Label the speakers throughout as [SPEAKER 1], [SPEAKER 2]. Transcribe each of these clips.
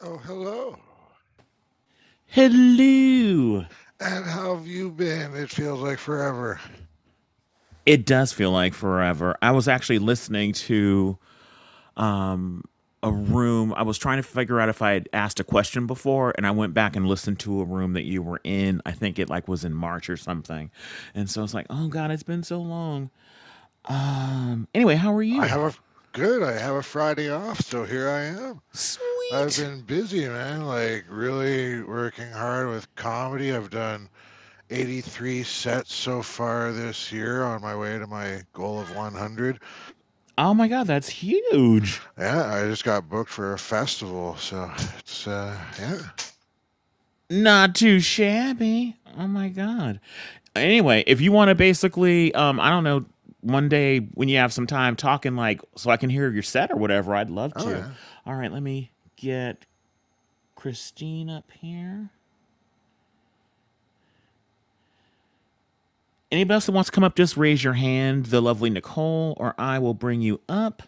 [SPEAKER 1] Oh, hello.
[SPEAKER 2] Hello.
[SPEAKER 1] And how have you been? It feels like forever.
[SPEAKER 2] It does feel like forever. I was actually listening to a room. I was trying to figure out if I had asked a question before, and I went back and listened to a room that you were in. I think it like was in March or something. And so I was like, oh God, it's been so long. Um, anyway, how are
[SPEAKER 1] I
[SPEAKER 2] you?
[SPEAKER 1] have a good. I have a Friday off, so here I am. I've
[SPEAKER 2] Sweet.
[SPEAKER 1] been busy, man. Like really working hard with comedy. I've done 83 sets so far this year on my way to my goal of 100.
[SPEAKER 2] Oh my God, that's huge.
[SPEAKER 1] Yeah, I just got booked for a festival, so it's uh yeah.
[SPEAKER 2] not too shabby. Oh my god. Anyway, if you want to basically, um, I don't know, one day when you have some time talking, like, so I can hear your set or whatever, I'd love
[SPEAKER 1] Oh
[SPEAKER 2] to.
[SPEAKER 1] yeah.
[SPEAKER 2] All right, let me get Christine up here. Anybody else that wants to come up, just raise your hand, the lovely Nicole, or I will bring you up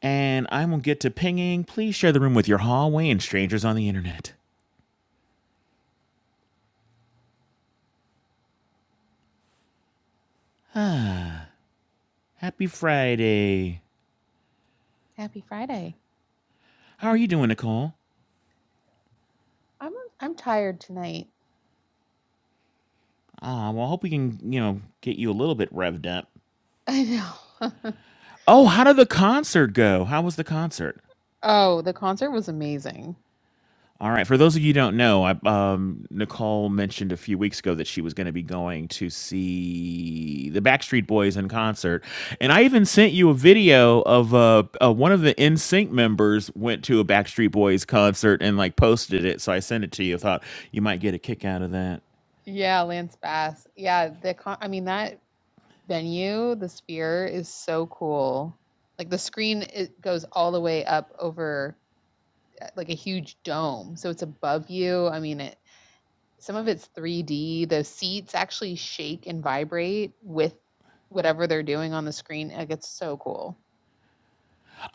[SPEAKER 2] and I will get to pinging. Please share the room with your hallway and strangers on the internet. Happy Friday.
[SPEAKER 3] Happy Friday.
[SPEAKER 2] How are you doing, Nicole?
[SPEAKER 3] I'm um, I'm tired tonight.
[SPEAKER 2] Ah, well, I hope we can, you know, get you a little bit revved up.
[SPEAKER 3] I know.
[SPEAKER 2] Oh, how did the concert go? How was the concert?
[SPEAKER 3] Oh, the concert was amazing.
[SPEAKER 2] All right, for those of you who don't know, I, um, Nicole mentioned a few weeks ago that she was going to be going to see the Backstreet Boys in concert, and I even sent you a video of uh, uh, one of the NSYNC members went to a Backstreet Boys concert and like posted it. So I sent it to you. Thought you might get a kick out of that.
[SPEAKER 3] Yeah, Lance Bass. Yeah, the con- I mean that venue, the Sphere is so cool. Like the screen it goes all the way up over uh, like a huge dome. So it's above you. I mean it some of it's 3D. The seats actually shake and vibrate with whatever they're doing on the screen. Like it's so cool.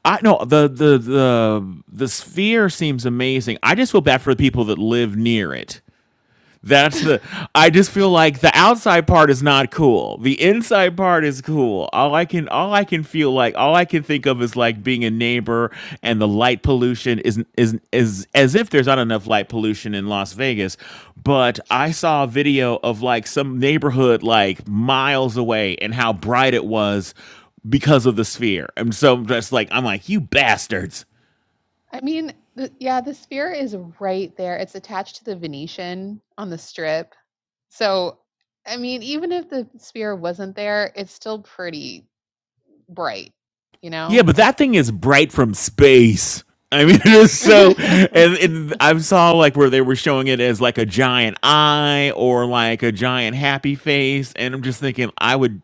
[SPEAKER 2] I know the the the the sphere seems amazing. I just feel bad for the people that live near it. That's the. I just feel like the outside part is not cool. The inside part is cool. All I can, all I can feel like, all I can think of is like being a neighbor, and the light pollution is is is as if there's not enough light pollution in Las Vegas. But I saw a video of like some neighborhood like miles away and how bright it was because of the sphere. And so that's like I'm like you bastards.
[SPEAKER 3] I mean, the yeah, the Sphere is right there. It's attached to the Venetian on the Strip. So, I mean, even if the Sphere wasn't there, it's still pretty bright, you
[SPEAKER 2] Yeah,
[SPEAKER 3] know?
[SPEAKER 2] but that thing is bright from space. I mean, it is so. And, and I saw like where they were showing it as like a giant eye or like a giant happy face, and I'm just thinking, I would,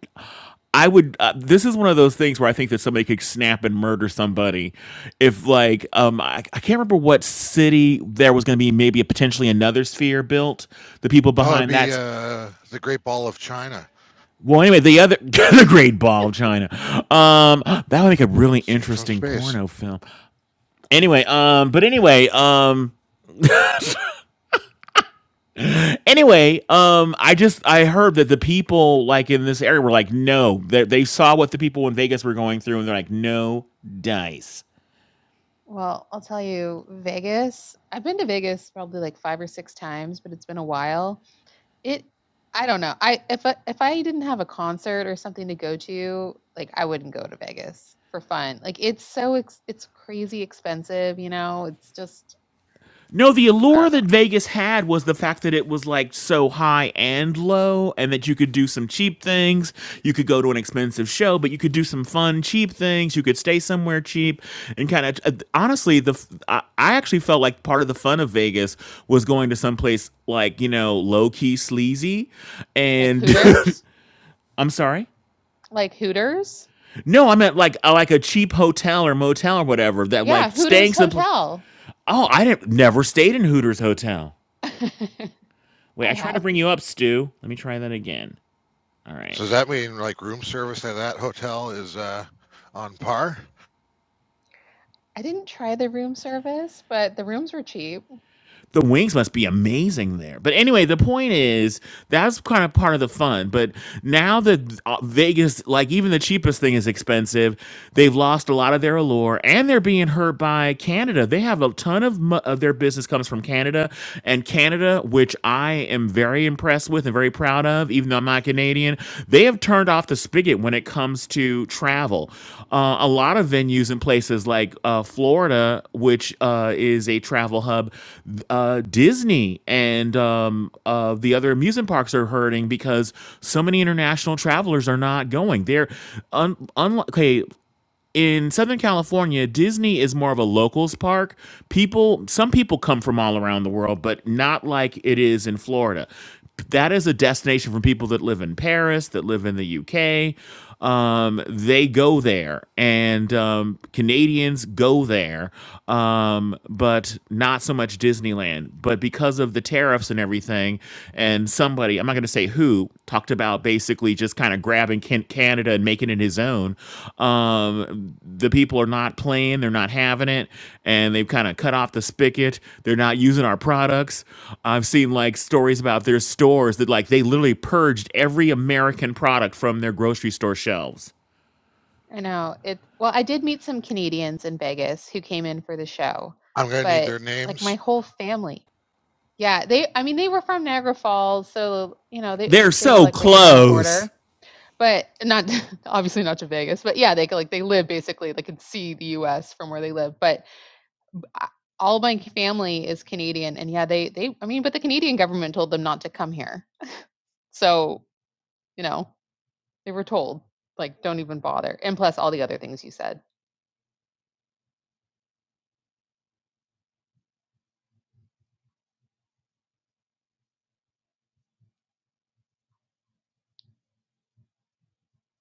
[SPEAKER 2] I would. Uh, this is one of those things where I think that somebody could snap and murder somebody, if like, um, I, I can't remember what city there was going to be maybe a potentially another sphere built. The people
[SPEAKER 1] Oh, it'd
[SPEAKER 2] behind
[SPEAKER 1] be
[SPEAKER 2] that's
[SPEAKER 1] uh the Great Ball of China,
[SPEAKER 2] well, anyway, the other the Great Ball of China. Um, that would make a really
[SPEAKER 1] seen from
[SPEAKER 2] interesting
[SPEAKER 1] space.
[SPEAKER 2] porno film. Anyway, um, but anyway, um, anyway, um, I just I heard that the people like in this area were like, no, they, they saw what the people in Vegas were going through, and they're like, no dice.
[SPEAKER 3] Well, I'll tell you, Vegas, I've been to Vegas probably like 5 or 6 times, but it's been a while. It I don't know. I if I, if I didn't have a concert or something to go to, like I wouldn't go to Vegas for fun. Like it's so ex- it's crazy expensive, you know. It's just
[SPEAKER 2] No, the
[SPEAKER 3] I
[SPEAKER 2] allure
[SPEAKER 3] don't know.
[SPEAKER 2] that Vegas had was the fact that it was like so high and low, and that you could do some cheap things. You could go to an expensive show, but you could do some fun, cheap things. You could stay somewhere cheap, and kind of uh, honestly, the f- I, I actually felt like part of the fun of Vegas was going to someplace like you know low key sleazy,
[SPEAKER 3] Like
[SPEAKER 2] and
[SPEAKER 3] Hooters?
[SPEAKER 2] I'm sorry.
[SPEAKER 3] Like Hooters?
[SPEAKER 2] No, I meant like uh, like a cheap hotel or motel or whatever that like
[SPEAKER 3] Yeah,
[SPEAKER 2] staying
[SPEAKER 3] Hooters
[SPEAKER 2] some. pla-
[SPEAKER 3] Hotel.
[SPEAKER 2] Oh, I didn't never stayed in Hooters hotel.
[SPEAKER 3] I
[SPEAKER 2] Wait, I tried to
[SPEAKER 3] have.
[SPEAKER 2] bring you up, Stu. Let me try that again. All right.
[SPEAKER 1] So does that mean like room service at that hotel is uh, on par?
[SPEAKER 3] I didn't try the room service, but the rooms were cheap.
[SPEAKER 2] The wings must be amazing there. But anyway, the point is that's kind of part of the fun. But now that uh, Vegas, like even the cheapest thing is expensive, they've lost a lot of their allure and they're being hurt by Canada. They have a ton of, mo- of their business comes from Canada and Canada, which I am very impressed with and very proud of, even though. even though I'm not Canadian, they have turned off the spigot when it comes to travel. Uh, a lot of venues in places like uh, Florida, which uh, is a travel hub, uh, Disney and um, uh, the other amusement parks are hurting because so many international travelers are not going. They're un- unlike in Southern California, Disney is more of a locals park. People, some people come from all around the world, but not like it is in Florida. That is a destination for people that live in Paris, that live in the UK. Um, they go there, and um, Canadians go there, um, but not so much Disneyland. But because of the tariffs and everything. And somebody, I'm not going to say who, talked about basically just kind of grabbing Can- Canada and making it his own. Um, the people are not playing, they're not having it, and they've kind of cut off the spigot. They're not using our products. I've seen like stories about their stores that like they literally purged every American product from their grocery store shelves.
[SPEAKER 3] I know. It well, I did meet some Canadians in Vegas who came in for the show,
[SPEAKER 1] I'm gonna need
[SPEAKER 3] but
[SPEAKER 1] their
[SPEAKER 3] like my
[SPEAKER 1] names.
[SPEAKER 3] whole family Yeah, they I mean they were from Niagara Falls, so you know, they uh,
[SPEAKER 2] They're
[SPEAKER 3] they were
[SPEAKER 2] so
[SPEAKER 3] like right there on the
[SPEAKER 2] close.
[SPEAKER 3] border. But not obviously not to Vegas, but yeah, they could, like they live basically they could see the US from where they live. But I- all my family is Canadian and yeah, they they I mean, but the Canadian government told them not to come here. So, you know, they were told, like, don't even bother. And plus all the other things you said.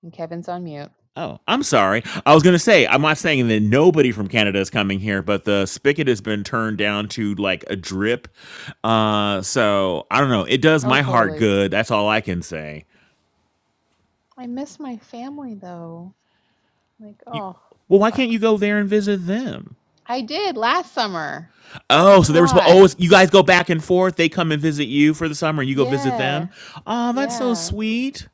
[SPEAKER 3] And Kevin's on mute.
[SPEAKER 2] Oh, I'm sorry. I was going to say, I'm not saying that nobody from Canada is coming here, but the spigot has been turned down to like a drip. Uh, so I don't know. It does
[SPEAKER 3] Oh,
[SPEAKER 2] my heart
[SPEAKER 3] totally.
[SPEAKER 2] good. That's all I can say.
[SPEAKER 3] I miss my family though. Like,
[SPEAKER 2] You,
[SPEAKER 3] oh,
[SPEAKER 2] well,
[SPEAKER 3] this
[SPEAKER 2] why can't
[SPEAKER 3] sucks.
[SPEAKER 2] you go there and visit them?
[SPEAKER 3] I did last summer. It's
[SPEAKER 2] Oh,
[SPEAKER 3] a
[SPEAKER 2] so they were supposed.
[SPEAKER 3] lot.
[SPEAKER 2] Oh, it's- you guys go back and forth. They come and visit you for the summer, and you go visit them.
[SPEAKER 3] Yeah.
[SPEAKER 2] Oh, that's so
[SPEAKER 3] Yeah.
[SPEAKER 2] sweet.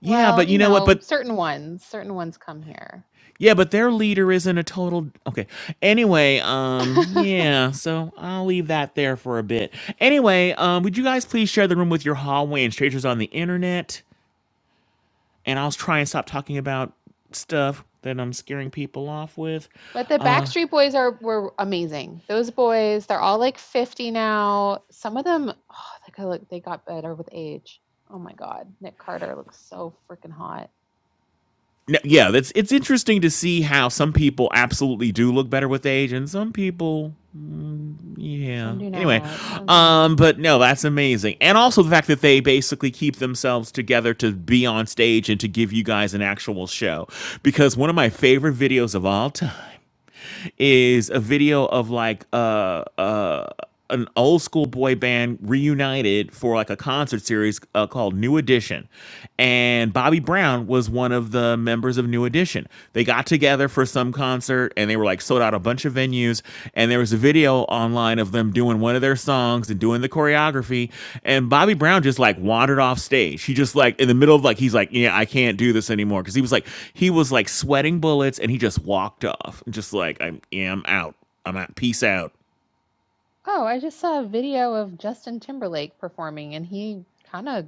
[SPEAKER 2] Yeah, but
[SPEAKER 3] Well, you
[SPEAKER 2] you know what?
[SPEAKER 3] know,
[SPEAKER 2] But
[SPEAKER 3] certain ones, certain ones come here.
[SPEAKER 2] Yeah, but their leader isn't a total okay. Anyway, um, yeah, so I'll leave that there for a bit. Anyway, um, would you guys please share the room with your hallway and strangers on the internet? And I'll try and stop talking about stuff that I'm scaring people off with.
[SPEAKER 3] But the Backstreet Boys are were amazing. Those boys, they're all like 50 now. Some of them, oh, they got, like they got better with age. Oh my God, Nick Carter looks so freaking hot.
[SPEAKER 2] No, yeah, that's it's interesting to see how some people absolutely do look better with age, and some people Yeah.
[SPEAKER 3] Some do
[SPEAKER 2] Anyway,
[SPEAKER 3] not. Some do not.
[SPEAKER 2] um, but no, that's amazing, and also the fact that they basically keep themselves together to be on stage and to give you guys an actual show. Because one of my favorite videos of all time is a video of like uh uh an old school boy band reunited for like a concert series uh, called New Edition. And Bobby Brown was one of the members of New Edition. They got together for some concert and they were like sold out a bunch of venues and there was a video online of them doing one of their songs and doing the choreography and bobby brown just like wandered off stage he just like in the middle of like he's like yeah i can't do this anymore because he was like he was like sweating bullets and he just walked off just like i'm yeah, i'm out i'm out peace out
[SPEAKER 3] Oh, I just saw a video of Justin Timberlake performing, and he kind of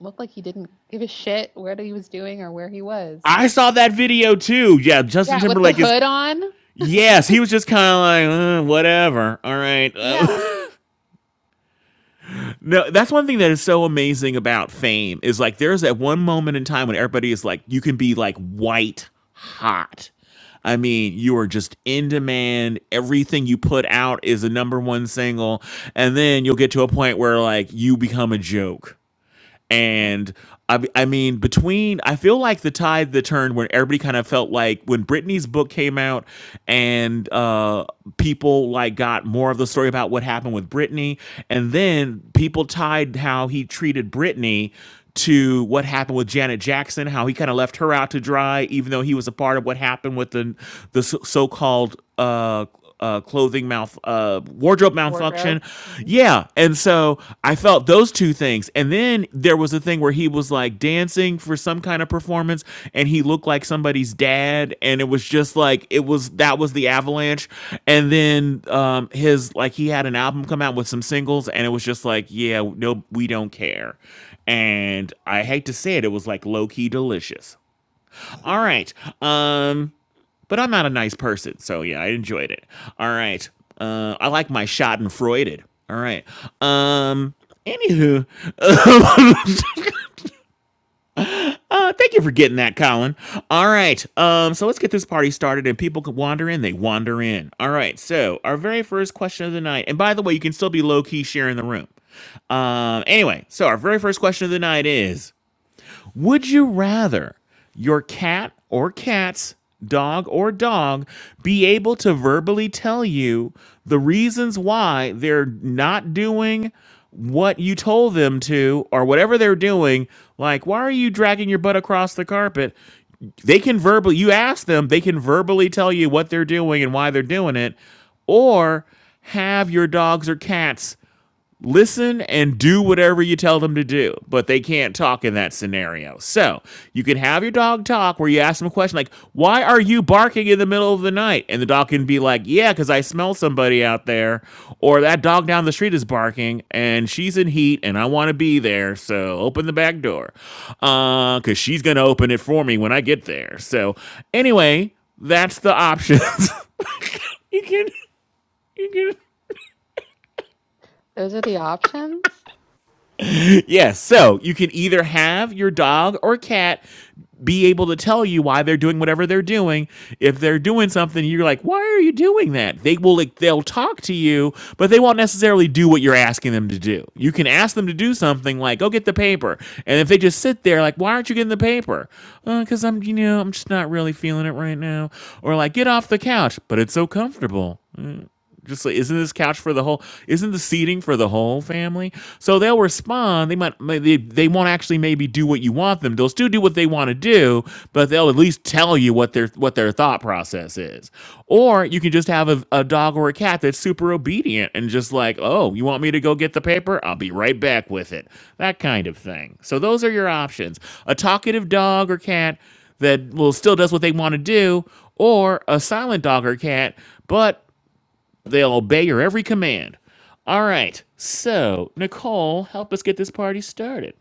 [SPEAKER 3] looked like he didn't give a shit what he was doing or where he was.
[SPEAKER 2] i saw that video too yeah justin
[SPEAKER 3] Yeah, with the
[SPEAKER 2] timberlake is
[SPEAKER 3] hood on.
[SPEAKER 2] yes he was just kind of like uh, whatever all right
[SPEAKER 3] Yeah,
[SPEAKER 2] Uh, No, that's one thing that is so amazing about fame is like there's that one moment in time when everybody is like, you can be like white hot. I mean, you are just in demand. Everything you put out is a number one single. And then you'll get to a point where like you become a joke
[SPEAKER 3] yeah.
[SPEAKER 2] and I, I mean, between, I feel like the tide that turned when everybody kind of felt like when Britney's book came out and uh, people like got more of the story about what happened with Britney. And then people tied how he treated Britney to what happened with Janet Jackson, how he kind of left her out to dry, even though he was a part of what happened with the the so- so-called uh, uh, clothing mouth uh, wardrobe
[SPEAKER 3] Wardrobe.
[SPEAKER 2] malfunction.
[SPEAKER 3] hmm
[SPEAKER 2] Yeah, and so I felt those two things, and then there was a thing where he was like dancing for some kind of performance, and he looked like somebody's dad, and it was just like it was that was the avalanche, and then um, his like he had an album come out with some singles, and it was just like yeah, no, we don't care. And I hate to say it, it was like low key delicious. All right. Um but I'm not a nice person, so yeah, I enjoyed it. All right. Uh, I like my shot and Freuded. All right. Um. Anywho, uh, thank you for getting that, Colin. All right. Um. So let's get this party started, and people can wander in. They wander in. All right. So our very first question of the night, and by the way, you can still be low key sharing the room. Um. Anyway, so our very first question of the night is. Would you rather your cat or cats, dog or dog, be able to verbally tell you the reasons why they're not doing what you told them to or whatever they're doing? Like, why are you dragging your butt across the carpet? They can verbally, you ask them, they can verbally tell you what they're doing and why they're doing it, or have your dogs or cats listen and do whatever you tell them to do, but they can't talk in that scenario. So you can have your dog talk where you ask them a question like, Why are you barking in the middle of the night? And the dog can be like, Yeah, because I smell somebody out there, or that dog down the street is barking and she's in heat and I want to be there. So open the back door uh because she's going to open it for me when I get there. So, anyway, that's the options. you can, you can.
[SPEAKER 3] Those are the options.
[SPEAKER 2] Yes, so you can either have your dog or cat be able to tell you why they're doing whatever they're doing. If they're doing something, you're like, why are you doing that? They will like they'll talk to you, but they won't necessarily do what you're asking them to do. You can ask them to do something like, go get the paper. And if they just sit there like, why aren't you getting the paper? Because I'm, you know, I'm just not really feeling it right now. Or like, get off the couch, but it's so comfortable. Just like, isn't this couch for the whole? Isn't the seating for the whole family? So they'll respond. They might. may- They, they won't actually maybe do what you want them. They'll still do what they want to do, but they'll at least tell you what their what their thought process is. Or you can just have a, a dog or a cat that's super obedient and just like, oh, you want me to go get the paper? I'll be right back with it. That kind of thing. So those are your options: a talkative dog or cat that will still does what they want to do, or a silent dog or cat, but They'll obey your every command. All right. So, Nicole, help us get this party started.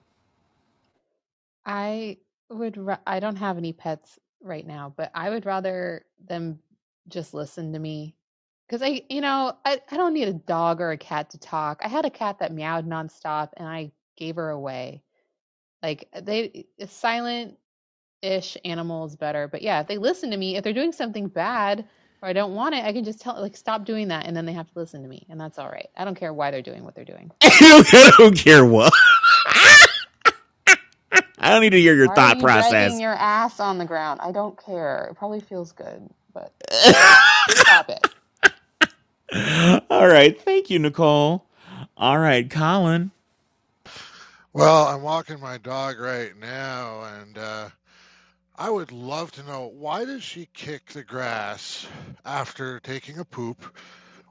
[SPEAKER 3] I would, ra- I don't have any pets right now, but I would rather them just listen to me. Because I, you know, I, I don't need a dog or a cat to talk. I had a cat that meowed nonstop and I gave her away. Like, uh, they, silent ish animal is better. But yeah, if they listen to me, if they're doing something bad or I don't want it, I can just tell, like, stop doing that. And then they have to listen to me. And that's all right. I don't care why they're doing what they're doing.
[SPEAKER 2] I don't care what. I don't need to hear your
[SPEAKER 3] Why are
[SPEAKER 2] thought
[SPEAKER 3] you dragging
[SPEAKER 2] process.
[SPEAKER 3] your ass on the ground? I don't care. It probably feels good, but. Stop it.
[SPEAKER 2] All right. Thank you, Nicole. All right, Colin.
[SPEAKER 1] Well, I'm walking my dog right now, and uh, I would love to know why does she kick the grass after taking a poop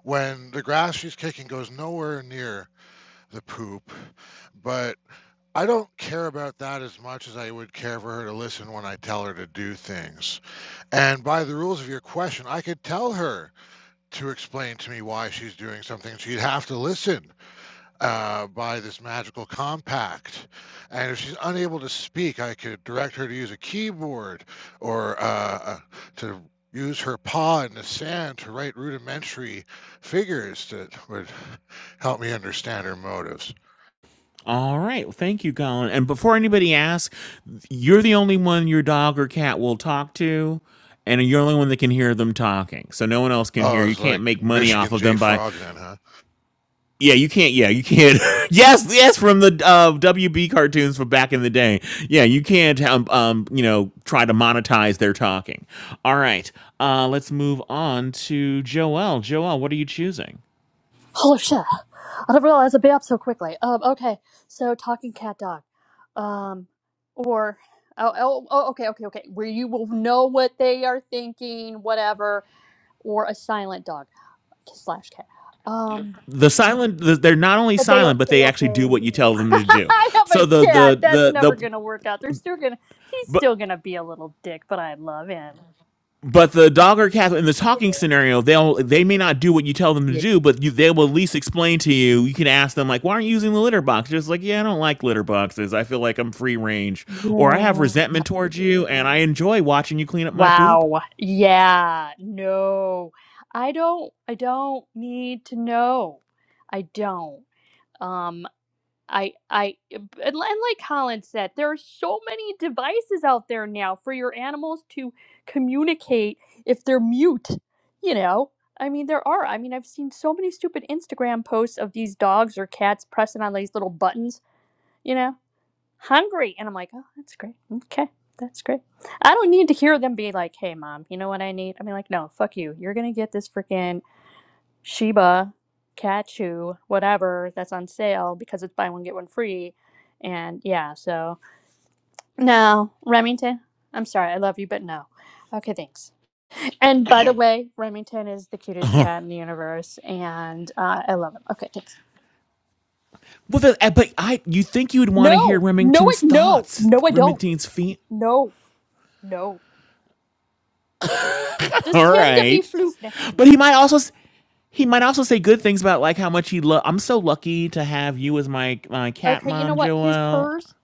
[SPEAKER 1] when the grass she's kicking goes nowhere near the poop? But I don't care about that as much as I would care for her to listen when I tell her to do things. And by the rules of your question, I could tell her to explain to me why she's doing something, she'd have to listen uh, by this magical compact. And if she's unable to speak, I could direct her to use a keyboard or uh, uh, to use her paw in the sand to write rudimentary figures that would help me understand her motives.
[SPEAKER 2] All right. Well, thank you, Colin. And before anybody asks, you're the only one your dog or cat will talk to, and you're the only one that can hear them talking. So no one else can hear.
[SPEAKER 1] Oh,
[SPEAKER 2] You
[SPEAKER 1] it's
[SPEAKER 2] can't
[SPEAKER 1] like
[SPEAKER 2] make money off
[SPEAKER 1] Michigan
[SPEAKER 2] of
[SPEAKER 1] J.
[SPEAKER 2] them by
[SPEAKER 1] Frog then, huh?
[SPEAKER 2] Yeah, you can't. Yeah, you can't. yes, yes, from the uh, WB cartoons from back in the day. Yeah, you can't. Um, um, you know, try to monetize their talking. All right, uh, let's move on to Joel. Joel, what are you choosing?
[SPEAKER 4] Holy shit. I didn't realize it'd be up so quickly. Um, okay. So talking cat dog. Um, or oh, oh, oh okay, okay, okay. Where you will know what they are thinking, whatever, or a silent dog slash cat. Um,
[SPEAKER 2] The silent. The, they're not only
[SPEAKER 4] but they
[SPEAKER 2] silent, but
[SPEAKER 4] they
[SPEAKER 2] they actually do
[SPEAKER 4] obey
[SPEAKER 2] what you
[SPEAKER 4] you.
[SPEAKER 2] tell them to do.
[SPEAKER 4] I have
[SPEAKER 2] So the
[SPEAKER 4] a cat.
[SPEAKER 2] the
[SPEAKER 4] That's
[SPEAKER 2] the
[SPEAKER 4] never
[SPEAKER 2] the.
[SPEAKER 4] gonna work out. They're still gonna. He's
[SPEAKER 2] But
[SPEAKER 4] still gonna be a little dick, but I love him.
[SPEAKER 2] but the dog or cat in the
[SPEAKER 4] Yeah.
[SPEAKER 2] talking scenario, they'll they may not do what you tell them to
[SPEAKER 4] Yeah.
[SPEAKER 2] do, but you, they will at least explain to you. You can ask them like, "Why aren't you using the litter box?" Just like, "Yeah, I don't like litter boxes. I feel like I'm free range, or I have
[SPEAKER 4] Yeah.
[SPEAKER 2] resentment towards you, and I enjoy watching you clean up my poop."
[SPEAKER 4] Wow. Yeah. No. I don't I don't need to know. I don't. Um I I and li- and like Colin said, there are so many devices out there now for your animals to communicate if they're mute, you know? I mean, there are. I mean, I've seen so many stupid Instagram posts of these dogs or cats pressing on these little buttons, you know? hungry. And I'm like, oh, that's great. Okay, that's great. I don't need to hear them be like, hey, mom, you know what I need? I mean, like, no, fuck you. You're going to get this freaking Shiba, Kachu, whatever that's on sale because it's buy one, get one free. And yeah, so no, Remington, I'm sorry. I love you, but no. Okay, thanks. And by the way, Remington is the cutest cat in the universe, and uh, I love him. Okay, thanks.
[SPEAKER 2] Well, the, uh, but I you think you would want to hear
[SPEAKER 4] No, no, I,
[SPEAKER 2] Remington's
[SPEAKER 4] no,
[SPEAKER 2] thoughts,
[SPEAKER 4] no, I don't.
[SPEAKER 2] Remington's feet.
[SPEAKER 4] No, no. Just
[SPEAKER 2] All
[SPEAKER 4] him to be
[SPEAKER 2] right,
[SPEAKER 4] floof next to
[SPEAKER 2] but
[SPEAKER 4] me.
[SPEAKER 2] he might also s- he might also say good things about like how much he love. I'm so lucky to have you as my my cat
[SPEAKER 4] Okay, you know
[SPEAKER 2] mom,
[SPEAKER 4] what? His
[SPEAKER 2] Joelle.
[SPEAKER 4] purrs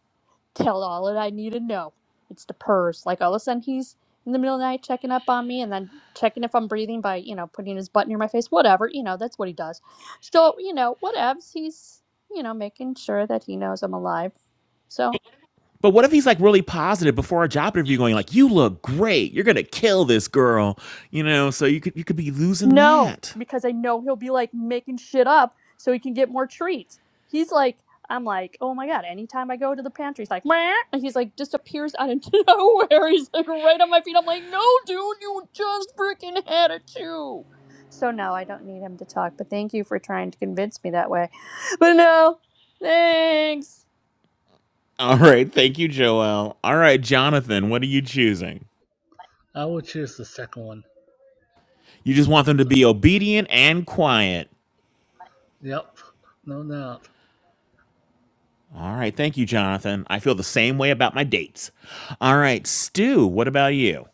[SPEAKER 4] tell all that I need to know. It's the purrs. Like all of a sudden he's in the middle of the night checking up on me and then checking if I'm breathing by, you know, putting his butt near my face. Whatever, you know, that's what he does. So, you know, whatevs. He's, you know, making sure that he knows I'm alive. So.
[SPEAKER 2] But what if he's like really positive before a job interview, going like, "You look great. You're gonna kill this girl," you know? So you could you could be losing
[SPEAKER 4] No,
[SPEAKER 2] that.
[SPEAKER 4] because I know he'll be like making shit up so he can get more treats. He's like, I'm like, oh my god, anytime I go to the pantry, he's like, Meh, and he's like, just appears out of nowhere. He's like right on my feet. I'm like, no, dude, you just freaking had a chew. So no, I don't need him to talk, but thank you for trying to convince me that way. But no, thanks.
[SPEAKER 2] All right, thank you, Joel. All right, Jonathan, what are you choosing?
[SPEAKER 5] I would choose the second one.
[SPEAKER 2] You just want them to
[SPEAKER 5] So,
[SPEAKER 2] be obedient and quiet.
[SPEAKER 5] yep, no doubt.
[SPEAKER 2] All right, thank you, Jonathan. I feel the same way about my dates. All right, Stu, what about you?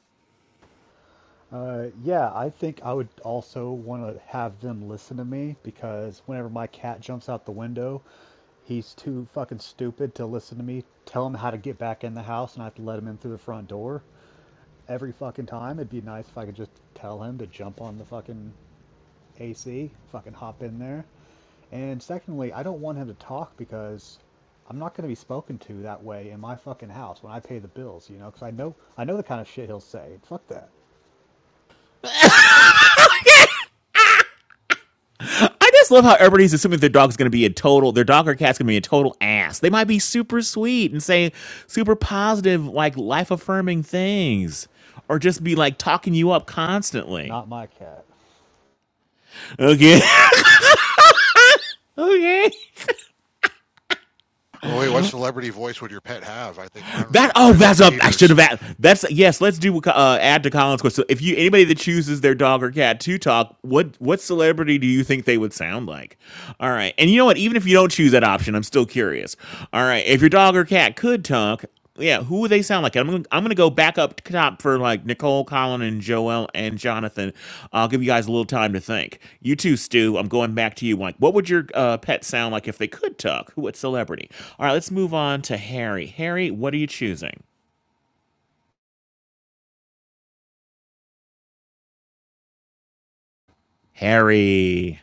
[SPEAKER 6] Uh, yeah, I think I would also want to have them listen to me because whenever my cat jumps out the window, he's too fucking stupid to listen to me tell him how to get back in the house and I have to let him in through the front door every fucking time. It'd be nice if I could just tell him to jump on the fucking AC, fucking hop in there. And secondly, I don't want him to talk because I'm not going to be spoken to that way in my fucking house when I pay the bills, you know, because I know I know the kind of shit he'll say. Fuck that.
[SPEAKER 2] I just love how everybody's assuming their dog's going to be a total, their dog or cat's going to be a total ass. They might be super sweet and say super positive, like life affirming things, or just be like talking you up constantly.
[SPEAKER 6] Not my cat.
[SPEAKER 2] Okay. Okay.
[SPEAKER 1] Oh, wait, what celebrity voice would your pet have? I think mine would
[SPEAKER 2] That
[SPEAKER 1] be
[SPEAKER 2] oh, that's
[SPEAKER 1] Bernadette
[SPEAKER 2] up. I should have
[SPEAKER 1] Peters.
[SPEAKER 2] added. That's yes. Let's do uh, add to Colin's question. So, If you anybody that chooses their dog or cat to talk, what what celebrity do you think they would sound like? All right, and you know what? Even if you don't choose that option, I'm still curious. All right, if your dog or cat could talk, yeah, who they sound like. I'm gonna, I'm gonna go back up top for like Nicole, Colin, and Joel and Jonathan. I'll give you guys a little time to think. You too, Stu. I'm going back to you. Like, what would your uh, pet sound like if they could talk? Who? What celebrity? All right, let's move on to Harry. Harry, what are you choosing? Harry.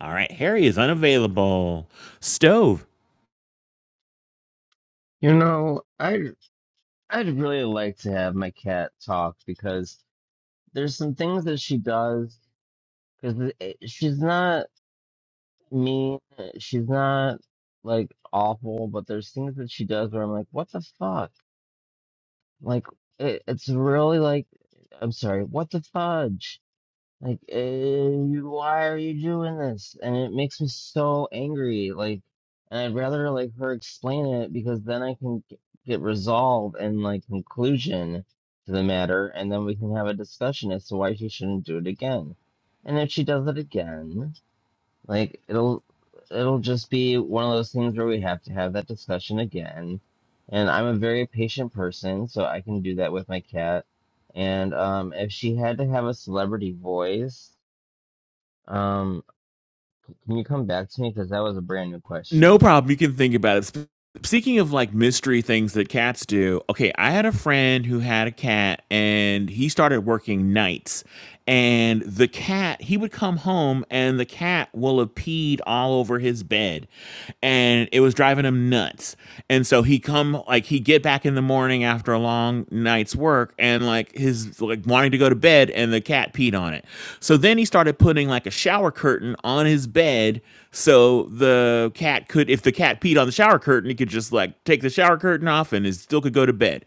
[SPEAKER 2] All right, Harry is unavailable. Stove.
[SPEAKER 7] You know, i I'd really like to have my cat talk because there's some things that she does because she's not mean, she's not like awful, but there's things that she does where I'm like, what the fuck? Like it, it's really like, I'm sorry, what the fudge? Like, eh, why are you doing this? And it makes me so angry. Like, and I'd rather like her explain it because then I can g- get resolve and like conclusion to the matter, and then we can have a discussion as to why she shouldn't do it again. And if she does it again. Like it'll it'll just be one of those things where we have to have that discussion again. And I'm a very patient person, so I can do that with my cat. And um, if she had to have a celebrity voice, um, can you come back to me? Because that was a brand new
[SPEAKER 2] No
[SPEAKER 7] question.
[SPEAKER 2] problem. You can think about it. Sp- Speaking of like mystery things that cats do, okay, I had a friend who had a cat and he started working nights. And the cat, he would come home and the cat will have peed all over his bed. And it was driving him nuts. And so he come like he'd get back in the morning after a long night's work and like his like wanting to go to bed and the cat peed on it. So then he started putting like a shower curtain on his bed so the cat cat could, if the cat peed on the shower curtain, it could just like take the shower curtain off and it still could go to bed.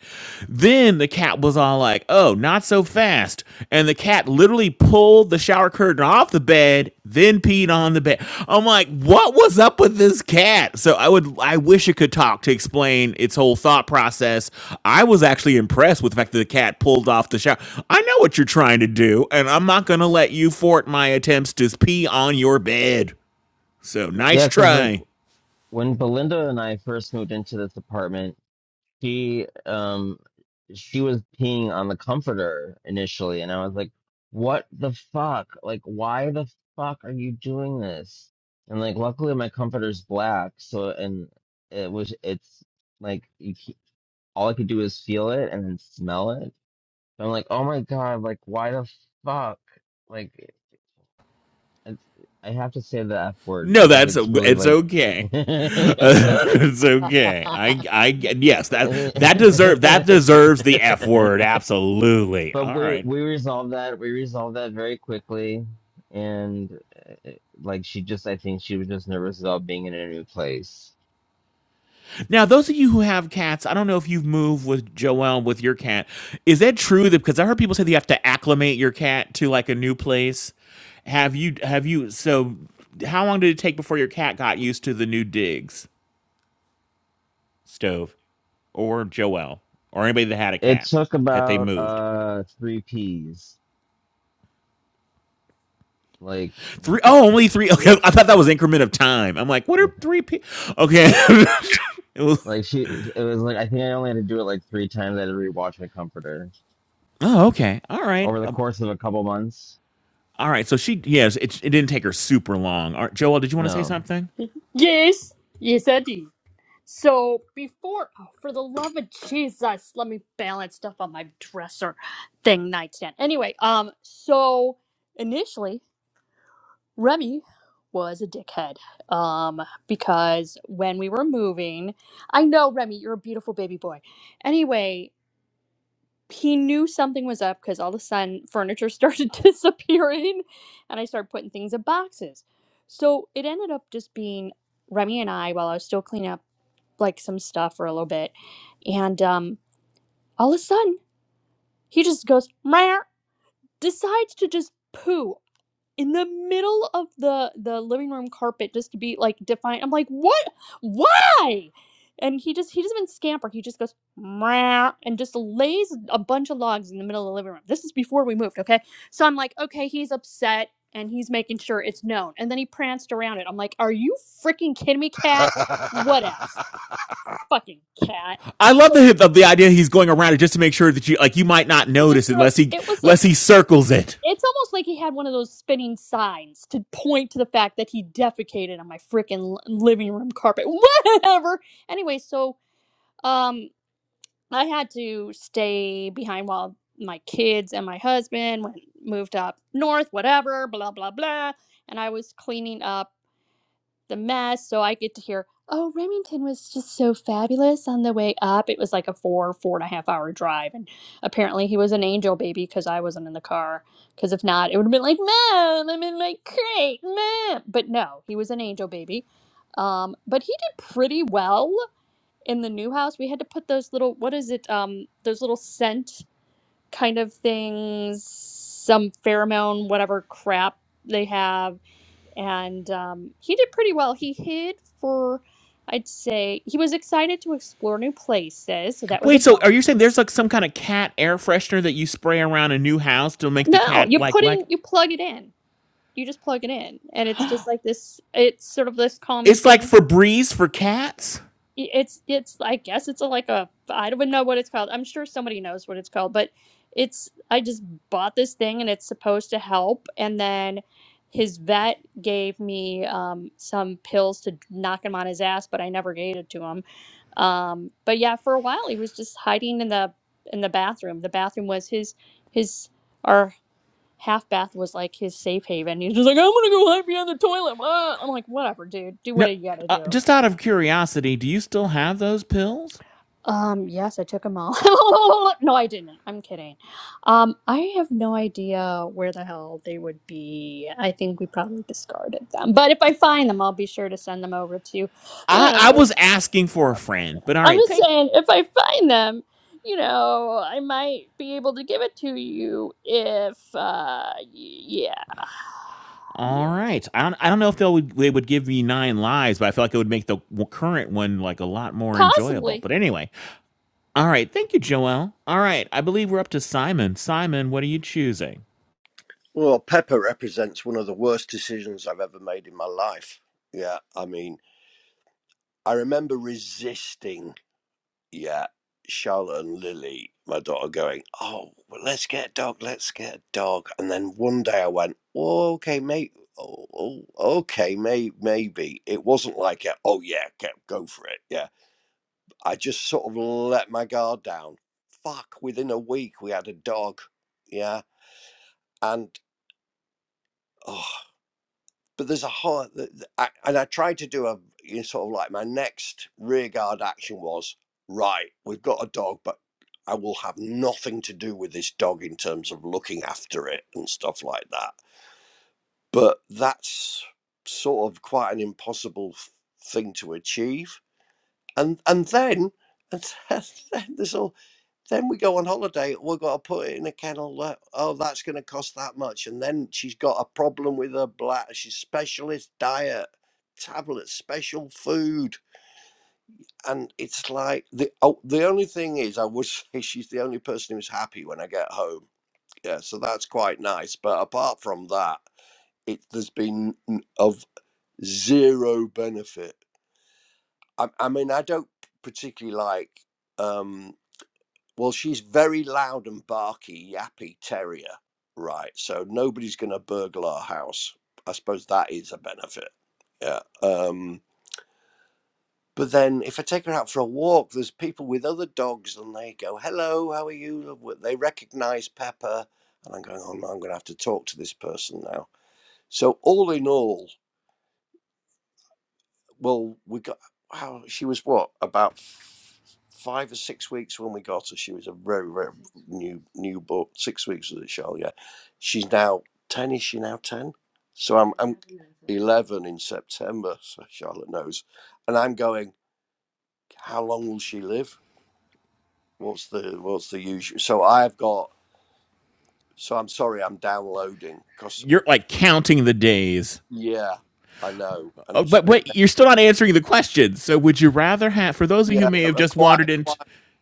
[SPEAKER 2] Then the cat was all like, oh, not so fast. And the cat literally pulled the shower curtain off the bed, then peed on the bed. I'm like, what was up with this cat? So I would, I wish it could talk to explain its whole thought process. I was actually impressed with the fact that the cat pulled off the shower. I know what you're trying to do, and I'm not going to let you thwart my attempts to pee on your bed. So nice
[SPEAKER 7] Yeah, because like
[SPEAKER 2] try.
[SPEAKER 7] when Belinda and I first moved into this apartment. she um she was peeing on the comforter initially and i was like what the fuck like why the fuck are you doing this and like luckily my comforter's black so and it was it's like you c all i could do is feel it and then smell it so i'm like oh my god like why the fuck like it's, i have to say the f word
[SPEAKER 2] No,
[SPEAKER 7] because
[SPEAKER 2] that's
[SPEAKER 7] it's really
[SPEAKER 2] it's
[SPEAKER 7] like
[SPEAKER 2] okay. it's okay. I, I, yes, that that deserve that deserves the F word. Absolutely.
[SPEAKER 7] But
[SPEAKER 2] All
[SPEAKER 7] we
[SPEAKER 2] right.
[SPEAKER 7] we resolved that. We resolved that very quickly, and uh, like she just, I think she was just nervous about being in a new place.
[SPEAKER 2] Now, those of you who have cats, I don't know if you've moved with Joelle with your cat. Is that true? That because I heard people say that you have to acclimate your cat to like a new place. Have you? Have you? So, how long did it take before your cat got used to the new digs stove, or Joelle, or anybody that had a
[SPEAKER 7] It
[SPEAKER 2] cat
[SPEAKER 7] took
[SPEAKER 2] that they
[SPEAKER 7] about
[SPEAKER 2] moved?
[SPEAKER 7] uh three P's. Like
[SPEAKER 2] Three oh, only three. Okay, I thought that was increment of time. I'm like, what are three p? Okay, it was.
[SPEAKER 7] like she, it was like I think I only had to do it like three times. I had to rewatch my comforter
[SPEAKER 2] Oh, okay. All right.
[SPEAKER 7] over the
[SPEAKER 2] Um,
[SPEAKER 7] course of a couple months.
[SPEAKER 2] all right. So she, yes, it, it didn't take her super long. All right, Joel, did you want to say
[SPEAKER 7] No,
[SPEAKER 2] something?
[SPEAKER 4] Yes, yes, I do. So before, oh, for the love of Jesus, let me balance stuff on my dresser thing nightstand. Anyway, um, so initially Remy was a dickhead, um, because when we were moving, I know Remy, you're a beautiful baby boy. Anyway, he knew something was up because all of a sudden furniture started disappearing, and I started putting things in boxes. So it ended up just being Remy and I while I was still cleaning up like some stuff for a little bit. And um, all of a sudden, he just goes, "Meow," decides to just poo in the middle of the the living room carpet just to be like defiant. I'm like, what? Why? And he just he doesn't even scamper. He just goes "Meow," and just lays a bunch of logs in the middle of the living room. This is before we moved, okay? So I'm like, okay, he's upset and he's making sure it's known. And then he pranced around it. I'm like, are you freaking kidding me, cat? What else? Fucking cat.
[SPEAKER 2] I love
[SPEAKER 4] So.
[SPEAKER 2] the the, the idea he's going around it just to make sure that you like you might not
[SPEAKER 4] just
[SPEAKER 2] notice
[SPEAKER 4] sort of
[SPEAKER 2] unless he
[SPEAKER 4] it was
[SPEAKER 2] unless
[SPEAKER 4] like
[SPEAKER 2] he circles it.
[SPEAKER 4] it's almost like he had one of those spinning signs to point to the fact that he defecated on my freaking living room carpet whatever anyway so um i had to stay behind while my kids and my husband went moved up north whatever blah blah blah and i was cleaning up the mess. So I get to hear, oh, Remington was just so fabulous on the way up. It was like a four, four and a half hour drive. And apparently he was an angel baby because I wasn't in the car. Because if not, it would have been like, Mom, I'm in my crate, Mom. But no, he was an angel baby. Um, but he did pretty well in the new house. We had to put those little, what is it, um, those little scent kind of things, some pheromone, whatever crap they have and um, he did pretty well. He hid for, I'd say, he was excited to explore new places, so that was a
[SPEAKER 2] Wait, so are you saying
[SPEAKER 4] bonus.
[SPEAKER 2] there's like some kind of cat air freshener that you spray around a new house to make the
[SPEAKER 4] No,
[SPEAKER 2] cat
[SPEAKER 4] you
[SPEAKER 2] like
[SPEAKER 4] put
[SPEAKER 2] like
[SPEAKER 4] in, you plug it in, you just plug it in, and it's just like this. It's sort of this calming
[SPEAKER 2] it's like
[SPEAKER 4] thing.
[SPEAKER 2] Febreze for cats?
[SPEAKER 4] I- It's it's I guess it's a, like a I don't know what it's called. I'm sure somebody knows what it's called, but it's I just bought this thing and it's supposed to help. And then his vet gave me um, some pills to knock him on his ass, but I never gave it to him Um, but yeah, for a while he was just hiding in the in the bathroom. The bathroom was his his our half bath was like his safe haven. He was just like, I'm gonna go hide behind the toilet. blah." I'm like, whatever, dude. Do
[SPEAKER 2] No,
[SPEAKER 4] what you gotta
[SPEAKER 2] uh,
[SPEAKER 4] do.
[SPEAKER 2] just out of curiosity, do you still have those pills?
[SPEAKER 4] Um, yes, I took them all. no, I didn't. I'm kidding. Um, I have no idea where the hell they would be. I think we probably discarded them. But if I find them, I'll be sure to send them over to, I
[SPEAKER 2] I,
[SPEAKER 4] don't
[SPEAKER 2] I
[SPEAKER 4] know,
[SPEAKER 2] was asking for a
[SPEAKER 4] California.
[SPEAKER 2] friend, but all
[SPEAKER 4] I'm
[SPEAKER 2] right,
[SPEAKER 4] just
[SPEAKER 2] thank.
[SPEAKER 4] saying, if I find them, you know, I might be able to give it to you if, uh, y- yeah.
[SPEAKER 2] All
[SPEAKER 4] Yeah.
[SPEAKER 2] right, I don't, I don't know if they would they would give me nine lives, but I feel like it would make the w- current one like a lot more enjoyable.
[SPEAKER 4] Possibly.
[SPEAKER 2] But anyway, all right, thank you, Joelle. All right, I believe we're up to Simon. Simon, what are you choosing?
[SPEAKER 8] Well, Pepper represents one of the worst decisions I've ever made in my life. Yeah, I mean, I remember resisting, yeah, Charlotte and Lily, my daughter, going, Oh, well, let's get a dog, let's get a dog. And then one day I went, oh, Okay, mate. Oh, oh, okay, may, maybe it wasn't like a, oh yeah, go go for it. Yeah, I just sort of let my guard down. Fuck! Within a week, we had a dog. Yeah, and oh." but there's a whole th- th- I, and i tried to do a you know, sort of like my next rearguard action was right we've got a dog but i will have nothing to do with this dog in terms of looking after it and stuff like that but that's sort of quite an impossible f- thing to achieve and and then and then there's all then we go on holiday. We've got to put it in a kennel. That, oh, that's going to cost that much. And then she's got a problem with her bladder. She's specialist diet, tablet, special food. And it's like the oh, the only thing is, I would say she's the only person who's happy when I get home. Yeah, so that's quite nice. But apart from that, it there's been n- of zero benefit. I, I mean, I don't particularly like. Um, Well, she's very loud and barky, yappy terrier, right? So nobody's going to burgle our house. I suppose that is a benefit. Yeah. Um, but then if I take her out for a walk, there's people with other dogs and they go, hello, how are you? They recognize Pepper. And I'm going, oh, no, I'm going to have to talk to this person now. So, all in all, well, we got how she was what about f- five or six weeks when we got her. She was a very very new new but six weeks was it, Charlotte? Yeah, she's now ten. Is she now ten? So I'm I'm eleven in September. So Charlotte knows, and I'm going. How long will she live? What's the what's the usual? So I've got. So I'm sorry, I'm downloading because
[SPEAKER 2] You're like counting the days.
[SPEAKER 8] yeah, I know, and
[SPEAKER 2] Oh,
[SPEAKER 8] it's a
[SPEAKER 2] but
[SPEAKER 8] bit
[SPEAKER 2] wait, you're still not answering the question. So would you rather have? For those of you who
[SPEAKER 8] yeah,
[SPEAKER 2] may have
[SPEAKER 8] a
[SPEAKER 2] just wandered
[SPEAKER 8] quiet,
[SPEAKER 2] in.
[SPEAKER 8] quiet,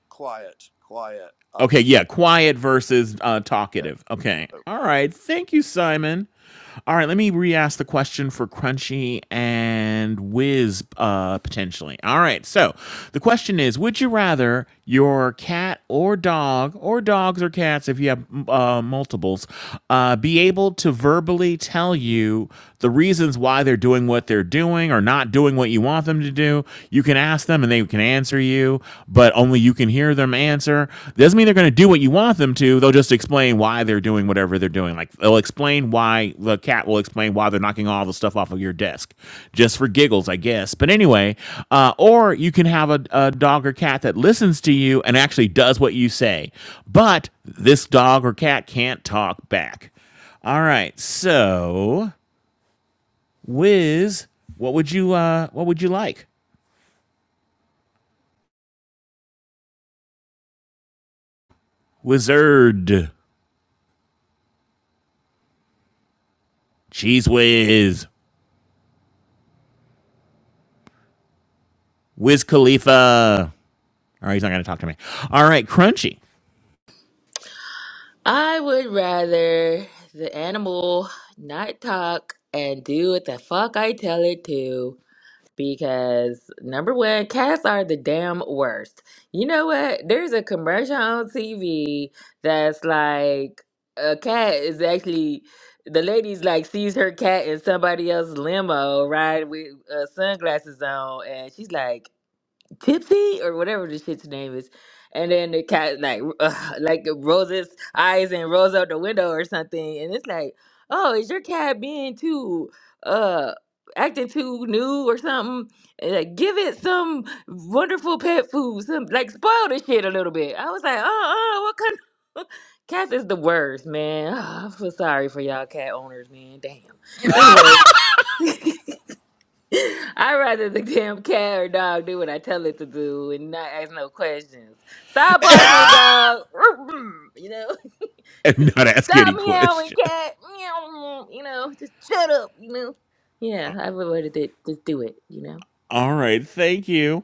[SPEAKER 8] quiet, quiet. Um,
[SPEAKER 2] Okay,
[SPEAKER 8] she.
[SPEAKER 2] yeah, quiet versus uh, talkative. Okay, all right. Thank you, Simon. All right, let me re-ask the question for Crunchy and Wiz uh, potentially. All right, so the question is: Would you rather your cat or dog, or dogs or cats, if you have uh, multiples, uh, be able to verbally tell you the reasons why they're doing what they're doing or not doing what you want them to do? You can ask them and they can answer you, but only you can hear them answer. Doesn't mean they're going to do what you want them to. They'll just explain why they're doing whatever they're doing. Like they'll explain why the cat will explain why they're knocking all the stuff off of your desk just for giggles, I guess. But anyway, uh, or you can have a, a dog or cat that listens to you and actually does what you say, but this dog or cat can't talk back. All right, so Wiz, what would you uh, what would you like? Wizard. Cheese Whiz, Wiz Khalifa. All right, he's not going to talk to me. All right, Crunchy.
[SPEAKER 9] I would rather the animal not talk and do what the fuck I tell it to because number one, cats are the damn worst. You know what? There's a commercial on TV that's like a cat is actually the lady's like sees her cat in somebody else's limo, right, with uh, sunglasses on, and she's like. Tipsy or whatever the shit's name is. And then the cat like uh, like uh, Rose's eyes and rolls out the window or something. And it's like, oh, is your cat being too uh acting too new or something? And, like, give it some wonderful pet food, some like spoil the shit a little bit. I was like, uh uh, what kind of cats is the worst, man. I feel sorry for y'all cat owners, man. Damn. Anyway. I'd rather the damn cat or dog do what I tell it to do and not ask no questions. Stop barking, dog. You know,
[SPEAKER 2] And not ask
[SPEAKER 9] stop
[SPEAKER 2] any
[SPEAKER 9] meowing,
[SPEAKER 2] question.
[SPEAKER 9] cat. Meow. You know, just shut up. You know. Yeah, I've avoided it. Just do it. You know.
[SPEAKER 2] All right, thank you.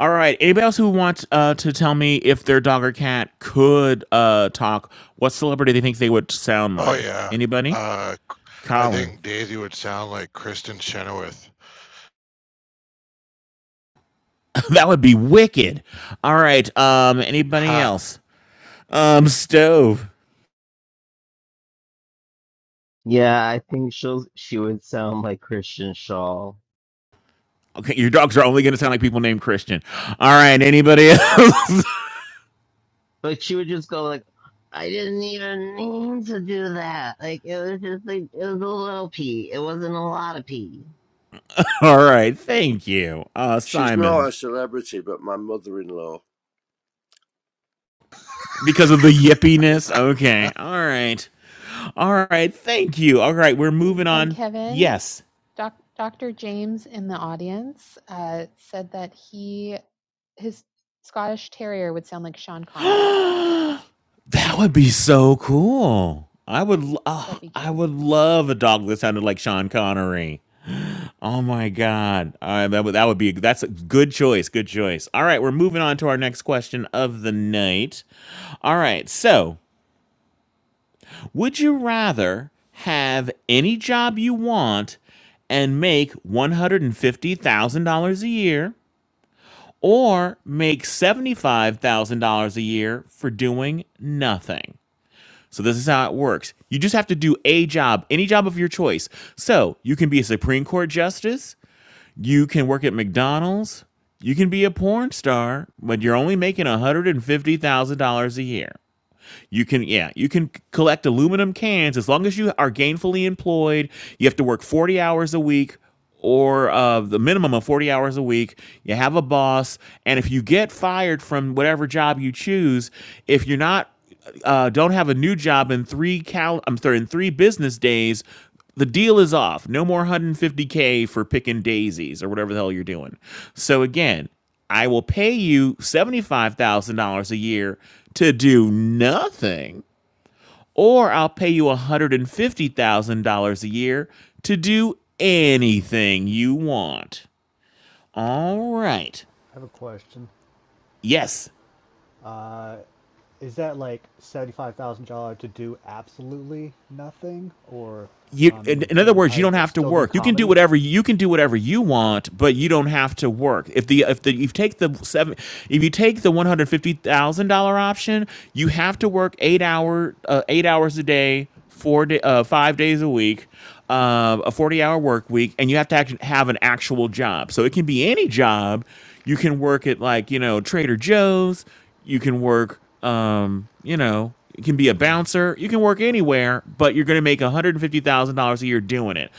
[SPEAKER 2] All right, anybody else who wants uh, to tell me if their dog or cat could uh, talk, what celebrity they think they would sound
[SPEAKER 1] Oh
[SPEAKER 2] like?
[SPEAKER 1] yeah.
[SPEAKER 2] Anybody?
[SPEAKER 1] Uh, c- I
[SPEAKER 2] Colin.
[SPEAKER 1] think Daisy would sound like Kristen Chenoweth.
[SPEAKER 2] that would be wicked. All right, um, anybody
[SPEAKER 1] Ha.
[SPEAKER 2] else? Um, Stove.
[SPEAKER 7] yeah, I think she'll she would sound like Christian Shaw.
[SPEAKER 2] Okay, your dogs are only going to sound like people named Christian. All right, anybody else?
[SPEAKER 7] Like she would just go like, I didn't even mean to do that. Like it was just like it was a little pee. It wasn't a lot of pee.
[SPEAKER 2] All right. Thank you, uh,
[SPEAKER 8] She's not
[SPEAKER 2] Simon.
[SPEAKER 8] a celebrity, but my mother-in-law.
[SPEAKER 2] Because of the yippiness. Okay. All right. All right. Thank you. All right. We're moving
[SPEAKER 3] And
[SPEAKER 2] on.
[SPEAKER 3] Kevin,
[SPEAKER 2] Yes.
[SPEAKER 3] doc, Dr. James in the audience uh, said that he his Scottish Terrier would sound like Sean Connery.
[SPEAKER 2] that would be so cool. I would. Oh,
[SPEAKER 3] That'd be
[SPEAKER 2] I
[SPEAKER 3] cute.
[SPEAKER 2] would love a dog that sounded like Sean Connery. Oh my God. All right. That would. That would be. That's a good choice. Good choice. All right. We're moving on to our next question of the night. All right. So Would you rather have any job you want and make $150,000 a year or make $75,000 a year for doing nothing? So, this is how it works. You just have to do a job, any job of your choice. So, you can be a Supreme Court justice, you can work at McDonald's, you can be a porn star, but you're only making $150,000 a year. You can, yeah, you can collect aluminum cans as long as you are gainfully employed. You have to work 40 hours a week or uh, the minimum of 40 hours a week. You have a boss. And if you get fired from whatever job you choose, if you're not, uh, don't have a new job in three cal- I'm sorry, in three business days, the deal is off. No more 150K for picking daisies or whatever the hell you're doing. So again, I will pay you $75,000 a year to do nothing, or I'll pay you $150,000 a year to do anything you want. All right.
[SPEAKER 6] I have a question.
[SPEAKER 2] Yes,
[SPEAKER 6] Uh, is that like seventy-five thousand dollars to do absolutely nothing, or
[SPEAKER 2] you
[SPEAKER 6] I
[SPEAKER 2] in,
[SPEAKER 6] mean,
[SPEAKER 2] in other
[SPEAKER 6] can
[SPEAKER 2] words you
[SPEAKER 6] I
[SPEAKER 2] don't have to
[SPEAKER 6] still do
[SPEAKER 2] work you can do
[SPEAKER 6] comedy?
[SPEAKER 2] whatever you can do whatever you want but you don't have to work if the if the if you take the seven if you take the $150000 option you have to work eight hour uh, eight hours a day four day, uh, five days a week uh, a 40 hour work week and you have to act- have an actual job so it can be any job you can work at like you know trader joe's you can work um, you know, you can be a
[SPEAKER 6] Mm-hmm.
[SPEAKER 2] bouncer, you can work anywhere, but you're going to make $150,000 a year doing it.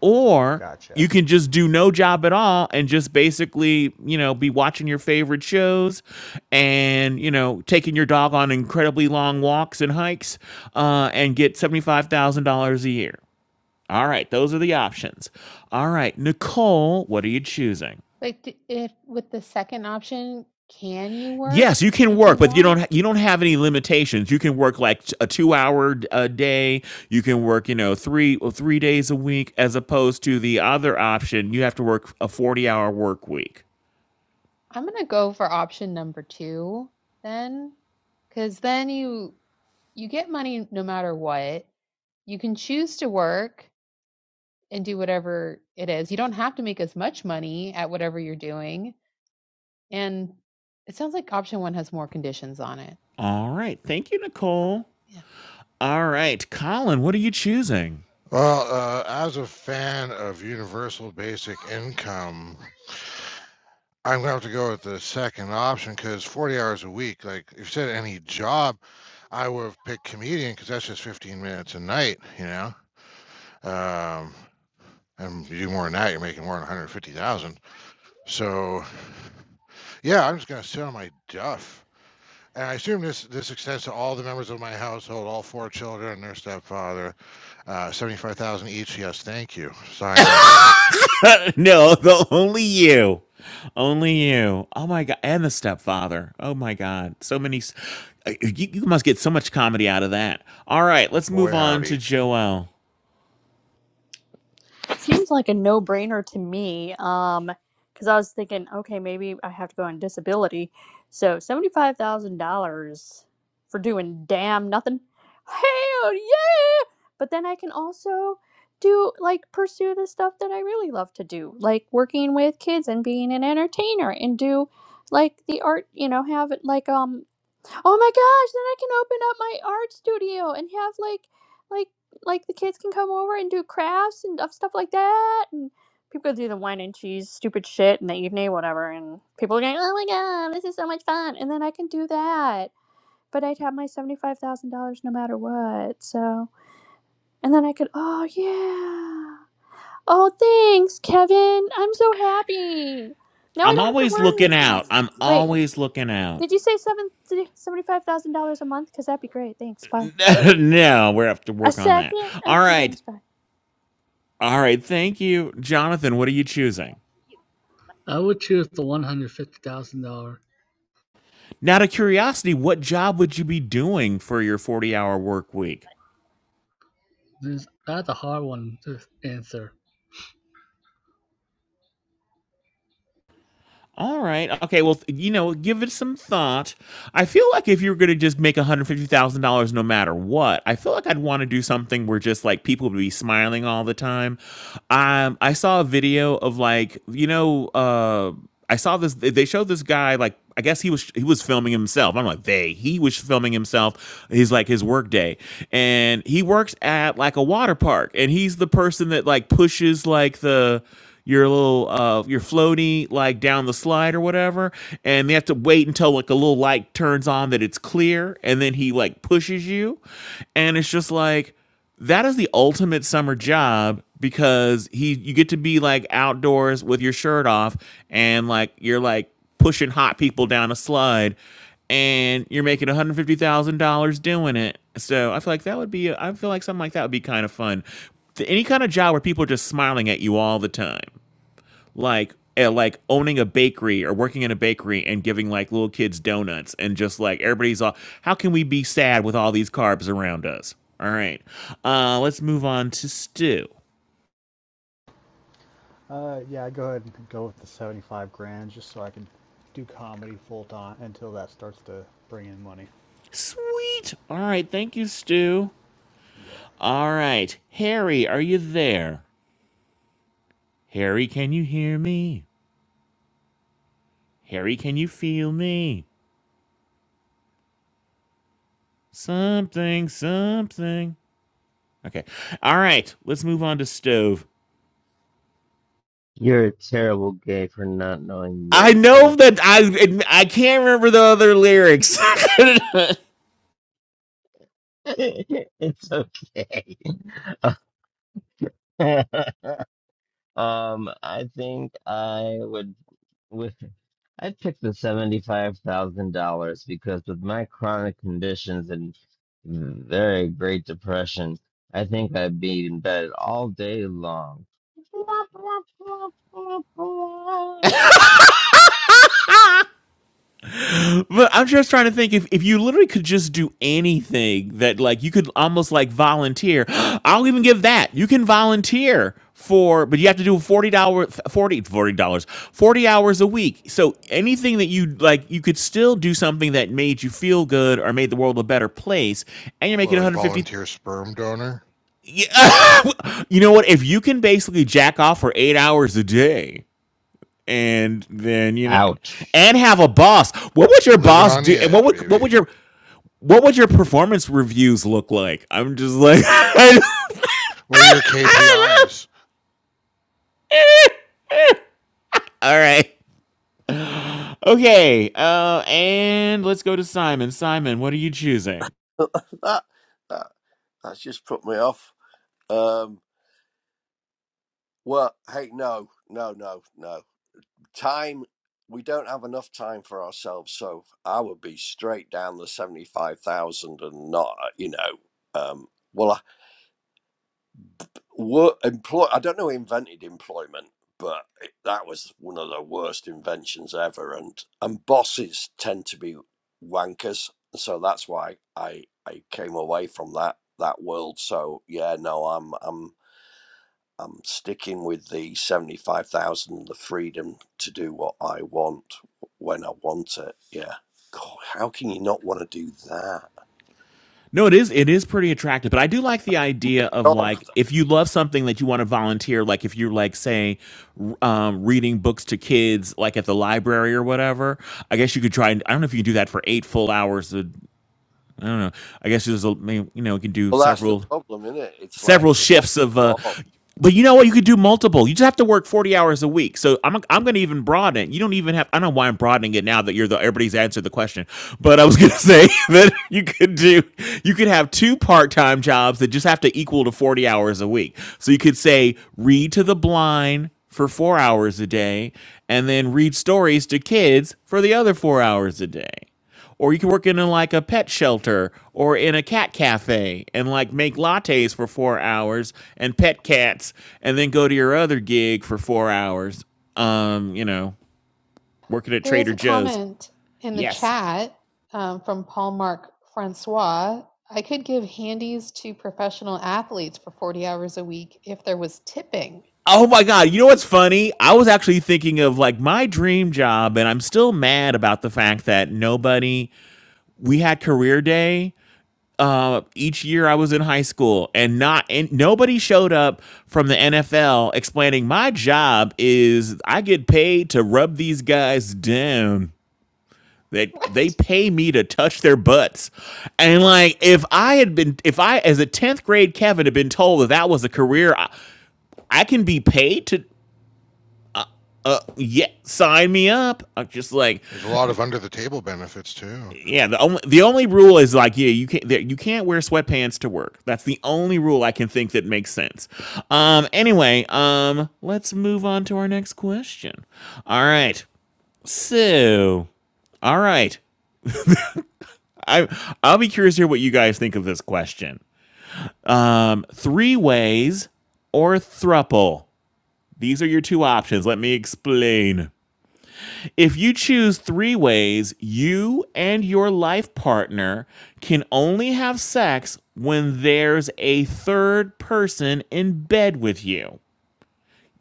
[SPEAKER 2] Or you
[SPEAKER 6] Gotcha.
[SPEAKER 2] can just do no job at all and just basically, you know, be watching your favorite shows and, you know, taking your dog on incredibly long walks and hikes uh, and get $75,000 a year. All right, those are the options. All right, Nicole, what are you choosing?
[SPEAKER 3] Like if with the second option, can you work
[SPEAKER 2] Yes, you can
[SPEAKER 3] if
[SPEAKER 2] work,
[SPEAKER 3] you
[SPEAKER 2] but you don't
[SPEAKER 3] want?
[SPEAKER 2] you don't have any limitations. You can work like t- a two hour a day. You can work you know three or three days a week, as opposed to the other option. You have to work a forty hour work week.
[SPEAKER 3] I'm gonna go for option number two then, because then you you get money no matter what. You can choose to work and do whatever it is. You don't have to make as much money at whatever you're doing And it sounds like option one has more conditions on it.
[SPEAKER 2] All right, thank you,
[SPEAKER 3] Oh,
[SPEAKER 2] Nicole.
[SPEAKER 3] Yeah.
[SPEAKER 2] All right, Colin, what are you choosing?
[SPEAKER 1] Well, uh, as a fan of universal basic income, I'm gonna have to go with the second option because 40 hours a week, like if you said any job, I would have picked comedian because that's just 15 minutes a night, you know. Um, and you do more than that, you're making more than 150,000. So, yeah, I'm just gonna sit on my duff And I assume this this extends to all the members of my household, all four children and their stepfather. Uh, seventy-five thousand dollars each. Yes, thank you. Sign right here.
[SPEAKER 2] no, the only you. Only you. Oh my god, and the stepfather. Oh my god, so many. s- uh, You, you must get so much comedy out of that. All right, let's move
[SPEAKER 1] Boy,
[SPEAKER 2] on to
[SPEAKER 1] howdy.
[SPEAKER 2] Joelle.
[SPEAKER 4] That seems like a no-brainer to me. Um, because I was thinking, okay, maybe I have to go on disability. So seventy-five thousand dollars for doing damn nothing. Hell yeah! But then I can also do like pursue the stuff that I really love to do, like working with kids and being an entertainer and do like the art, you know, have it like um Oh my gosh, then I can open up my art studio and have like like like the kids can come over and do crafts and stuff stuff like that and people do the wine and cheese stupid shit in the evening, whatever, and people are going, Oh my god, this is so much fun and then I can do that. But I'd have my seventy five thousand dollars no matter what. So and then I could oh yeah. Oh thanks, Kevin. I'm so happy. Now I
[SPEAKER 2] I'm
[SPEAKER 4] don't have to
[SPEAKER 2] always
[SPEAKER 4] worry
[SPEAKER 2] looking
[SPEAKER 4] as much.
[SPEAKER 2] out. I'm
[SPEAKER 4] Wait,
[SPEAKER 2] always looking out.
[SPEAKER 4] did you say seven seventy-five thousand dollars a month? Because that'd be great. Thanks. Bye.
[SPEAKER 2] no, we have to
[SPEAKER 4] A
[SPEAKER 2] work on that.
[SPEAKER 4] second.
[SPEAKER 2] All
[SPEAKER 4] Okay.
[SPEAKER 2] right.
[SPEAKER 4] Thanks. Bye.
[SPEAKER 2] All right. Thank you. Jonathan, what are you choosing?
[SPEAKER 5] I would choose the one hundred fifty thousand dollar.
[SPEAKER 2] Now, to curiosity, what job would you be doing for your 40 hour work week?
[SPEAKER 5] that's a hard one to answer.
[SPEAKER 2] All right. Okay. Well, th- you know, give it some thought. I feel like if you were going to just make $150,000 no matter what, I feel like I'd want to do something where just like people would be smiling all the time. Um, I saw a video of like, you know, uh, I saw this, they they showed this guy like, I guess he was he was filming himself. I'm like they. He was filming himself. He's like his work day, and he works at like a water park, and he's the person that like pushes like the your little uh your floaty like down the slide or whatever and they have to wait until like a little light turns on that it's clear and then he like pushes you and it's just like that is the ultimate summer job because he you get to be like outdoors with your shirt off and like you're like pushing hot people down a slide and you're making $150,000 doing it. So I feel like that would be, I feel like something like that would be kind of fun. Any kind of job where people are just smiling at you all the time, like, eh, like owning a bakery or working in a bakery and giving like little kids donuts and just like everybody's all, how can we be sad with all these carbs around us? All right. Uh, let's move on to Stu.
[SPEAKER 6] Uh, yeah, go ahead and go with the seventy-five grand, just so I can do comedy full time until that starts to bring in money.
[SPEAKER 2] Sweet. All right. Thank you, Stu.
[SPEAKER 6] Yeah.
[SPEAKER 2] All right. Harry, are you there? Harry, can you hear me? Harry, can you feel me? Something, something. Okay. All right. Let's move on to stove.
[SPEAKER 7] You're a terrible gay for not knowing
[SPEAKER 2] I know
[SPEAKER 7] Yentl.
[SPEAKER 2] that I I can't remember the other lyrics.
[SPEAKER 7] it's okay. um, I think I would with I picked the seventy-five thousand dollars because with my chronic conditions and very great depression, I think I'd be in bed all day long.
[SPEAKER 2] But I'm just trying to think if, if you literally could just do anything that like you could almost like volunteer. I'll even give that. You can volunteer for but you have to do 40 dollars forty forty dollars 40 hours a week. So anything that you like you could still do something that made you feel good or made the world a better place and you're making
[SPEAKER 1] Well, like
[SPEAKER 2] 150
[SPEAKER 1] volunteer sperm donor,
[SPEAKER 2] you know what if you can basically jack off for 8 hours a day and then you know
[SPEAKER 7] Ouch.
[SPEAKER 2] and have a boss. What would your
[SPEAKER 1] living
[SPEAKER 2] boss
[SPEAKER 1] on the
[SPEAKER 2] do? And what
[SPEAKER 1] edge,
[SPEAKER 2] would what
[SPEAKER 1] baby.
[SPEAKER 2] would your what would your performance reviews look like? I'm just like, I don't
[SPEAKER 1] What are your
[SPEAKER 2] I
[SPEAKER 1] KPIs?
[SPEAKER 2] don't all right, okay, uh, and let's go to Simon. Simon, what are you choosing?
[SPEAKER 8] that, that that's just put me off. Um, well, hey, no, no, no, no. Time. We don't have enough time for ourselves, so I would be straight down the seventy-five thousand and not, uh, you know. Um, well, Work, employ, I don't know who invented employment, but it, that was one of the worst inventions ever. And and bosses tend to be wankers, so that's why I I came away from that that world. So yeah, no, I'm I'm I'm sticking with the seventy five thousand, the freedom to do what I want when I want it. Yeah, God, how can you not want to do that?
[SPEAKER 2] No, it is it is pretty attractive, but I do like the idea of
[SPEAKER 8] Job.
[SPEAKER 2] like if you love something that you want to volunteer, like if you're like say um, reading books to kids, like at the library or whatever. I guess you could try. I don't know if you can do that for eight full hours. uh, I don't know. I guess there's a, you know you can do
[SPEAKER 8] Well, that's the
[SPEAKER 2] several
[SPEAKER 8] problem, isn't it? It's like
[SPEAKER 2] several
[SPEAKER 8] what
[SPEAKER 2] shifts of uh
[SPEAKER 8] job?
[SPEAKER 2] but you know what you could do multiple you just have to work 40 hours a week so i'm i'm going to even broaden it you don't even have i don't know why i'm broadening it now that you're the everybody's answered the question but i was going to say that you could do you could have two part-time jobs that just have to equal to 40 hours a week so you could say read to the blind for 4 hours a day and then read stories to kids for the other 4 hours a day or you could work in a, like a pet shelter or in a cat cafe and like make lattes for four hours and pet cats and then go to your other gig for four hours um you know working at
[SPEAKER 3] There is
[SPEAKER 2] trader
[SPEAKER 3] a
[SPEAKER 2] joe's
[SPEAKER 3] comment in the
[SPEAKER 2] yes
[SPEAKER 3] chat um, from Paul Marc Francois. I could give handies to professional athletes for 40 hours a week if there was tipping.
[SPEAKER 2] oh my god you know what's funny i was actually thinking of like my dream job and i'm still mad about the fact that nobody we had career day uh, each year I was in high school, and not and nobody showed up from the NFL explaining my job is I get paid to rub these guys down. They they
[SPEAKER 3] What?
[SPEAKER 2] pay me to touch their butts, and like if I had been if I as a tenth grade Kevin had been told that that was a career I, I can be paid to uh yeah sign me up. I'm just like
[SPEAKER 1] There's a lot of under the table benefits too.
[SPEAKER 2] yeah, the only the only rule is like yeah, you can't you can't wear sweatpants to work. That's the only rule I can think that makes sense. Um, anyway, um, let's move on to our next question. All right, so all right, I I'll be curious to hear what you guys think of this question. Um, three ways or thruple. These are your two options. Let me explain. If you choose three ways, you and your life partner can only have sex when there's a third person in bed with you.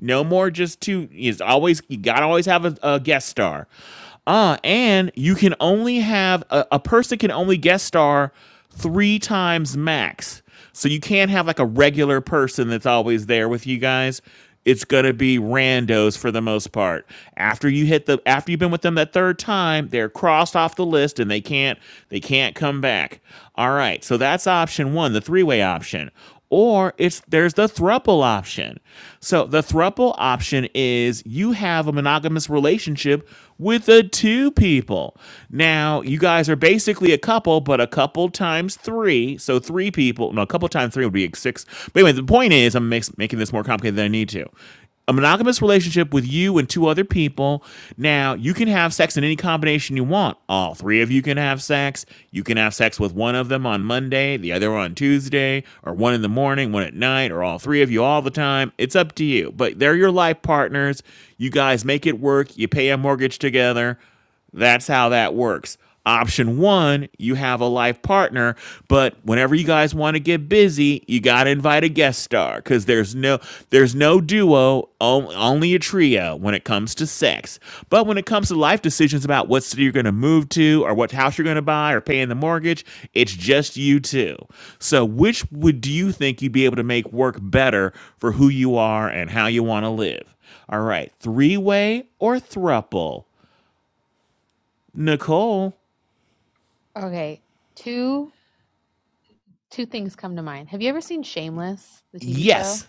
[SPEAKER 2] No more just two. Is always you gotta always have a, a guest star. Uh, and you can only have a, a person can only guest star three times max. So you can't have like a regular person that's always there with you guys. It's gonna be randos for the most part. After you hit the after you've been with them that third time, they're crossed off the list and they can't they can't come back. All right, so that's option one, the three way option or it's there's the thruple option. So the thruple option is you have a monogamous relationship with the two people. Now you guys are basically a couple, but a couple times three, so three people. No, a couple times three would be six. But anyway, the point is, I'm making this more complicated than I need to a monogamous relationship with you and two other people. Now, you can have sex in any combination you want. All three of you can have sex. You can have sex with one of them on Monday, the other on Tuesday, or one in the morning, one at night, or all three of you all the time. It's up to you. But they're your life partners. You guys make it work. You pay a mortgage together. That's how that works. Option one, you have a life partner, but whenever you guys want to get busy, you got to invite a guest star because there's no there's no duo, only a trio when it comes to sex. But when it comes to life decisions about what city you're going to move to or what house you're going to buy or paying the mortgage, it's just you two. So which would do you think you'd be able to make work better for who you are and how you want to live? All right, three way or thruple? Nicole.
[SPEAKER 3] Okay. Two two things come to mind. Have you ever seen Shameless, the TV show?
[SPEAKER 2] Yes.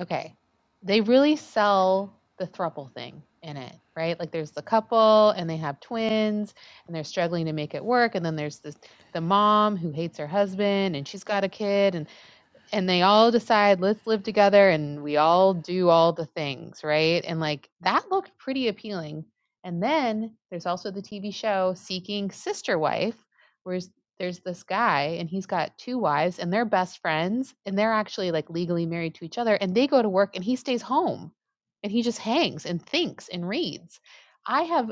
[SPEAKER 3] Okay. They really sell the thruple thing in it, right? Like there's the couple and they have twins and they're struggling to make it work. And then there's this the mom who hates her husband and she's got a kid. and and they all decide let's live together and we all do all the things right and like that looked pretty appealing and then there's also the tv show seeking sister wife where there's this guy and he's got two wives and they're best friends and they're actually like legally married to each other and they go to work and he stays home and he just hangs and thinks and reads i have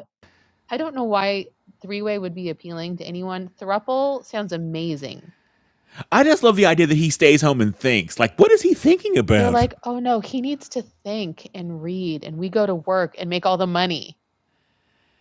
[SPEAKER 3] i don't know why three way would be appealing to anyone thruple sounds amazing
[SPEAKER 2] I just love the idea that he stays home and thinks. Like, what is he thinking
[SPEAKER 3] They're
[SPEAKER 2] about?
[SPEAKER 3] like, "Oh, no, he needs to think and read, and we go to work and make all the money,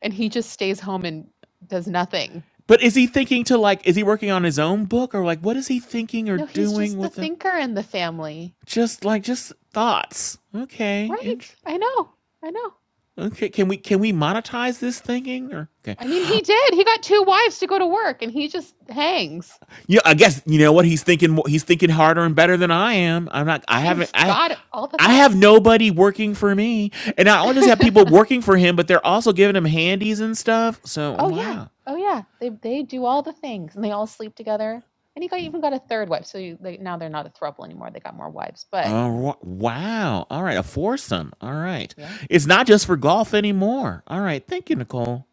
[SPEAKER 3] and he just stays home and does nothing."
[SPEAKER 2] But is he thinking to like, is he working on his own book or like, what is he thinking or
[SPEAKER 3] No, he's
[SPEAKER 2] doing
[SPEAKER 3] just the
[SPEAKER 2] with the
[SPEAKER 3] thinker in the family.
[SPEAKER 2] just like just thoughts? Okay, int-
[SPEAKER 3] Right. I know. I know.
[SPEAKER 2] okay. Can we can we monetize this thinking or okay?
[SPEAKER 3] I mean, he did. He got two wives to go to work, and he just hangs.
[SPEAKER 2] Yeah, I guess you know what he's thinking. mo- He's thinking harder and better than I am. I'm not. I haven't.
[SPEAKER 3] He's
[SPEAKER 2] I
[SPEAKER 3] got all the
[SPEAKER 2] I have
[SPEAKER 3] thoughts.
[SPEAKER 2] nobody working for me, and I only just have people working for him, but they're also giving him handies and stuff. So
[SPEAKER 3] oh yeah.
[SPEAKER 2] wow.
[SPEAKER 3] Oh yeah. They they do all the things, and they all sleep together. And he got even got a third wife. So you, they, now they're not a throuple anymore. They got more wives. But
[SPEAKER 2] Oh Wow. All right. A foursome. All right.
[SPEAKER 3] yeah,
[SPEAKER 2] It's not just for golf anymore. All right. Thank you,
[SPEAKER 3] no.
[SPEAKER 2] Nicole.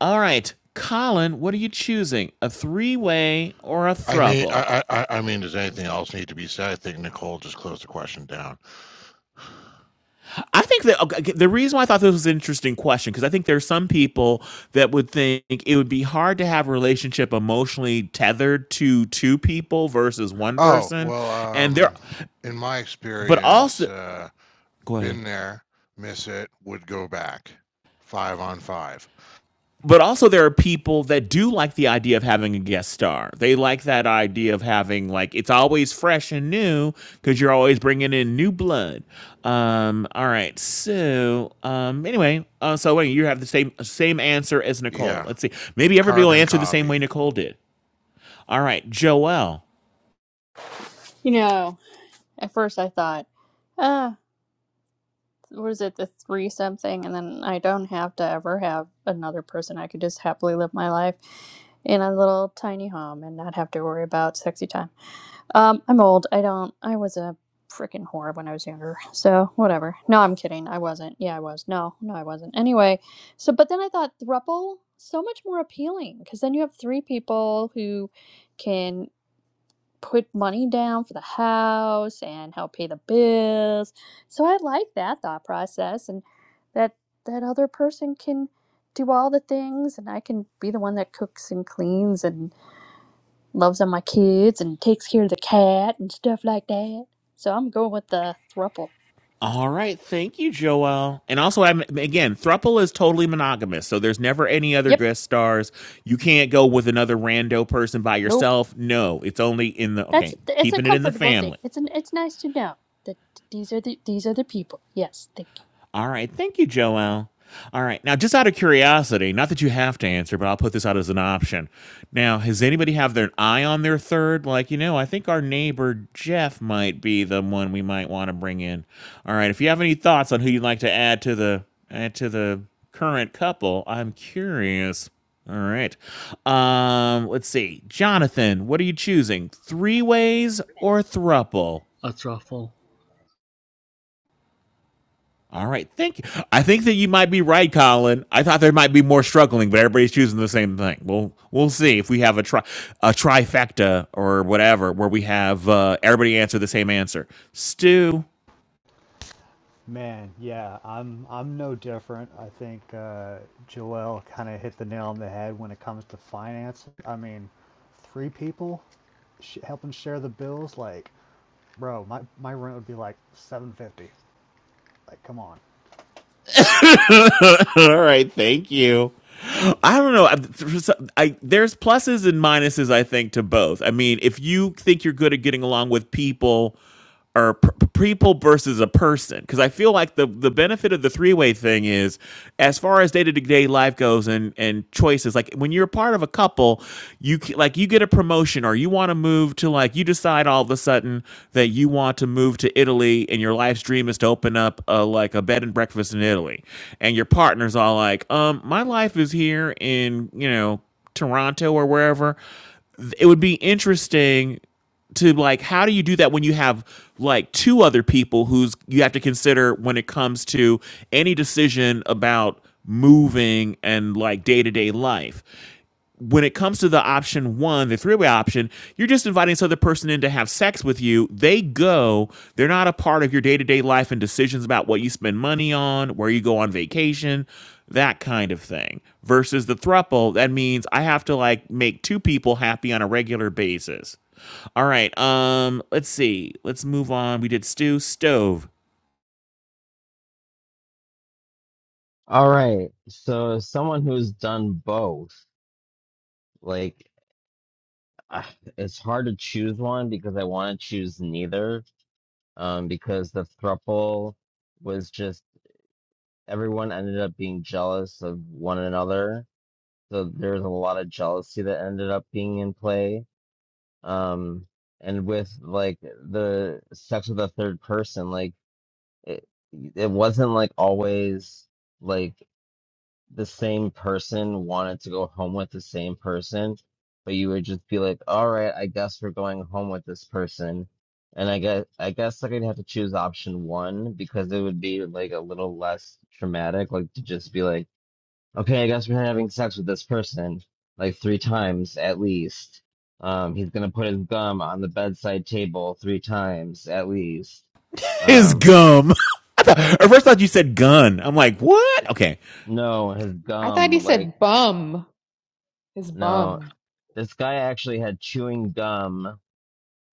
[SPEAKER 2] All right. Colin, what are you choosing? A three way or a
[SPEAKER 1] I mean,
[SPEAKER 2] thruple?
[SPEAKER 1] I, I, I I mean, does anything else need to be said? I think Nicole just closed the question down.
[SPEAKER 2] I think that okay, okay, the reason why I thought this was an interesting question, because I think there are some people that would think it would be hard to have a relationship emotionally tethered to two people versus one
[SPEAKER 1] Oh
[SPEAKER 2] person.
[SPEAKER 1] well,
[SPEAKER 2] And there,
[SPEAKER 1] um, in my
[SPEAKER 2] but
[SPEAKER 1] experience,
[SPEAKER 2] also,
[SPEAKER 1] uh,
[SPEAKER 2] go ahead.
[SPEAKER 1] been there, miss it, would go back. Five on five.
[SPEAKER 2] but also there are people that do like the idea of having a guest star. They like that idea of having like it's always fresh and new because you're always bringing in new blood. Um, all right, so um, anyway, uh, so wait, you have the same same answer as Nicole.
[SPEAKER 1] Yeah,
[SPEAKER 2] Let's see, maybe everybody will
[SPEAKER 1] carbon
[SPEAKER 2] answer the same
[SPEAKER 1] copy.
[SPEAKER 2] way Nicole did. All right, Joelle.
[SPEAKER 4] You know, at first I thought, ah, was it the three something, and then I don't have to ever have another person. I could just happily live my life in a little tiny home and not have to worry about sexy time. Um, I'm old. I don't. I was a freaking whore when I was younger. So whatever. No, I'm kidding. I wasn't. Yeah, I was. No, no, I wasn't. Anyway, so but then I thought thruple so much more appealing because then you have three people who can put money down for the house and help pay the bills. So I like that thought process and that that other person can do all the things and I can be the one that cooks and cleans and loves on my kids and takes care of the cat and stuff like that. So I'm going with the thruple.
[SPEAKER 2] All right, thank you, Joelle. And also, I'm again, Thruple is totally monogamous, so there's never any other
[SPEAKER 4] Yep.
[SPEAKER 2] guest stars. You can't go with another rando person by
[SPEAKER 4] Nope.
[SPEAKER 2] yourself. No, it's only in the
[SPEAKER 4] That's
[SPEAKER 2] okay,
[SPEAKER 4] it's a
[SPEAKER 2] keeping it in the
[SPEAKER 4] comfortable thing.
[SPEAKER 2] family.
[SPEAKER 4] It's an it's nice to know that these are the these are the people. Yes, thank
[SPEAKER 2] All right. Thank you, Joelle. All right. Now, just out of curiosity, not that you have to answer, but I'll put this out as an option. Now, has anybody have their eye on their third? Like, you know, I think our neighbor Jeff might be the one we might want to bring in. All right. If you have any thoughts on who you'd like to add to the add to the current couple, I'm curious. All right. Um, let's see. Jonathan, what are you choosing? Three ways or thruple?
[SPEAKER 5] A truffle.
[SPEAKER 2] All right. Thank you. I think that you might be right, Colin. I thought there might be more struggling, but everybody's choosing the same thing. We'll we'll see if we have a tri- a trifecta or whatever where we have uh, everybody answer the same answer. Stu.
[SPEAKER 6] Man, yeah, I'm I'm no different. I think uh, Joel kind of hit the nail on the head when it comes to finance. I mean, three people sh- helping share the bills, like, bro, my my rent would be like 750. Like, come on.
[SPEAKER 2] All right. Thank you. I don't know. I, there's, I- there's pluses and minuses, I think, to both. I mean, if you think you're good at getting along with people or p- people versus a person because i feel like the the benefit of the three-way thing is as far as day-to-day life goes and and choices like when you're part of a couple you c- like you get a promotion or you want to move to like you decide all of a sudden that you want to move to italy and your life's dream is to open up a like a bed and breakfast in italy and your partner's all like um my life is here in you know toronto or wherever it would be interesting to like how do you do that when you have like two other people who's you have to consider when it comes to any decision about moving and like day-to-day life when it comes to the option one the three-way option you're just inviting this other person in to have sex with you they go they're not a part of your day-to-day life and decisions about what you spend money on where you go on vacation that kind of thing versus the throuple, that means i have to like make two people happy on a regular basis all right. Um, let's see. Let's move on. We did stew, stove.
[SPEAKER 7] All right. So as someone who's done both, like ah, it's hard to choose one because I want to choose neither. Um, because the thruple was just everyone ended up being jealous of one another So there's a lot of jealousy that ended up being in play. Um, and with like the sex with a third person, like it, it wasn't like always like the same person wanted to go home with the same person, but you would just be like, all right, I guess we're going home with this person. And I guess I guess like I'd have to choose option one because it would be like a little less traumatic, like to just be like okay, I guess we're having sex with this person like three times at least. Um, he's gonna put his gum on the bedside table three times at least.
[SPEAKER 2] His
[SPEAKER 7] Um,
[SPEAKER 2] gum. I thought, at first I thought you said gun. I'm like, what? Okay.
[SPEAKER 7] no, his
[SPEAKER 3] I thought
[SPEAKER 7] gum,
[SPEAKER 3] he
[SPEAKER 7] like,
[SPEAKER 3] said bum. His
[SPEAKER 7] no.
[SPEAKER 3] bum.
[SPEAKER 7] This guy actually had chewing gum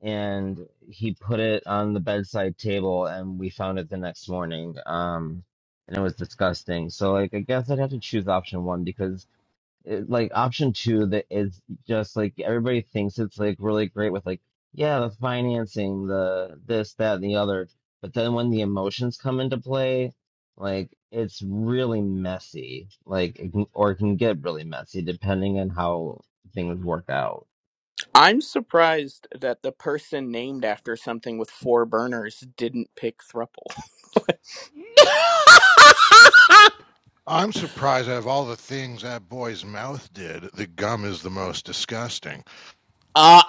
[SPEAKER 7] and he put it on the bedside table and we found it the next morning. Um, and it was disgusting. So, like, I guess I'd have to choose option one because it- like option two that is just like everybody thinks it's like really great with like yeah the financing the this that and the other but then when the emotions come into play like it's really messy like it can, or it can get really messy depending on how things work out
[SPEAKER 10] I'm surprised that the person named after something with four burners didn't pick thruple.
[SPEAKER 1] I'm surprised out of all the things that boy's mouth did, the gum is the most disgusting.
[SPEAKER 2] Uh,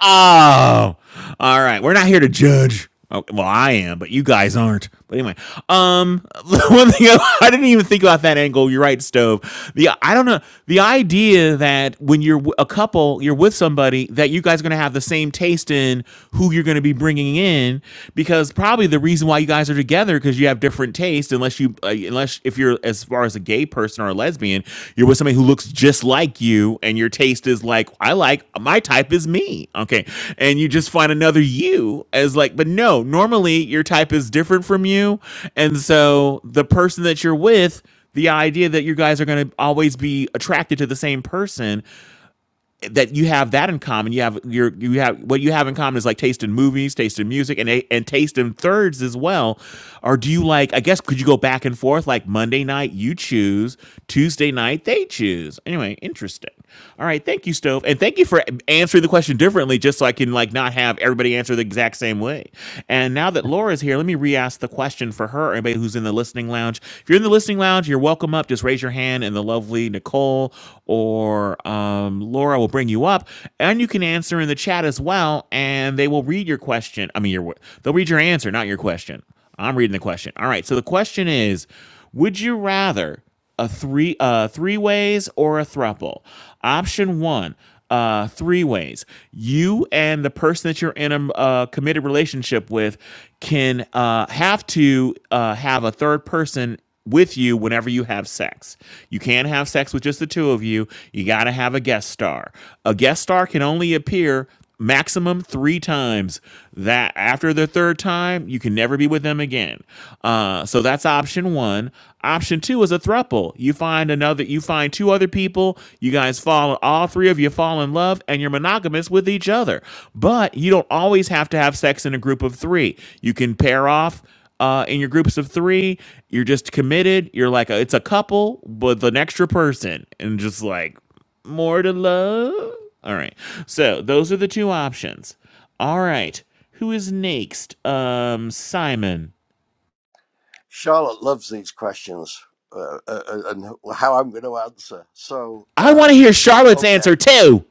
[SPEAKER 2] oh, all right. We're not here to judge. Oh, well, I am, but you guys aren't. But anyway, um, one thing I didn't even think about that angle. You're right, stove. The I don't know the idea that when you're w- a couple, you're with somebody that you guys are gonna have the same taste in who you're gonna be bringing in because probably the reason why you guys are together because you have different different taste unless you uh, unless if you're as far as a gay person or a lesbian, you're with somebody who looks just like you and your taste is like I like my type is me. Okay. And you just find another you as like but no, normally your type is different from you and so the person that you're with the idea that you guys are going to always be attracted to the same person that you have that in common. You have your you have what you have in common is like taste in movies, taste in music, and and taste in thirds as well. Or do you like? I guess could you go back and forth? Like Monday night you choose, Tuesday night they choose. Anyway, interesting. All right, thank you, Stove, and thank you for answering the question differently, just so I can like not have everybody answer the exact same way. And now that Laura's here, let me re-ask the question for her. Anybody who's in the listening lounge, if you're in the listening lounge, you're welcome up. Just raise your hand, and the lovely Nicole or um, Laura will bring you up, and you can answer in the chat as well. And they will read your question. I mean, your they'll read your answer, not your question. I'm reading the question. All right. So the question is, would you rather a three uh three ways or a thruple? Option one uh, three ways. You and the person that you're in a uh, committed relationship with can uh, have to uh, have a third person with you whenever you have sex. You can't have sex with just the two of you. You got to have a guest star. A guest star can only appear maximum three times that after the third time you can never be with them again uh, so that's option one option two is a throuple. you find another you find two other people you guys fall all three of you fall in love and you're monogamous with each other but you don't always have to have sex in a group of three you can pair off uh, in your groups of three, you're just committed. You're like a, it's a couple with an extra person, and just like more to love? All right. So those are the two options. All right. Who is next? Um, Simon.
[SPEAKER 8] Charlotte loves these questions uh, uh, uh, and how I'm going to answer. So,
[SPEAKER 2] I want
[SPEAKER 8] uh,
[SPEAKER 2] to hear Charlotte's
[SPEAKER 8] okay,
[SPEAKER 2] answer too.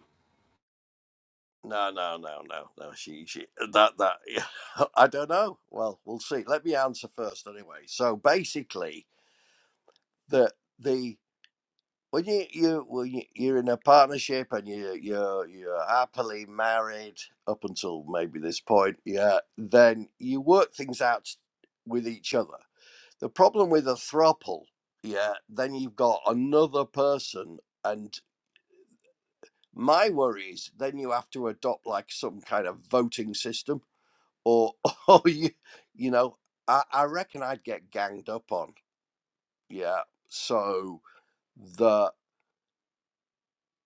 [SPEAKER 8] no, no, no, no, no. She, she, that, that. I don't know. Well, we'll see. Let me answer first, anyway. So basically, the the when you you when you, you're in a partnership and you you're you're happily married up until maybe this point, yeah, then you work things out with each other The problem with a throuple, yeah, then you've got another person, and my worry is then you have to adopt like some kind of voting system, or or you, you know, I, I reckon I'd get ganged up on, yeah. So the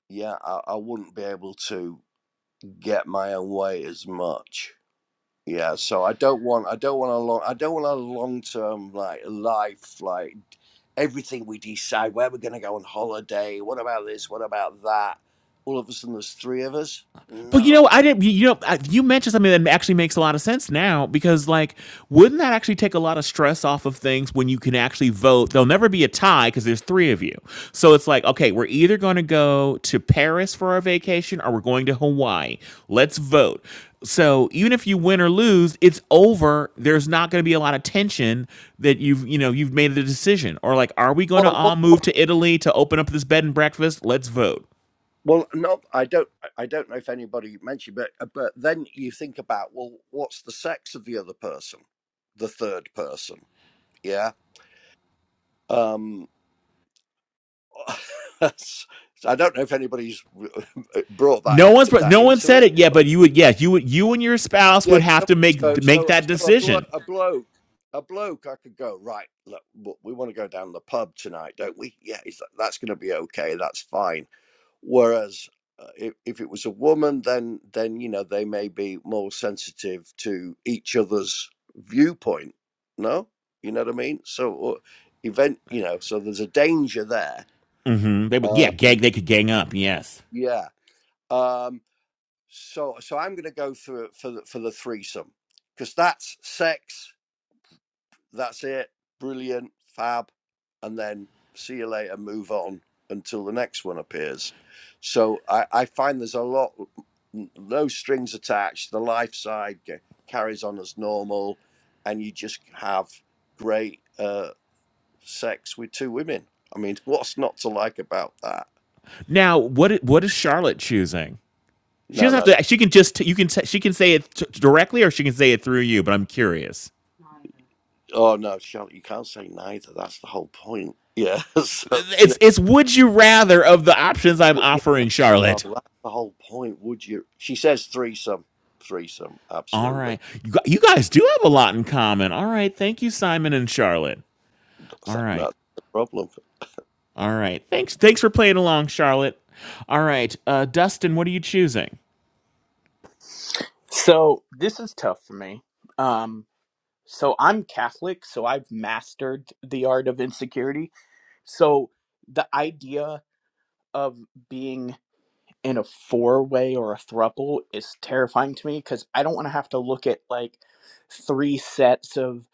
[SPEAKER 8] yeah, I, I wouldn't be able to get my own way as much. Yeah, so I don't want I don't want a long I don't want a long term like life like everything we decide where we're gonna go on holiday, what about this, what about that? All of a sudden there's three of us?
[SPEAKER 2] But you know,
[SPEAKER 8] No.
[SPEAKER 2] I didn't. You know, I- you mentioned something that actually makes a lot of sense now because, like, wouldn't that actually take a lot of stress off of things when you can actually vote? There'll never be a tie because there's three of you. So it's like, okay, we're either going to go to Paris for our vacation or we're going to Hawaii. Let's vote. So even if you win or lose, it's over. There's not going to be a lot of tension that you've you know you've made the decision or like, are we going to
[SPEAKER 8] Well well,
[SPEAKER 2] all move to Italy to open up this bed and breakfast? Let's vote.
[SPEAKER 8] well not I don't I I don't know if anybody mentioned but uh, but then you think about well what's the sex of the other person? The third person. Yeah. Um so I don't know if anybody's brought that
[SPEAKER 2] No one's
[SPEAKER 8] that
[SPEAKER 2] no one
[SPEAKER 8] into
[SPEAKER 2] said
[SPEAKER 8] it
[SPEAKER 2] it yet, but you would yeah you would you and your spouse
[SPEAKER 8] Yeah.
[SPEAKER 2] would have to
[SPEAKER 8] So
[SPEAKER 2] make make
[SPEAKER 8] so
[SPEAKER 2] that
[SPEAKER 8] so a blo-
[SPEAKER 2] decision.
[SPEAKER 8] a bloke a bloke I could go right. Look, w- we want to go down the pub tonight, don't we? Yeah, is that- that's going to be okay. That's fine. Whereas uh, if if it was a woman, then then you know they may be more sensitive to each other's viewpoint. No, you know what I mean. So or event, you know, so there's a danger there.
[SPEAKER 2] hmm They would
[SPEAKER 8] Uh,
[SPEAKER 2] yeah gang they could gang up yes.
[SPEAKER 8] yeah. Um. So so I'm going to go for for the, for the threesome because that's sex that's it. Brilliant, fab, and then see you later, move on until the next one appears. So I, I find there's a lot, no strings attached. The life side g- carries on as normal, and you just have great uh, sex with two women. I mean, what's not to like about that?
[SPEAKER 2] Now what what is Charlotte choosing? She
[SPEAKER 8] No,
[SPEAKER 2] doesn't
[SPEAKER 8] no.
[SPEAKER 2] have to. She can just you can she can say it t- directly or she can say it through you. But I'm curious.
[SPEAKER 8] Oh no, Charlotte, you can't say neither. That's the whole point. Yeah. So
[SPEAKER 2] It's it's would you rather of the options I'm
[SPEAKER 8] yeah.
[SPEAKER 2] offering
[SPEAKER 8] Oh,
[SPEAKER 2] Charlotte.
[SPEAKER 8] well, that's the whole point. Would you? She says threesome, threesome.
[SPEAKER 2] All
[SPEAKER 8] Absolutely,
[SPEAKER 2] right, you you guys do have a lot in common. All right, thank you Simon and Charlotte.
[SPEAKER 8] that's
[SPEAKER 2] All
[SPEAKER 8] that,
[SPEAKER 2] right.
[SPEAKER 8] that's the problem.
[SPEAKER 2] All right. Thanks. Thanks for playing along, Charlotte. All right, uh, Dustin, what are you choosing?
[SPEAKER 10] So this is tough for me. Um, so I'm Catholic, so I've mastered the art of insecurity. So the idea of being in a four way or a thruple is terrifying to me because I don't want to have to look at like three sets of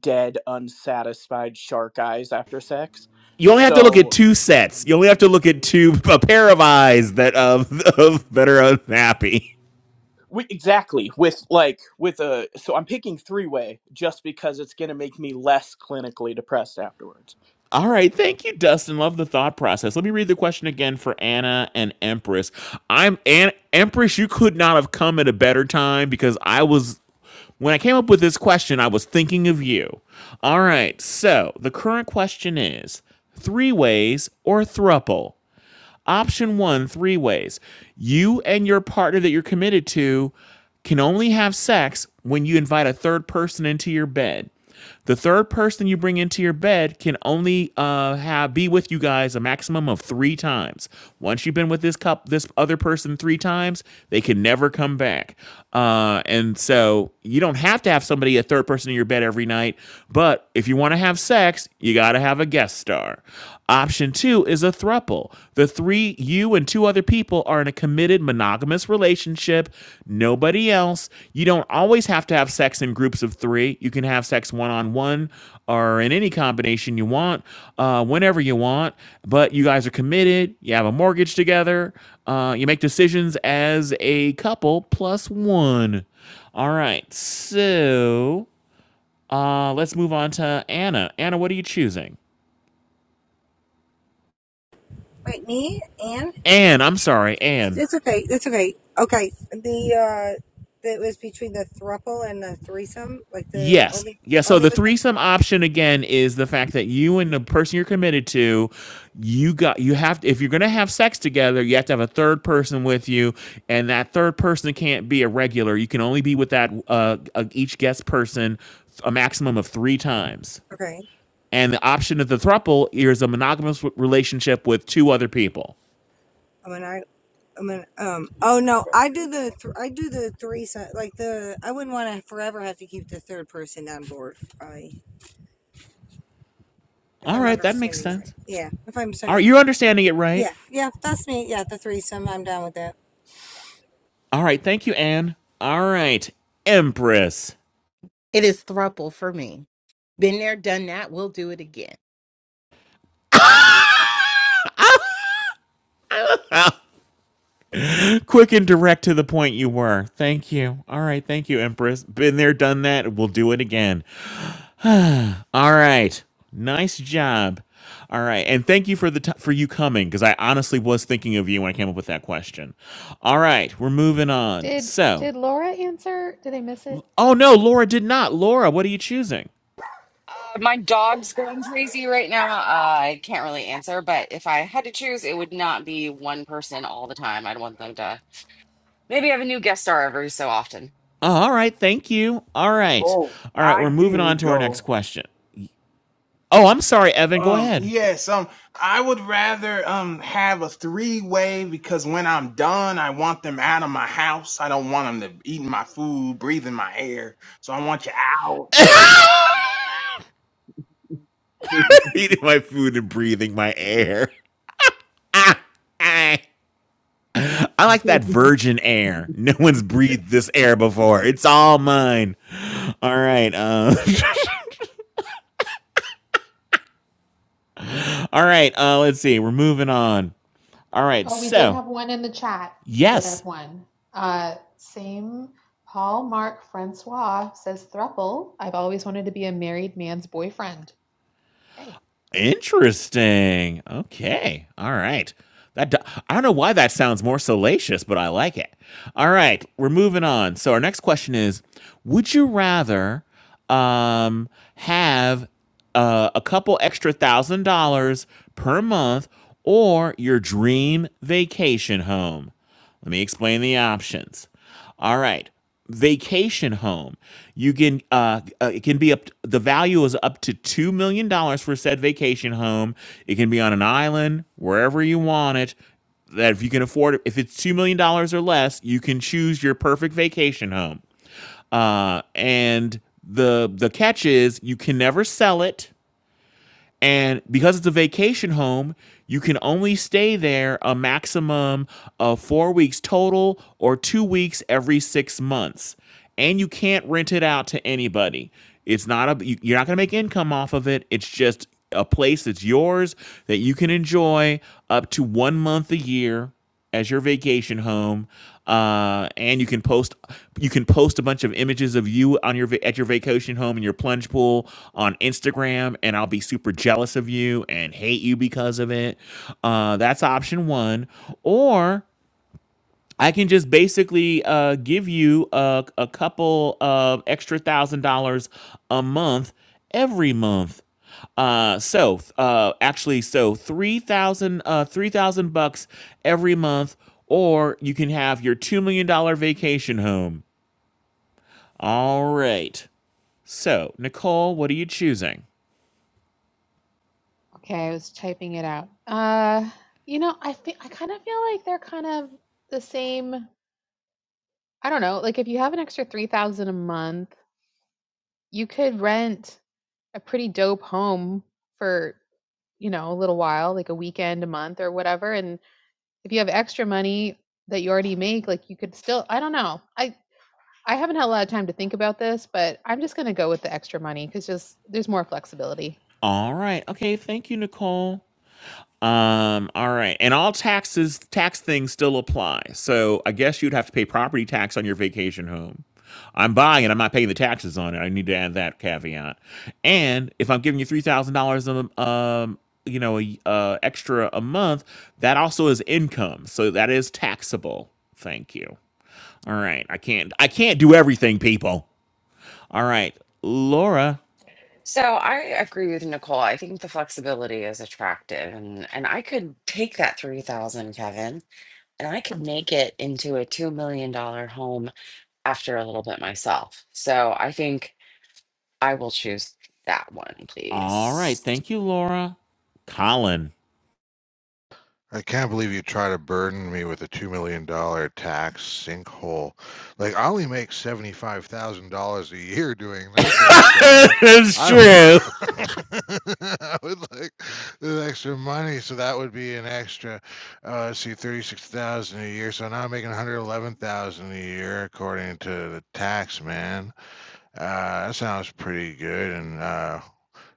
[SPEAKER 10] dead, unsatisfied shark eyes after sex.
[SPEAKER 2] You only have to look
[SPEAKER 10] So
[SPEAKER 2] at two sets. You only have to look at two a pair of eyes that of, of that are unhappy.
[SPEAKER 10] We, exactly with like with a so I'm picking three way just because it's going to make me less clinically depressed afterwards.
[SPEAKER 2] All right, thank you, Dustin. Love the thought process. Let me read the question again for Anna and Empress. I'm An- Empress. You could not have come at a better time because I was when I came up with this question, I was thinking of you. All right, so the current question is three ways or thruple. Option one, three ways. You and your partner that you're committed to can only have sex when you invite a third person into your bed. The third person you bring into your bed can only uh, have be with you guys a maximum of three times. Once you've been with this cup, this other person three times, they can never come back. Uh, and so you don't have to have somebody a third person in your bed every night. But if you want to have sex, you got to have a guest star. Option two is a throuple. The three, you and two other people, are in a committed monogamous relationship. Nobody else. You don't always have to have sex in groups of three. You can have sex one on one or in any combination you want, uh, whenever you want. But you guys are committed. You have a mortgage together. Uh, you make decisions as a couple plus one. All right. So uh, let's move on to Anna. Anna, what are you choosing?
[SPEAKER 11] Wait, me and
[SPEAKER 2] Anne, I'm sorry, Anne.
[SPEAKER 11] it's okay. It's okay. Okay, the uh, that was between the thruple and the threesome. Like the
[SPEAKER 2] Yes.
[SPEAKER 11] only
[SPEAKER 2] Yeah, so
[SPEAKER 11] only
[SPEAKER 2] the
[SPEAKER 11] with the
[SPEAKER 2] threesome option again is the fact that you and the person you're committed to, you got you have if you're going to have sex together, you have to have a third person with you and that third person can't be a regular. You can only be with that uh, uh each guest person a maximum of 3 times.
[SPEAKER 11] okay.
[SPEAKER 2] And the option of the thruple is a monogamous w- relationship with two other people.
[SPEAKER 11] I mean, I. I mean, um. Oh no, I do the th- I do the threesome. Like the I wouldn't want to forever have to keep the third person on board. I if
[SPEAKER 2] All
[SPEAKER 11] I'm
[SPEAKER 2] right, that makes
[SPEAKER 11] understanding that.
[SPEAKER 2] sense.
[SPEAKER 11] Yeah, if I'm
[SPEAKER 2] All
[SPEAKER 11] understanding.
[SPEAKER 2] right, you're understanding it right.
[SPEAKER 11] Yeah, yeah, that's me. Yeah, the threesome. I'm down with that.
[SPEAKER 2] All right, thank you, Anne. All right, Empress.
[SPEAKER 12] It is thruple for me. Been there, done that. We'll do it again.
[SPEAKER 2] Quick and direct to the point you were. Thank you. All right. Thank you, Empress. Been there, done that. We'll do it again. All right. Nice job. All right. And thank you for the t- for you coming because I honestly was thinking of you when I came up with that question. All right. We're moving on.
[SPEAKER 3] Did
[SPEAKER 2] So,
[SPEAKER 3] did Laura answer? Did I miss it?
[SPEAKER 2] oh no, Laura did not. Laura, what are you choosing?
[SPEAKER 13] My dog's going crazy right now. Uh, I can't really answer, but if I had to choose, it would not be one person all the time. I'd want them to maybe have a new guest star every so often.
[SPEAKER 2] Oh, all right. Thank you. All right.
[SPEAKER 14] Oh,
[SPEAKER 2] All right.
[SPEAKER 14] I
[SPEAKER 2] We're moving on
[SPEAKER 14] didn't
[SPEAKER 2] to our next
[SPEAKER 14] go.
[SPEAKER 2] question. Oh, I'm sorry, Evan. Go
[SPEAKER 14] Um,
[SPEAKER 2] ahead.
[SPEAKER 14] yes, um, I would rather, um, have a three way because when I'm done, I want them out of my house. I don't want them to eating my food, breathing my air. So I want you
[SPEAKER 2] Eating my food and breathing my air. ah, ah. I like that
[SPEAKER 14] out.
[SPEAKER 2] virgin air. No one's breathed this air before. It's all mine. All right. Uh, all right. Uh, let's see. We're moving on. All right.
[SPEAKER 3] Oh, we did
[SPEAKER 2] So,
[SPEAKER 3] have one in the chat. We did
[SPEAKER 2] yes,
[SPEAKER 3] have one. Uh, same. Paul Mark Francois says thruple. I've always wanted to be a married man's boyfriend. Okay.
[SPEAKER 2] Interesting. Okay. All right. That do- I don't know why that sounds more salacious, but I like it. All right, we're moving on. So our next question is: Would you rather um, have uh, a couple extra thousand dollars per month or your dream vacation home? Let me explain the options. All right. Vacation home. You can uh, uh it can be up the value is up to 2 million dollars for said vacation home. It can be on an island, wherever you want it. That if you can afford it, if it's 2 million dollars or less, you can choose your perfect vacation home. Uh and the the catch is you can never sell it and because it's a vacation home, you can only stay there a maximum of four weeks total or two weeks every six months. And you can't rent it out to anybody. It's not a, you- you're not going to make income off of it. It's just a place that's yours that you can enjoy up to one month a year as your vacation home, uh, and you can post you can post a bunch of images of you on your va- at your vacation home in your plunge pool on Instagram, and I'll be super jealous of you and hate you because of it. Uh, that's option one, or I can just basically uh, give you a, a couple of extra thousand dollars a month every month. Uh, so uh, actually, so three thousand uh, three thousand bucks every month, or you can have your two million dollar vacation home. All right. So Nicole, what are you choosing?
[SPEAKER 3] Okay, I was typing it out. Uh, you know, I feel I kind of feel like they're kind of the same. I don't know. Like if you have an extra three thousand a month, you could rent a pretty dope home for you know a little while, like a weekend, a month, or whatever, and if you have extra money that you already make, like you could still, I don't know. I I haven't had a lot of time to think about this, but I'm just going to go with the extra money cuz just there's more flexibility.
[SPEAKER 2] All right. Okay. Thank you, Nicole. Um, all right. And all taxes, tax things still apply. So I guess you'd have to pay property tax on your vacation home. I'm buying it. I'm not paying the taxes on it. I need to add that caveat. And if I'm giving you $3,000 a, m- um, you know, a, uh, extra a month, that also is income. So that is taxable. Thank you. All right. I can't, I can't do everything people. All right. Laura.
[SPEAKER 13] So I agree with Nicole. I think the flexibility is attractive, and and I could take that three thousand, Kevin, and I could make it into a two million dollar home after a little bit myself. So I think I will choose that one,
[SPEAKER 2] All right.
[SPEAKER 13] please.
[SPEAKER 2] Thank you, Laura. Colin.
[SPEAKER 1] I can't believe you try to burden me with a $2 million dollar tax sinkhole. Like, I only make $75,000 a year doing nothing, Kevin.
[SPEAKER 2] it's
[SPEAKER 1] I would,
[SPEAKER 2] true.
[SPEAKER 1] I would like the extra money, so that would be an extra, uh, let's see, 36000 a year. So now I'm making 111000 a year according to the tax man. Uh, that sounds pretty good. And uh,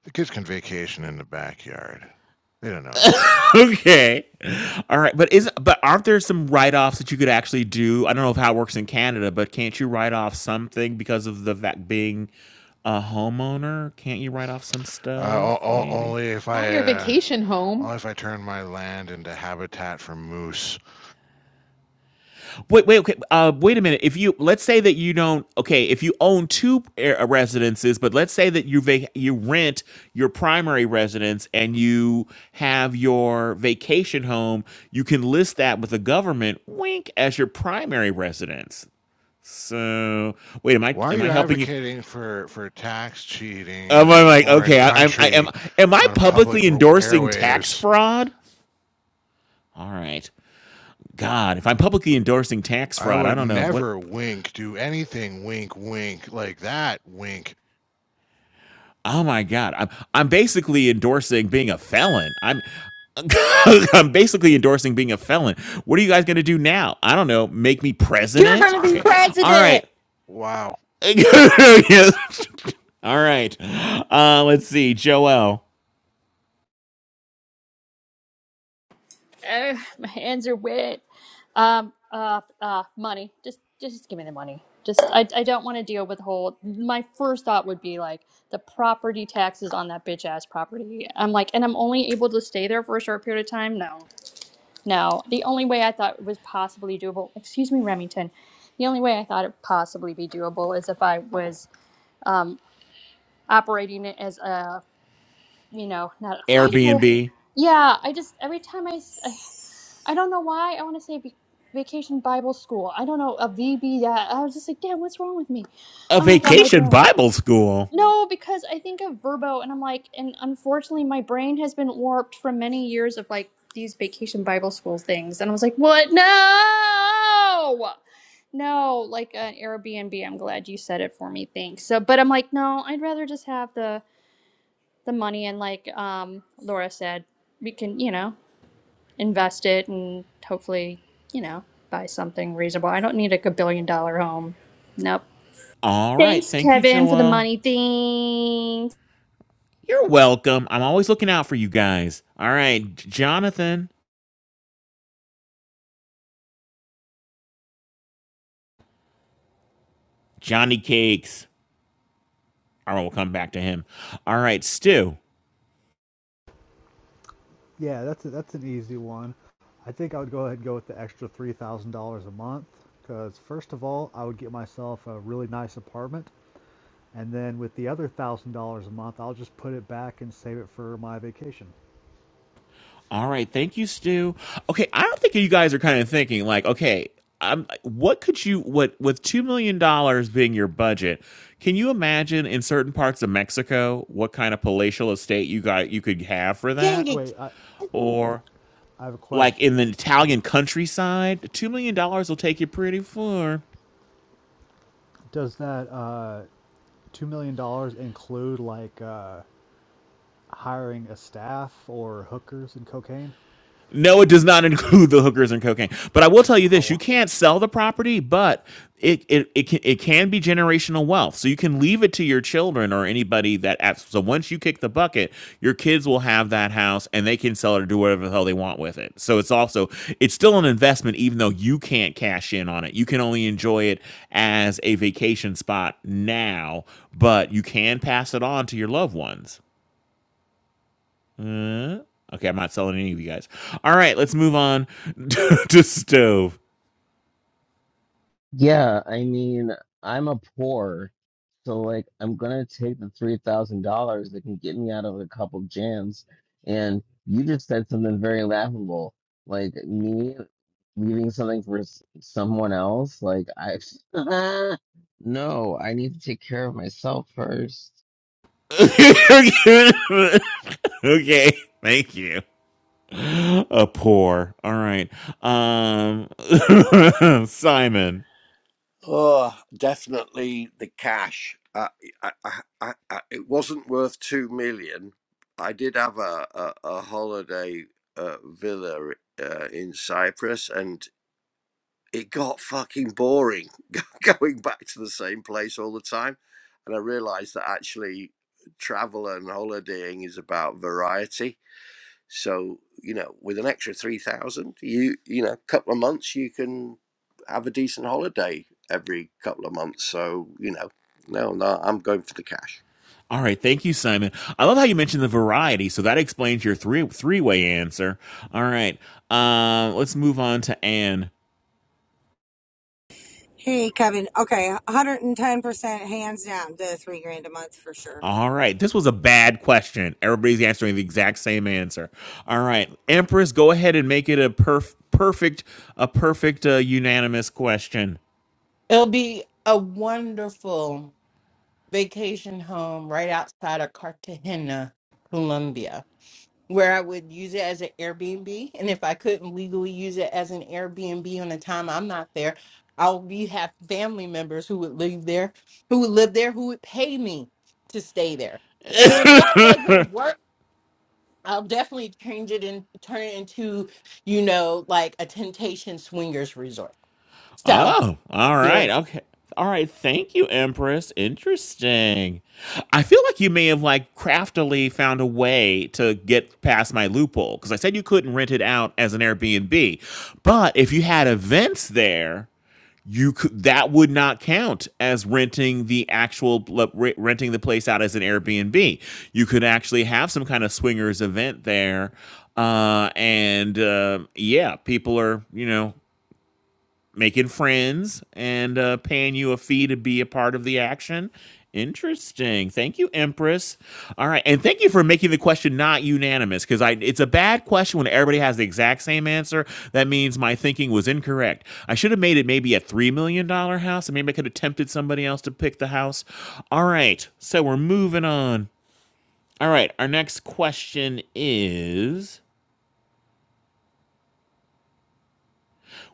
[SPEAKER 1] the kids can vacation in the backyard. They don't know any better.
[SPEAKER 2] Okay. All right. But is but aren't there some write offs that you could actually do? I don't know if how it works in Canada, but can't you write off something because of the fact being a homeowner? Can't you write off some
[SPEAKER 1] Uh,
[SPEAKER 2] stuff?
[SPEAKER 1] o- o-
[SPEAKER 2] Maybe.
[SPEAKER 1] only if
[SPEAKER 3] Not
[SPEAKER 1] I
[SPEAKER 3] your
[SPEAKER 1] uh,
[SPEAKER 3] vacation home.
[SPEAKER 1] only if I turn my land into habitat for moose.
[SPEAKER 2] Wait, wait, okay. Uh, wait a minute. If you let's say that you don't, okay, if you own two uh, residences, but let's say that you vac- you rent your primary residence and you have your vacation home, you can list that with the government, wink, as your primary residence. So wait, am I
[SPEAKER 1] Why are
[SPEAKER 2] am I
[SPEAKER 1] you
[SPEAKER 2] helping you?
[SPEAKER 1] advocating for for tax cheating in
[SPEAKER 2] Um, I'm
[SPEAKER 1] a
[SPEAKER 2] like,
[SPEAKER 1] foreign
[SPEAKER 2] okay, I, I, I am
[SPEAKER 1] country
[SPEAKER 2] am I
[SPEAKER 1] on
[SPEAKER 2] publicly
[SPEAKER 1] public r-
[SPEAKER 2] endorsing tax
[SPEAKER 1] airwaves?
[SPEAKER 2] fraud? All right, God, if I'm publicly endorsing tax
[SPEAKER 1] I
[SPEAKER 2] fraud, I
[SPEAKER 1] would
[SPEAKER 2] don't know what.
[SPEAKER 1] never wink, do anything wink, wink like that. Wink.
[SPEAKER 2] Oh my God, I'm I'm basically endorsing being a felon. I'm. I'm basically endorsing being a felon. What are you guys going to do now? I don't know. Make me
[SPEAKER 12] You're
[SPEAKER 2] president?
[SPEAKER 12] going to be
[SPEAKER 2] Okay. All right.
[SPEAKER 12] president.
[SPEAKER 1] Wow.
[SPEAKER 2] Yes. All right. Uh, let's see. Joel,
[SPEAKER 4] you. Ugh, my hands are wet. Um. Uh. Uh. Money. Just just give me the money. Just I I don't want to deal with the whole. My first thought would be like the property taxes on that bitch ass property. I'm like, and I'm only able to stay there for a short period of time. No. No, the only way I thought it was possibly doable, excuse me, Remington, the only way I thought it possibly be doable is if I was um, operating it as a, you know, not, why do I,
[SPEAKER 2] Airbnb.
[SPEAKER 4] yeah, I just, every time I, s- I, I don't know why, I want to say vac- vacation Bible school. I don't know, a V B. VB, that, I was just like, damn, what's wrong with me?
[SPEAKER 2] A
[SPEAKER 4] Oh my God, my
[SPEAKER 2] vacation
[SPEAKER 4] brain.
[SPEAKER 2] Bible school.
[SPEAKER 4] No, because I think of Verbo and I'm like, and unfortunately, my brain has been warped from many years of like these vacation Bible school things. And I was like, what? No! No, like an Airbnb. I'm glad you said it for me. Thanks. So, but I'm like, no, I'd rather just have the the money and like um Laura said, we can, you know, invest it and hopefully, you know, buy something reasonable. I don't need like a billion dollar home. Nope.
[SPEAKER 2] All right.
[SPEAKER 4] Thanks,
[SPEAKER 2] Thank you,
[SPEAKER 4] Kevin, for the
[SPEAKER 2] Joel.
[SPEAKER 4] money. Thanks.
[SPEAKER 2] You're welcome. I'm always looking out for you guys. All right. Jonathan, Johnny Cakes. All right. We'll come back to him. All right. Stu.
[SPEAKER 6] Yeah, that's a, that's an easy one. I think I would go ahead and go with the extra $3,000 a month because first of all, I would get myself a really nice apartment, and then with the other $1,000 a month, I'll just put it back and save it for my vacation.
[SPEAKER 2] All right. Thank you, Stu. Okay. I don't think you guys are kind of thinking, like, okay, um, what could you, what, with $2 million dollars being your budget, can you imagine in certain parts of Mexico what kind of palatial estate you got, you could have for
[SPEAKER 12] Dang
[SPEAKER 2] that?
[SPEAKER 12] it.
[SPEAKER 6] Wait, I,
[SPEAKER 2] Or,
[SPEAKER 6] I have a
[SPEAKER 2] like
[SPEAKER 6] question.
[SPEAKER 2] in the Italian countryside, two million dollars will take you pretty far.
[SPEAKER 6] Does that uh, two million dollars include like uh, hiring a staff or hookers and cocaine?
[SPEAKER 2] No, it does not include the hookers and cocaine. But I will tell you this: you
[SPEAKER 6] Oh,
[SPEAKER 2] can't sell the property, but it it it can, it can be generational wealth. So you can leave it to your children or anybody that. asks- So once you kick the bucket, your kids will have that house and they can sell it or do whatever the hell they want with it. So it's also it's still an investment, even though you can't cash in on it. You can only enjoy it as a vacation spot now, but you can pass it on to your loved ones. Uh, okay, I'm not selling any of you guys. All right, let's move on to, to stove.
[SPEAKER 7] Yeah, I mean, I'm a poor, so like I'm gonna take the three thousand dollars that can get me out of a couple jams. And you just said something very laughable, like me leaving something for s- someone else. Like I, no, I need to take care of myself first.
[SPEAKER 2] okay, thank you. A poor. All right. Um Simon.
[SPEAKER 8] Oh, definitely the cash. I, I, I, I, I- it wasn't worth two million. I did have a a, a holiday uh, villa uh, in Cyprus, and it got fucking boring going back to the same place all the time. And I realised that actually, travel and holidaying is about variety So you know, with an extra three thousand, you you know, a couple of months, you can have a decent holiday every couple of months. So you know, no, no, I'm going for the cash.
[SPEAKER 2] All right, thank you, Simon. I love how you mentioned the variety, so that explains your three three way answer. All right. Um let's move on to Anne.
[SPEAKER 11] Hey, Kevin. Okay, 110 percent hands down. The three grand a month for sure.
[SPEAKER 2] All right. This was a bad question. Everybody's answering the exact same answer. All right. Empress, go ahead and make it a perf- perfect a perfect uh, unanimous question.
[SPEAKER 12] It'll be a wonderful vacation home right outside of Cartagena, Colombia, where I would use it as an Airbnb. And if I couldn't legally use it as an Airbnb on the time I'm not there, I'll be have family members who would live there, who would live there, who would pay me to stay there. And if that doesn't work, I'll definitely change it and turn it into, you know, like a temptation swingers resort. So,
[SPEAKER 2] Oh, all
[SPEAKER 12] yeah.
[SPEAKER 2] right. Okay. All right. Thank you, Empress. Interesting. I feel like you may have like craftily found a way to get past my loophole because I said you couldn't rent it out as an Airbnb. But if you had events there, you could that would not count as renting the actual renting the place out as an Airbnb. You could actually have some kind of swingers event there, uh, and uh, yeah, people are you know making friends and uh, paying you a fee to be a part of the action. Interesting. Thank you, Empress. All right, and thank you for making the question not unanimous because I it's a bad question when everybody has the exact same answer. That means my thinking was incorrect. I should have made it maybe a three million dollar house, and maybe I could have tempted somebody else to pick the house. All right, so we're moving on. All right, our next question is.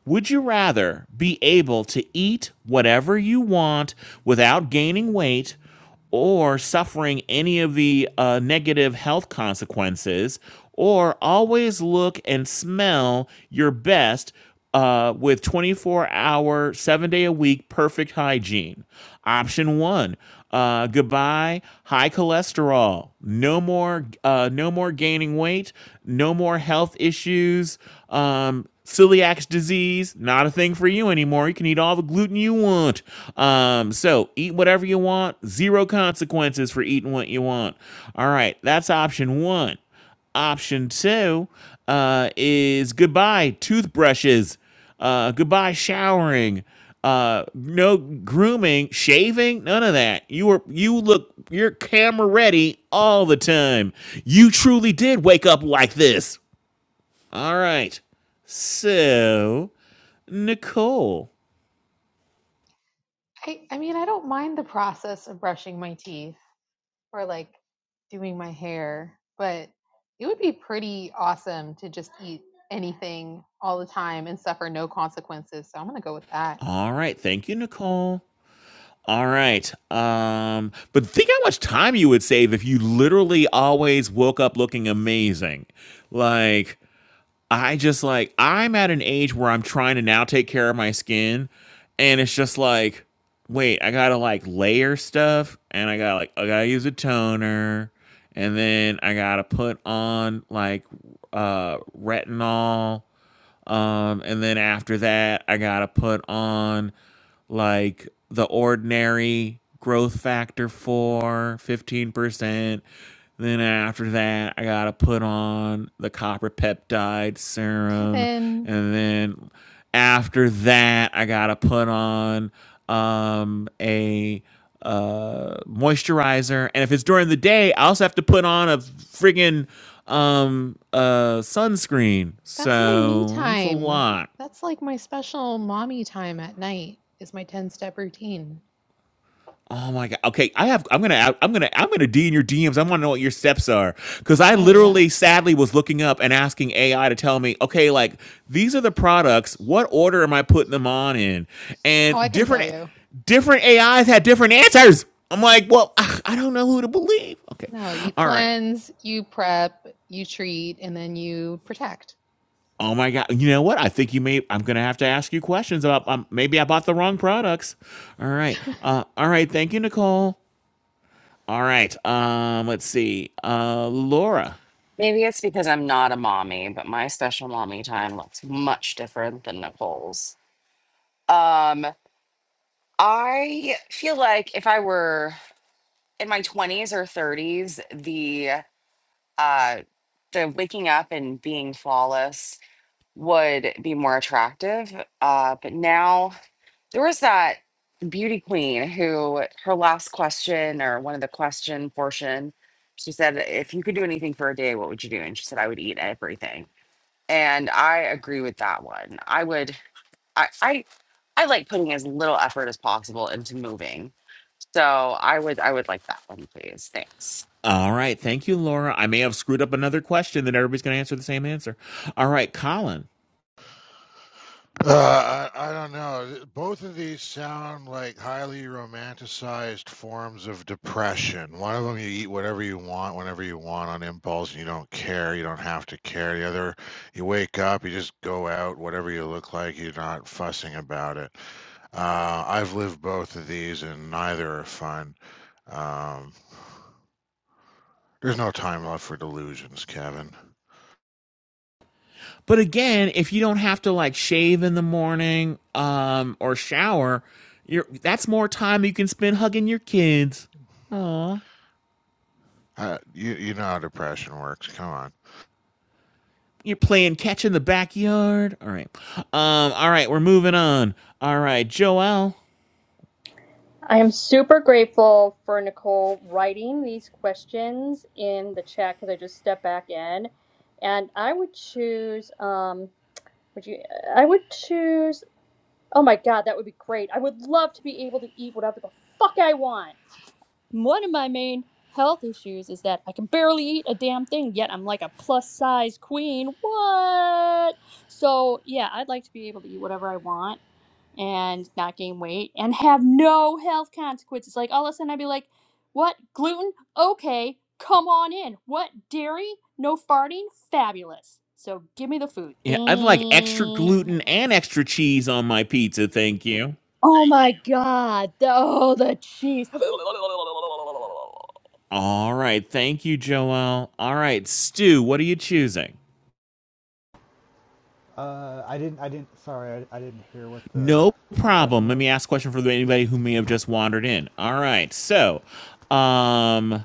[SPEAKER 2] Would you rather be able to eat whatever you want without gaining weight or suffering any of the uh, negative health consequences or always look and smell your best uh, with 24 hour, seven day a week perfect hygiene? Option one. Uh, goodbye, high cholesterol. No more, uh, no more gaining weight. No more health issues. Um, celiac disease not a thing for you anymore you can eat all the gluten you want um so eat whatever you want zero consequences for eating what you want all right that's option one option two uh is goodbye toothbrushes uh goodbye showering uh no grooming shaving none of that you were you look you're camera ready all the time you truly did wake up like this all right. So, Nicole.
[SPEAKER 3] I I mean, I don't mind the process of brushing my teeth. or like doing my hair, but it would be pretty awesome to just eat anything all the time and suffer no consequences. So I'm going to go with that.
[SPEAKER 2] All right. Thank you, Nicole. All right. Um, but think how much time you would save if you literally always woke up looking amazing. Like, I just like, I'm at an age where I'm trying to now take care of my skin. And it's just like, wait, I gotta like layer stuff and I gotta like, I gotta use a toner and then I gotta put on like uh retinol Um, and then after that, I gotta put on like the ordinary growth factor 4 15% then after that i gotta put on the copper peptide serum
[SPEAKER 3] Kevin,
[SPEAKER 2] and then after that i gotta put on um, a uh, moisturizer and if it's during the day i also have to put on a friggin um, uh, sunscreen
[SPEAKER 3] that's my me
[SPEAKER 2] so it's a
[SPEAKER 3] time.
[SPEAKER 2] lot
[SPEAKER 3] That's like my special mommy time at night is my 10 step routine.
[SPEAKER 2] Oh my god. Okay, I have I'm going to I'm going to I'm going to D in your DMs. I want to know what your steps are cuz I
[SPEAKER 3] Oh yeah.
[SPEAKER 2] literally sadly was looking up and asking AI to tell me, "Okay, like these are the products. What order am I putting them on in?"
[SPEAKER 3] Oh, I
[SPEAKER 2] And
[SPEAKER 3] can tell
[SPEAKER 2] different
[SPEAKER 3] you.
[SPEAKER 2] different AIs had different answers. I'm like, "Well, I I don't know who to believe." Okay.
[SPEAKER 3] No, you
[SPEAKER 2] All right.
[SPEAKER 3] cleanse, you prep, you treat, and then you protect.
[SPEAKER 2] Oh my god! You know what? I think you may. I'm gonna have to ask you questions about. Um, maybe I bought the wrong products. All right. Uh, all right. Thank you, Nicole. All right. Um, let's see. Uh, Laura.
[SPEAKER 13] Maybe it's because I'm not a mommy, but my special mommy time looks much different than Nicole's. Um, I feel like if I were in my 20s or 30s, the uh the waking up and being flawless would be more attractive. Uh, but now there was that beauty queen who her last question or one of the question portion, she said, if you could do anything for a day, what would you do? And she said, I would eat everything And I agree with that one. I would I I I like putting as little effort as possible into moving. So I would I would like that one, please. Thanks.
[SPEAKER 2] All right. Thank you, Laura. I may have screwed up another question that everybody's going to answer the same answer. All right, Colin.
[SPEAKER 1] Uh, I, I don't know. Both of these sound like highly romanticized forms of depression. One of them, you eat whatever you want, whenever you want on impulse, and you don't care. You don't have to care. The other, you wake up, you just go out, whatever you look like, you're not fussing about it. Uh, I've lived both of these, and neither are fun. Um, there's no time left for delusions, Kevin.
[SPEAKER 2] But again, if you don't have to like shave in the morning, um, or shower, you're that's more time you can spend hugging your kids. Aw.
[SPEAKER 1] Uh, you you know how depression works. Come on.
[SPEAKER 2] You're playing catch in the backyard. All right. Um, all right, we're moving on. All right, Joelle.
[SPEAKER 4] I am super grateful for Nicole writing these questions in the chat because I just stepped back in, and I would choose. Um, would you? I would choose. Oh my god, that would be great! I would love to be able to eat whatever the fuck I want. One of my main health issues is that I can barely eat a damn thing, yet I'm like a plus size queen. What? So yeah, I'd like to be able to eat whatever I want and not gain weight and have no health consequences. Like all of a sudden, I'd be like, what? Gluten? Okay, come on in. What? Dairy? No farting? Fabulous. So give me the food. Thank.
[SPEAKER 2] Yeah, I'd like extra gluten and extra cheese on my pizza, thank you.
[SPEAKER 4] Oh my god. the- Oh, the cheese.
[SPEAKER 2] All right. Thank you, Joel. All right, Stu, what are you choosing?
[SPEAKER 6] Uh, I didn't. I didn't. Sorry, I, I didn't hear what the
[SPEAKER 2] No
[SPEAKER 6] question
[SPEAKER 2] problem. Let
[SPEAKER 6] was.
[SPEAKER 2] me ask a question for anybody who may have just wandered in. All right. So, um,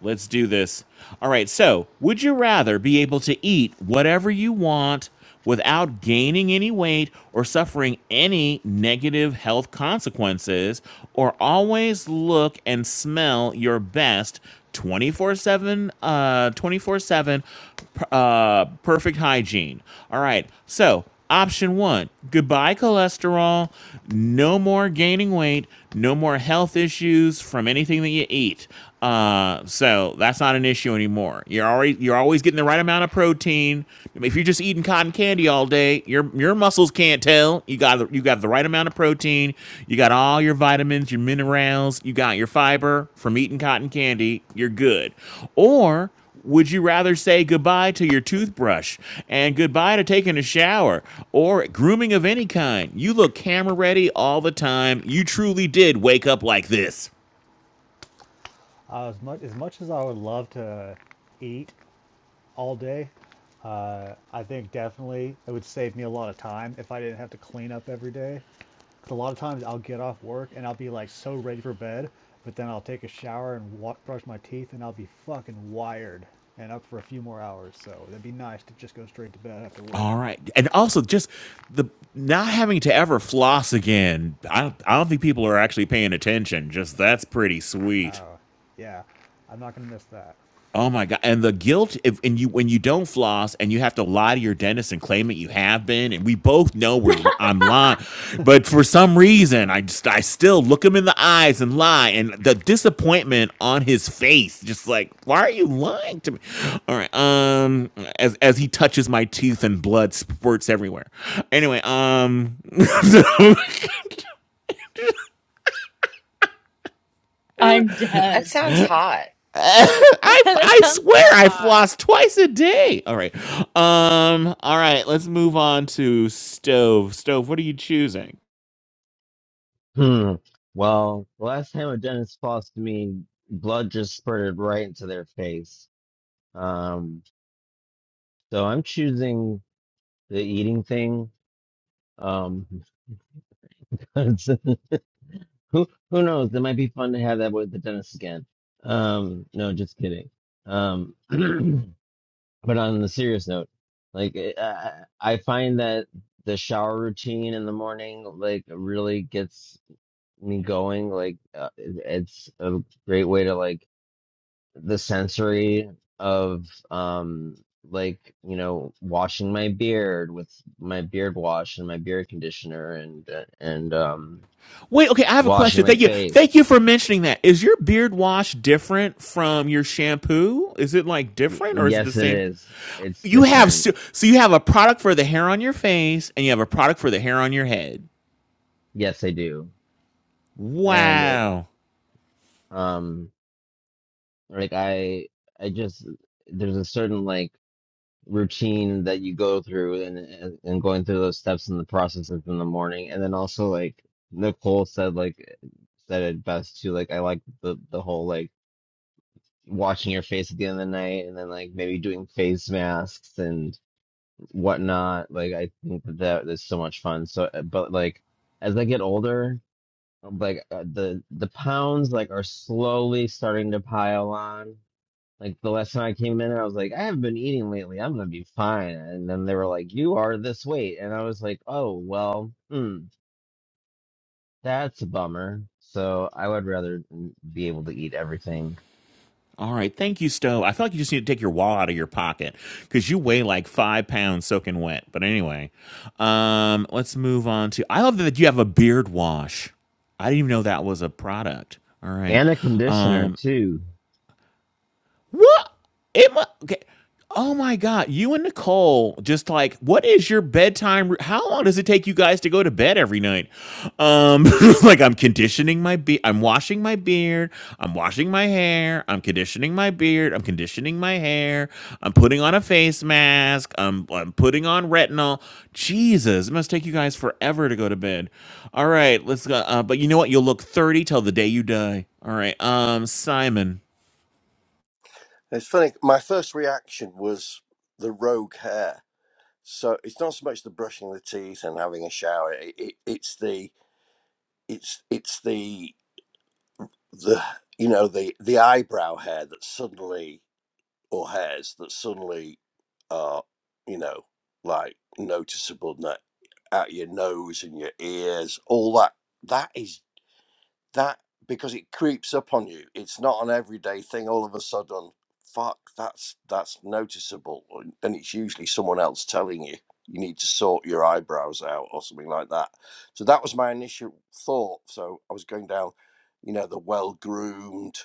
[SPEAKER 2] Let's do this. All right. So, would you rather be able to eat whatever you want without gaining any weight or suffering any negative health consequences, or always look and smell your best 24 7, uh, 24 7, uh, perfect hygiene? All right. So, Option one, goodbye cholesterol, no more gaining weight, no more health issues from anything that you eat. Uh, so that's not an issue anymore. You're already you're always getting the right amount of protein. If you're just eating cotton candy all day, your your muscles can't tell. You got you got the right amount of protein. You got all your vitamins, your minerals. You got your fiber from eating cotton candy. You're good. Or would you rather say goodbye to your toothbrush and goodbye to taking a shower or grooming of any kind? You look camera ready all the time. You truly did wake up like this.
[SPEAKER 6] Uh, as much as much as I would love to eat all day, uh, I think definitely it would save me a lot of time if I didn't have to clean up every day. Because a lot of times I'll get off work and I'll be like so ready for bed, but then I'll take a shower and wa- brush my teeth and I'll be fucking wired and up for a few more hours. So it'd be nice to just go straight to bed after work.
[SPEAKER 2] All right. And also just the not having to ever floss again. I don't, I don't think people are actually paying attention. Just that's pretty sweet.
[SPEAKER 6] Uh, yeah, I'm not gonna miss that.
[SPEAKER 2] Oh my god! And the guilt if and you when you don't floss and you have to lie to your dentist and claim that you have been, and we both know we're li- I'm lying, but for some reason
[SPEAKER 6] Uh,
[SPEAKER 2] I just I still look him in the eyes and lie, and the disappointment on his face, just like why are you lying to me? All right, um, as as he touches my teeth and blood spurts everywhere. Anyway, um,
[SPEAKER 15] I'm dead.
[SPEAKER 13] That sounds hot.
[SPEAKER 2] I,
[SPEAKER 15] that
[SPEAKER 2] I
[SPEAKER 15] sounds
[SPEAKER 2] swear
[SPEAKER 15] so
[SPEAKER 2] I
[SPEAKER 15] hot.
[SPEAKER 2] floss twice a day. All right. Um all right, let's move on to stove. Stove, what are you choosing?
[SPEAKER 7] Hmm. Well, the last time a dentist flossed me, blood just spurted right into their face. Um, so I'm choosing the eating thing Um, 'cause who who knows? That might be fun to have that with the dentist again. Um, no, just kidding. Um, but on the serious note, like eh, I, I I find that the shower routine in the morning like really gets me going. Like uh, it- it's a great way to like the sensory of um like you know washing my beard with my beard wash and my beard conditioner and and um
[SPEAKER 2] Wait, okay, I have a
[SPEAKER 7] Washing
[SPEAKER 2] question.
[SPEAKER 7] my
[SPEAKER 2] Thank you. Thank
[SPEAKER 7] face.
[SPEAKER 2] you for mentioning that. Is your beard wash different from your shampoo? Is it like
[SPEAKER 7] Y
[SPEAKER 2] different or is it the
[SPEAKER 7] yes, it
[SPEAKER 2] same?
[SPEAKER 7] is. It's
[SPEAKER 2] You have
[SPEAKER 7] different.
[SPEAKER 2] so so you have a product for the hair on your face and you have a product for the hair on your head.
[SPEAKER 7] Yes, I do. And it,
[SPEAKER 2] Wow.
[SPEAKER 7] um, like I, I just there's a certain like routine that you go through and and and going through those steps and the processes in the morning, and then also like Nicole said like said it best too. Like I like the the whole like washing your face at the end of the night, and then like maybe doing face masks and. whatnot. Like I think that that is so much fun. So, uh, but like as I get older, like uh, the the pounds like are slowly starting to pile on. Like the last time I came in, I was like, I haven't been eating lately. I'm gonna be fine. And then they were like, You are this weight, and I was like, Oh well, mm, that's a bummer. So I would rather be able to eat everything
[SPEAKER 2] All right. Thank you, Stowe. I feel like you just need to take your wall out of your pocket because you weigh like five pounds soaking wet. But anyway, um, let's move on to. I love that you have a beard wash. I didn't even know that was a product. All right.
[SPEAKER 7] and a conditioner
[SPEAKER 2] Um,
[SPEAKER 7] too.
[SPEAKER 2] what? It mu- okay. Oh my God. You and Nicole, just like, what is your bedtime? ru- How long does it take you guys to go to bed every night? Um, like, I'm conditioning my be, I'm washing my beard. I'm washing my hair. I'm conditioning my beard. I'm conditioning my hair. I'm putting on a face mask. I'm, I'm putting on retinol. Jesus, it must take you guys forever to go to bed. All right, let's go. Uh, but you know what? You'll look 30 till the day you die. All right. Um, Simon.
[SPEAKER 8] It's funny. My first reaction was the rogue hair. So it's not so much the brushing the teeth and having a shower. It, it, it's the it's it's the the you know the the eyebrow hair that suddenly or hairs that suddenly are, you know, like noticeable that out your nose and your ears, all that. That is that because it creeps up on you. It's not an everyday thing. All of a sudden, fuck, that's that's noticeable, and and it's usually someone else telling you you need to sort your eyebrows out or something like that. So that was my initial thought. So I was going down, you know, the well groomed,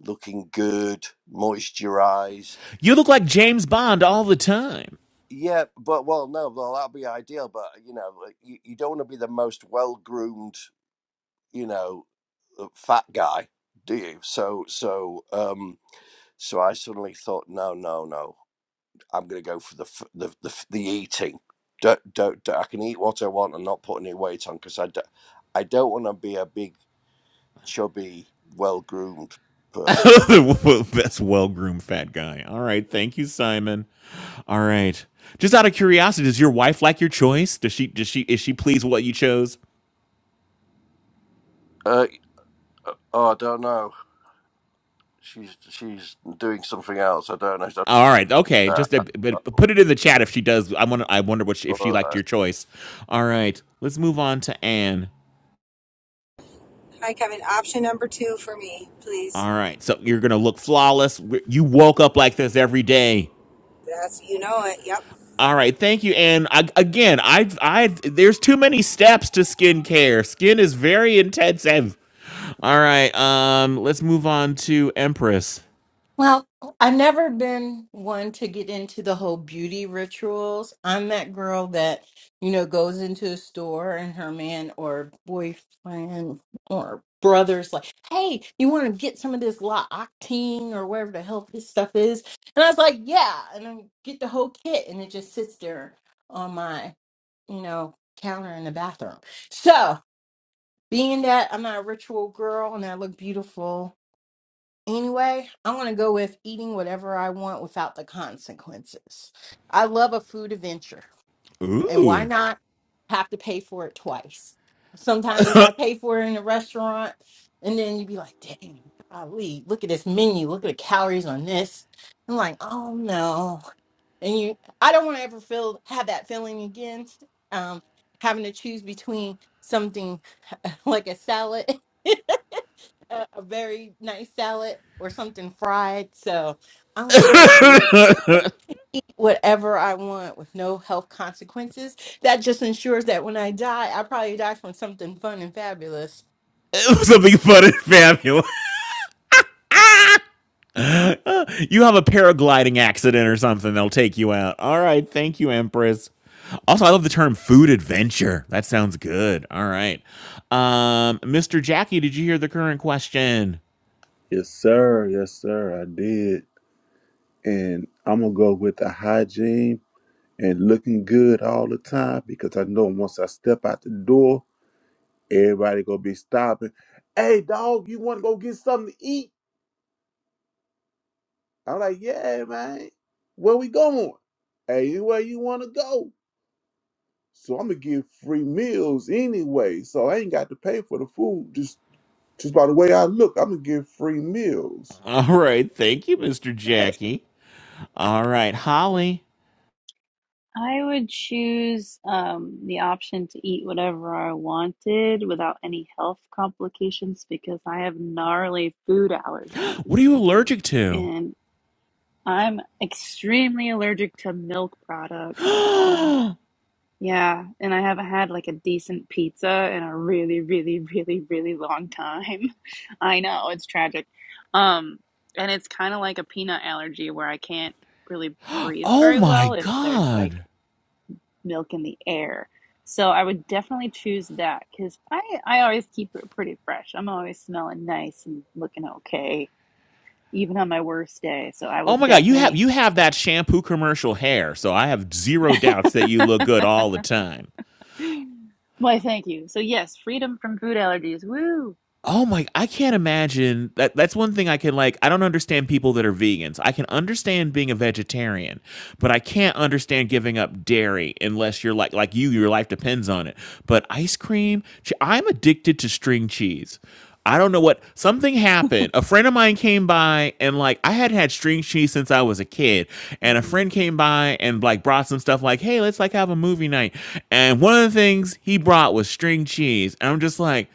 [SPEAKER 8] looking good, moisturized
[SPEAKER 2] You look like James Bond all the time.
[SPEAKER 8] Yeah, but well, no, well, that will be ideal. But you know, like, you, you don't want to be the most well-groomed, you know, uh, fat guy, do you? So, so, um, so I suddenly thought, no, no, no, I'm gonna go for the f- the the, f- the eating. Don't, don't, don't- I can eat what I want and not put any weight on because I, do, I don't want to be a big, chubby, well-groomed person.
[SPEAKER 2] That's well groomed fat guy. All right. Thank you, Simon. All right. Just out of curiosity, does your wife like your choice? Does she does she is she pleased with what you chose?
[SPEAKER 8] Uh, uh, oh, I don't know. She's she's doing something else. I don't know.
[SPEAKER 2] All right, okay.
[SPEAKER 8] uh,
[SPEAKER 2] Just a,
[SPEAKER 8] uh,
[SPEAKER 2] but put it in the chat if she does. I want. I wonder what she, if she
[SPEAKER 8] All
[SPEAKER 2] liked
[SPEAKER 8] right.
[SPEAKER 2] your choice. All right, let's move on to Anne.
[SPEAKER 11] Hi, Kevin. Option number two for me, please.
[SPEAKER 2] All right, so you're gonna look flawless. You woke up like this every day.
[SPEAKER 11] That's, you know it. Yep.
[SPEAKER 2] All right, thank you. And I, again, I, I, there's too many steps to skin care. Skin is very intensive. All right, um, let's move on to Empress.
[SPEAKER 12] Well, I've never been one to get into the whole beauty rituals. I'm that girl that, you know, goes into a store and her man or boyfriend or brother's like, hey, you want to get some of this La Octane or whatever the hell this stuff is? And I was like, yeah. And I get the whole kit and it just sits there on my you know, counter in the bathroom. So, being that I'm not a ritual girl and I look beautiful anyway, I'm going to go with eating whatever I want without the consequences. I love a food adventure, and why
[SPEAKER 2] Ooh.
[SPEAKER 12] not have to pay for it twice? Sometimes you got to pay for it in a restaurant, and then you'd be like, dang, golly, look at this menu, look at the calories on this. I'm like, oh no and you i don't want to ever feel have that feeling again um having to choose between something like a salad a a very nice salad or something fried so i want to go to whatever i want with no health consequences that just ensures that when i die i probably die from something fun and fabulous
[SPEAKER 2] Something fun and fabulous. you have a paragliding accident or something, they'll take you out. All right, thank you, Empress. Also, I love the term food adventure. That sounds good. All right. Um, Mr. Jackie, did you hear the current question?
[SPEAKER 16] Yes, sir. Yes, sir. I did. And I'm going to go with the hygiene and looking good all the time because I know once I step out the door, everybody going to be stopping. Hey, dog, you want to go get something to eat? I'm like, yeah, man. Where we going? Anywhere you want to go. So I'm going to give free meals anyway. So I ain't got to pay for the food. Just, just by the way I look, I'm going to give free meals.
[SPEAKER 2] All right, thank you, Mr. Jackie. All right, Holly.
[SPEAKER 17] I would choose um, the option to eat whatever I wanted without any health complications because I have gnarly food
[SPEAKER 2] What are
[SPEAKER 17] allergies
[SPEAKER 2] you allergic to?
[SPEAKER 17] and I'm extremely allergic to milk products. So,
[SPEAKER 2] oh
[SPEAKER 17] yeah, and I haven't had like a decent pizza in a really, really, really, really long time. I know it's tragic. Um, and it's kind of like a peanut allergy where I can't really breathe very
[SPEAKER 2] my
[SPEAKER 17] well if there's like
[SPEAKER 2] god.
[SPEAKER 17] milk in the air. So I would definitely choose that because I, I always keep it pretty fresh. I'm always smelling nice and looking okay, even on my worst day. So I
[SPEAKER 2] Oh
[SPEAKER 17] will
[SPEAKER 2] my god, you have
[SPEAKER 17] definitely.
[SPEAKER 2] you have that shampoo commercial hair, so I have zero doubts that you look good all the time.
[SPEAKER 17] Why, thank you. So, yes, freedom from food allergies. Woo!
[SPEAKER 2] Oh my, I can't imagine that. That's one thing I can like. I don't understand people that are vegans. I can understand being a vegetarian, but I can't understand giving up dairy unless you're like like you. Your life depends on it. But ice cream, che- I'm addicted to string cheese. I don't know what something happened. A friend of mine came by and like I had had string cheese since I was a kid. And a
[SPEAKER 17] hmm
[SPEAKER 2] friend came by and like brought some stuff like, hey, let's like have a movie night. And one of the things he brought was string cheese. And I'm just like,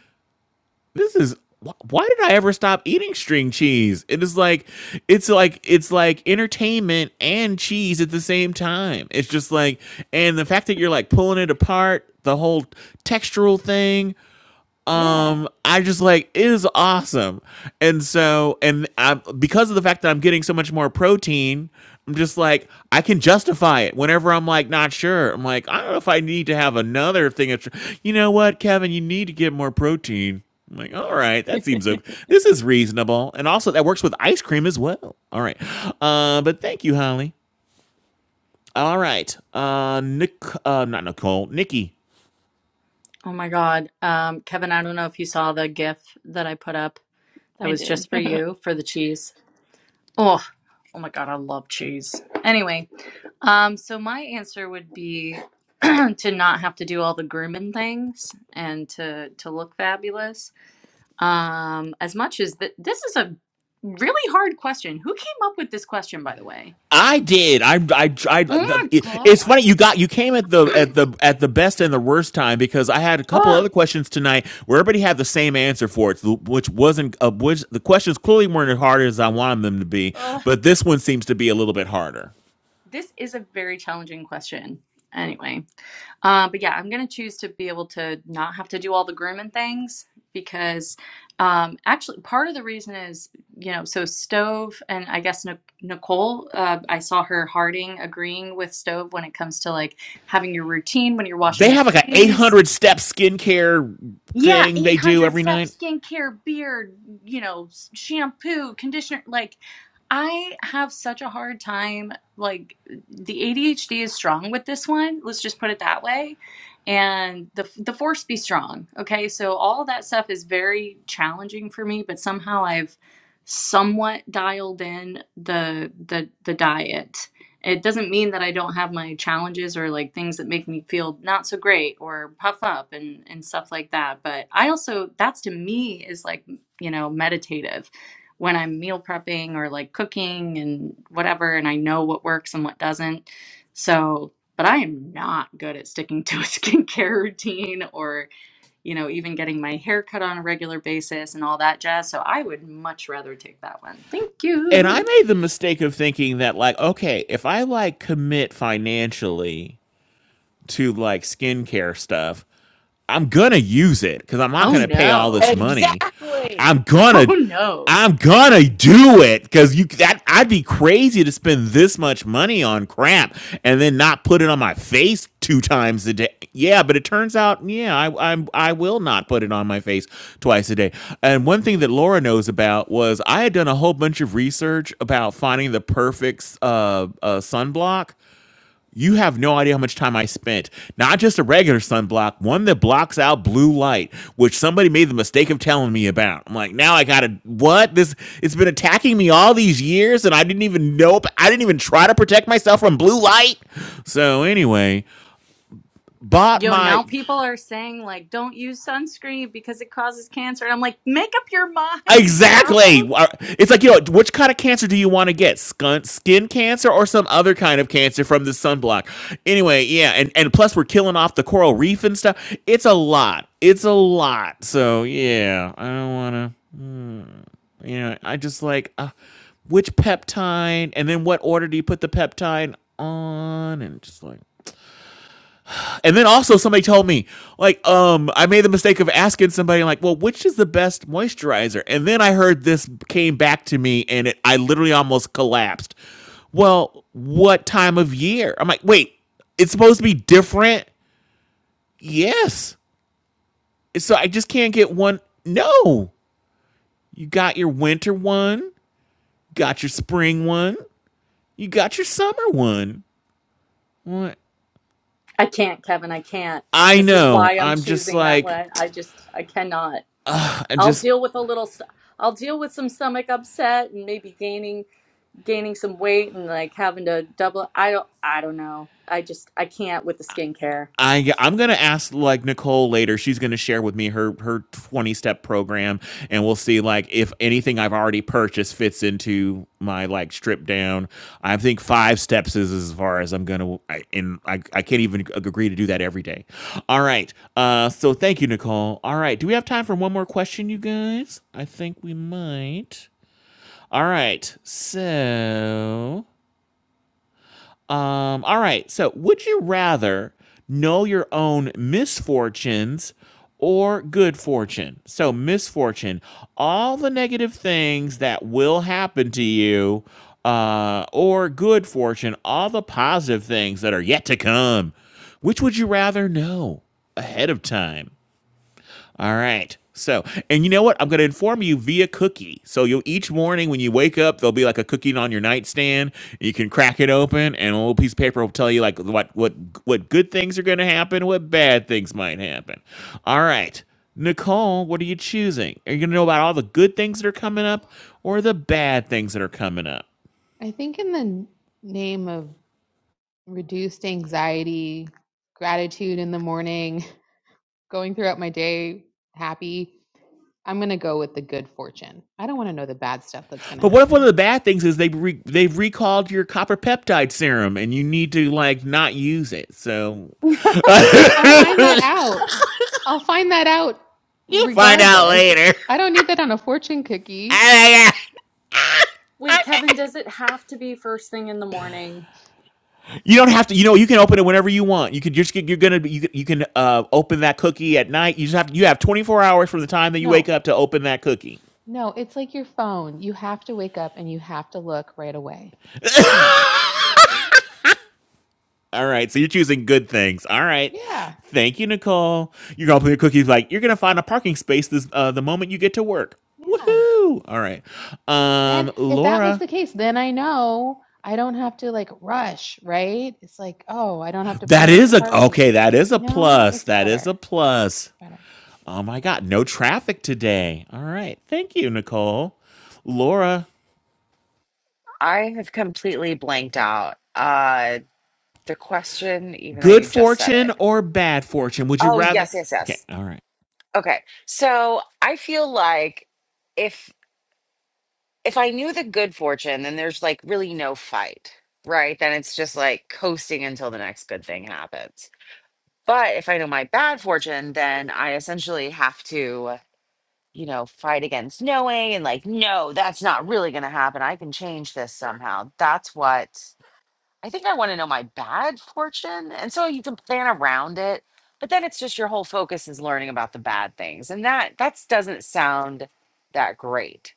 [SPEAKER 2] this is wh- why did I ever stop eating string cheese? It is like it's like it's like entertainment and cheese at the same time. It's just like and the fact that you're like pulling it apart, the whole textural thing,
[SPEAKER 17] Yeah,
[SPEAKER 2] um i just like it is awesome and so and i because of the fact that i'm getting so much more protein i'm just like i can justify it whenever i'm like not sure i'm like i don't know if i need to have another thing of tr- you know what kevin you need to get more protein i'm like all right that seems okay this is reasonable and also that works with ice cream as well all right uh but thank you holly all right uh nick uh not nicole nikki
[SPEAKER 15] Oh my God. Um, Kevin, I don't know if you saw the GIF that I put up that
[SPEAKER 17] I
[SPEAKER 15] was
[SPEAKER 17] did.
[SPEAKER 15] just for you for the cheese. Oh, oh my God, I love cheese. Anyway, um, so my answer would be to not have to do all the grooming things and to to look fabulous. Um, as much as th- this is a really hard question. Who came up with this question, by the way?
[SPEAKER 2] I did. I I tried.
[SPEAKER 15] Oh my
[SPEAKER 2] It's
[SPEAKER 15] God.
[SPEAKER 2] funny you got you came at the at the at the best and the worst time because I had a couple
[SPEAKER 15] Oh,
[SPEAKER 2] other questions tonight where everybody had the same answer for it, so, which wasn't uh, which the questions clearly weren't as hard as I wanted them to be,
[SPEAKER 15] Ugh.
[SPEAKER 2] but this one seems to be a little bit harder.
[SPEAKER 15] This is a very challenging question. Anyway, uh, but yeah, I'm gonna choose to be able to not have to do all the grooming things because um, actually, part of the reason is you know, so Stove and I guess Nic- Nicole, uh, I saw her Harding agreeing with Stove when it comes to like having your routine when you're washing
[SPEAKER 2] They
[SPEAKER 15] your
[SPEAKER 2] have like a
[SPEAKER 15] face.
[SPEAKER 2] 800 step skincare
[SPEAKER 15] Yeah,
[SPEAKER 2] thing they do
[SPEAKER 15] 800
[SPEAKER 2] every night.
[SPEAKER 15] steps, skincare, beard, you know, s- shampoo, conditioner, like I have such a hard time. Like, the ADHD is strong with this one. Let's just put it that way. And the the force be strong. Okay, so all that stuff is very challenging for me, but somehow I've somewhat dialed in the the the diet. It doesn't mean that I don't have my challenges or like things that make me feel not so great or puff up and and stuff like that. But I also that's to me is like you know meditative when I'm meal prepping or like cooking and whatever, and I know what works and what doesn't. So, but I am not good at sticking to a skincare routine or, you know, even getting my hair cut on a regular basis and all that jazz. So I would much rather take that one. Thank
[SPEAKER 2] And I
[SPEAKER 15] you.
[SPEAKER 2] made the mistake of thinking that like okay, if I like commit financially to like skincare stuff, I'm gonna use it because I'm not
[SPEAKER 15] Oh
[SPEAKER 2] gonna
[SPEAKER 15] no.
[SPEAKER 2] pay all this money.
[SPEAKER 12] exactly
[SPEAKER 2] I'm gonna
[SPEAKER 15] Oh no.
[SPEAKER 2] I'm gonna do it because you that I'd be crazy to spend this much money on crap and then not put it on my face two times a day. Yeah, but it turns out, yeah, I I'm, I will not put it on my face twice a day. And one thing that Laura knows about was I had done a whole bunch of research about finding the perfect uh, uh, sunblock you have no idea how much time I spent. Not just a regular sunblock, one that blocks out blue light, which somebody made the mistake of telling me about. I'm like, now I gotta what? This it's been attacking me all these years, and I didn't even know. I didn't even try to protect myself from blue light. So anyway, bought
[SPEAKER 15] Yo,
[SPEAKER 2] my
[SPEAKER 15] now people are saying like don't use sunscreen because it causes cancer. And I'm like, make up your mind,
[SPEAKER 2] Exactly.
[SPEAKER 15] world.
[SPEAKER 2] It's like, you know, which kind of cancer do you want to get? Skin, skin cancer or some other kind of cancer from the sunblock? Anyway, yeah. And, and plus, we're killing off the coral reef and stuff. It's a lot. It's a lot. So, yeah, I don't want to, you know, I just like, uh, which peptide? And then what order do you put the peptide on? And just like, and then also somebody told me, like, um, I made the mistake of asking somebody, like, well, which is the best moisturizer? And then I heard this came back to me, and it, I literally almost collapsed. Well, what time of year? I'm like, wait, it's supposed to be different. Yes. So I just can't get one. No, you got your winter one, got your spring one, you got your summer one. What?
[SPEAKER 15] I can't, Kevin. I can't.
[SPEAKER 2] I
[SPEAKER 15] This is
[SPEAKER 2] know.
[SPEAKER 15] why I'm
[SPEAKER 2] I'm just
[SPEAKER 15] choosing that
[SPEAKER 2] like,
[SPEAKER 15] one. I just I cannot.
[SPEAKER 2] I
[SPEAKER 15] I'll
[SPEAKER 2] just
[SPEAKER 15] deal with a little st- I'll deal with some stomach upset and maybe gaining gaining some weight and like having to double I don't I don't know. I just I can't with the skincare.
[SPEAKER 2] I I'm gonna ask like Nicole later. She's gonna share with me her her 20 step program, and we'll see like if anything I've already purchased fits into my like strip down. I think five steps is as far as I'm gonna. I, and I I can't even ag- agree to do that every day. All right. Uh. So thank you, Nicole. All right. Do we have time for one more question, you guys? I think we might. All right. So um, all right. So, would you rather know your own misfortunes or good fortune? So, misfortune, all the negative things that will happen to you, uh, or good fortune, all the positive things that are yet to come. Which would you rather know ahead of time? All right. So, and you know what? I'm going to inform you via cookie. So, you'll each morning when you wake up, there'll be like a cookie on your nightstand. You can crack it open, and a little piece of paper will tell you like what what what good things are going to happen, what bad things might happen. All right, Nicole, what are you choosing? Are you going to know about all the good things that are coming up, or the bad things that are coming up?
[SPEAKER 3] I think in the n- name of reduced anxiety, gratitude in the morning, going throughout my day happy. I'm going to go with the good fortune. I don't want to know the bad stuff that's going to
[SPEAKER 2] But what if one of
[SPEAKER 3] happen.
[SPEAKER 2] the bad things is they re- they've recalled your copper peptide serum and you need to like not use it? So
[SPEAKER 3] Well, I'll find that out. I'll find that out
[SPEAKER 2] find out
[SPEAKER 3] regardless.
[SPEAKER 2] later.
[SPEAKER 3] I don't need that on a fortune cookie.
[SPEAKER 15] Wait, Kevin, does it have to be first thing in the morning?
[SPEAKER 2] You don't have to. You know, you can open it whenever you want. You could just You're gonna. You you can uh, open that cookie at night. You just have. You have 24 hours from the time that you
[SPEAKER 3] No,
[SPEAKER 2] wake up to open that cookie.
[SPEAKER 3] no, it's like your phone. You have to wake up and you have to look right away. Come on.
[SPEAKER 2] All right. So you're choosing good things. All right.
[SPEAKER 3] Yeah.
[SPEAKER 2] Thank you, Nicole. You're gonna open your cookies like you're gonna find a parking space this uh, the moment you get to work.
[SPEAKER 3] Yeah.
[SPEAKER 2] Woohoo! All right.
[SPEAKER 3] Then,
[SPEAKER 2] Um,
[SPEAKER 3] if that was
[SPEAKER 2] Laura.
[SPEAKER 3] the case, then I know I don't have to like rush, right? It's like, oh, I don't have to
[SPEAKER 2] That
[SPEAKER 3] plan for
[SPEAKER 2] is a
[SPEAKER 3] parking.
[SPEAKER 2] okay. That is a
[SPEAKER 3] You know,
[SPEAKER 2] plus.
[SPEAKER 3] it's
[SPEAKER 2] That is a
[SPEAKER 3] better.
[SPEAKER 2] plus.
[SPEAKER 3] It's better.
[SPEAKER 2] Oh my God! No traffic today. All right. Thank you, Nicole. Laura.
[SPEAKER 13] I have completely blanked out. Uh the question, even though
[SPEAKER 2] Good
[SPEAKER 13] you just said
[SPEAKER 2] fortune
[SPEAKER 13] it.
[SPEAKER 2] or bad fortune? Would you
[SPEAKER 13] Oh
[SPEAKER 2] rather?
[SPEAKER 13] yes, yes,
[SPEAKER 2] Okay,
[SPEAKER 13] yes.
[SPEAKER 2] all right.
[SPEAKER 13] Okay. So I feel like if if I knew the good fortune, then there's like really no fight, right? Then it's just like coasting until the next good thing happens But if I know my bad fortune, then I essentially have to, you know, fight against knowing and like, no, that's not really going to happen. I can change this somehow. That's what I think I want to know my bad fortune. And so you can plan around it. But then it's just your whole focus is learning about the bad things. And that that's doesn't sound that great.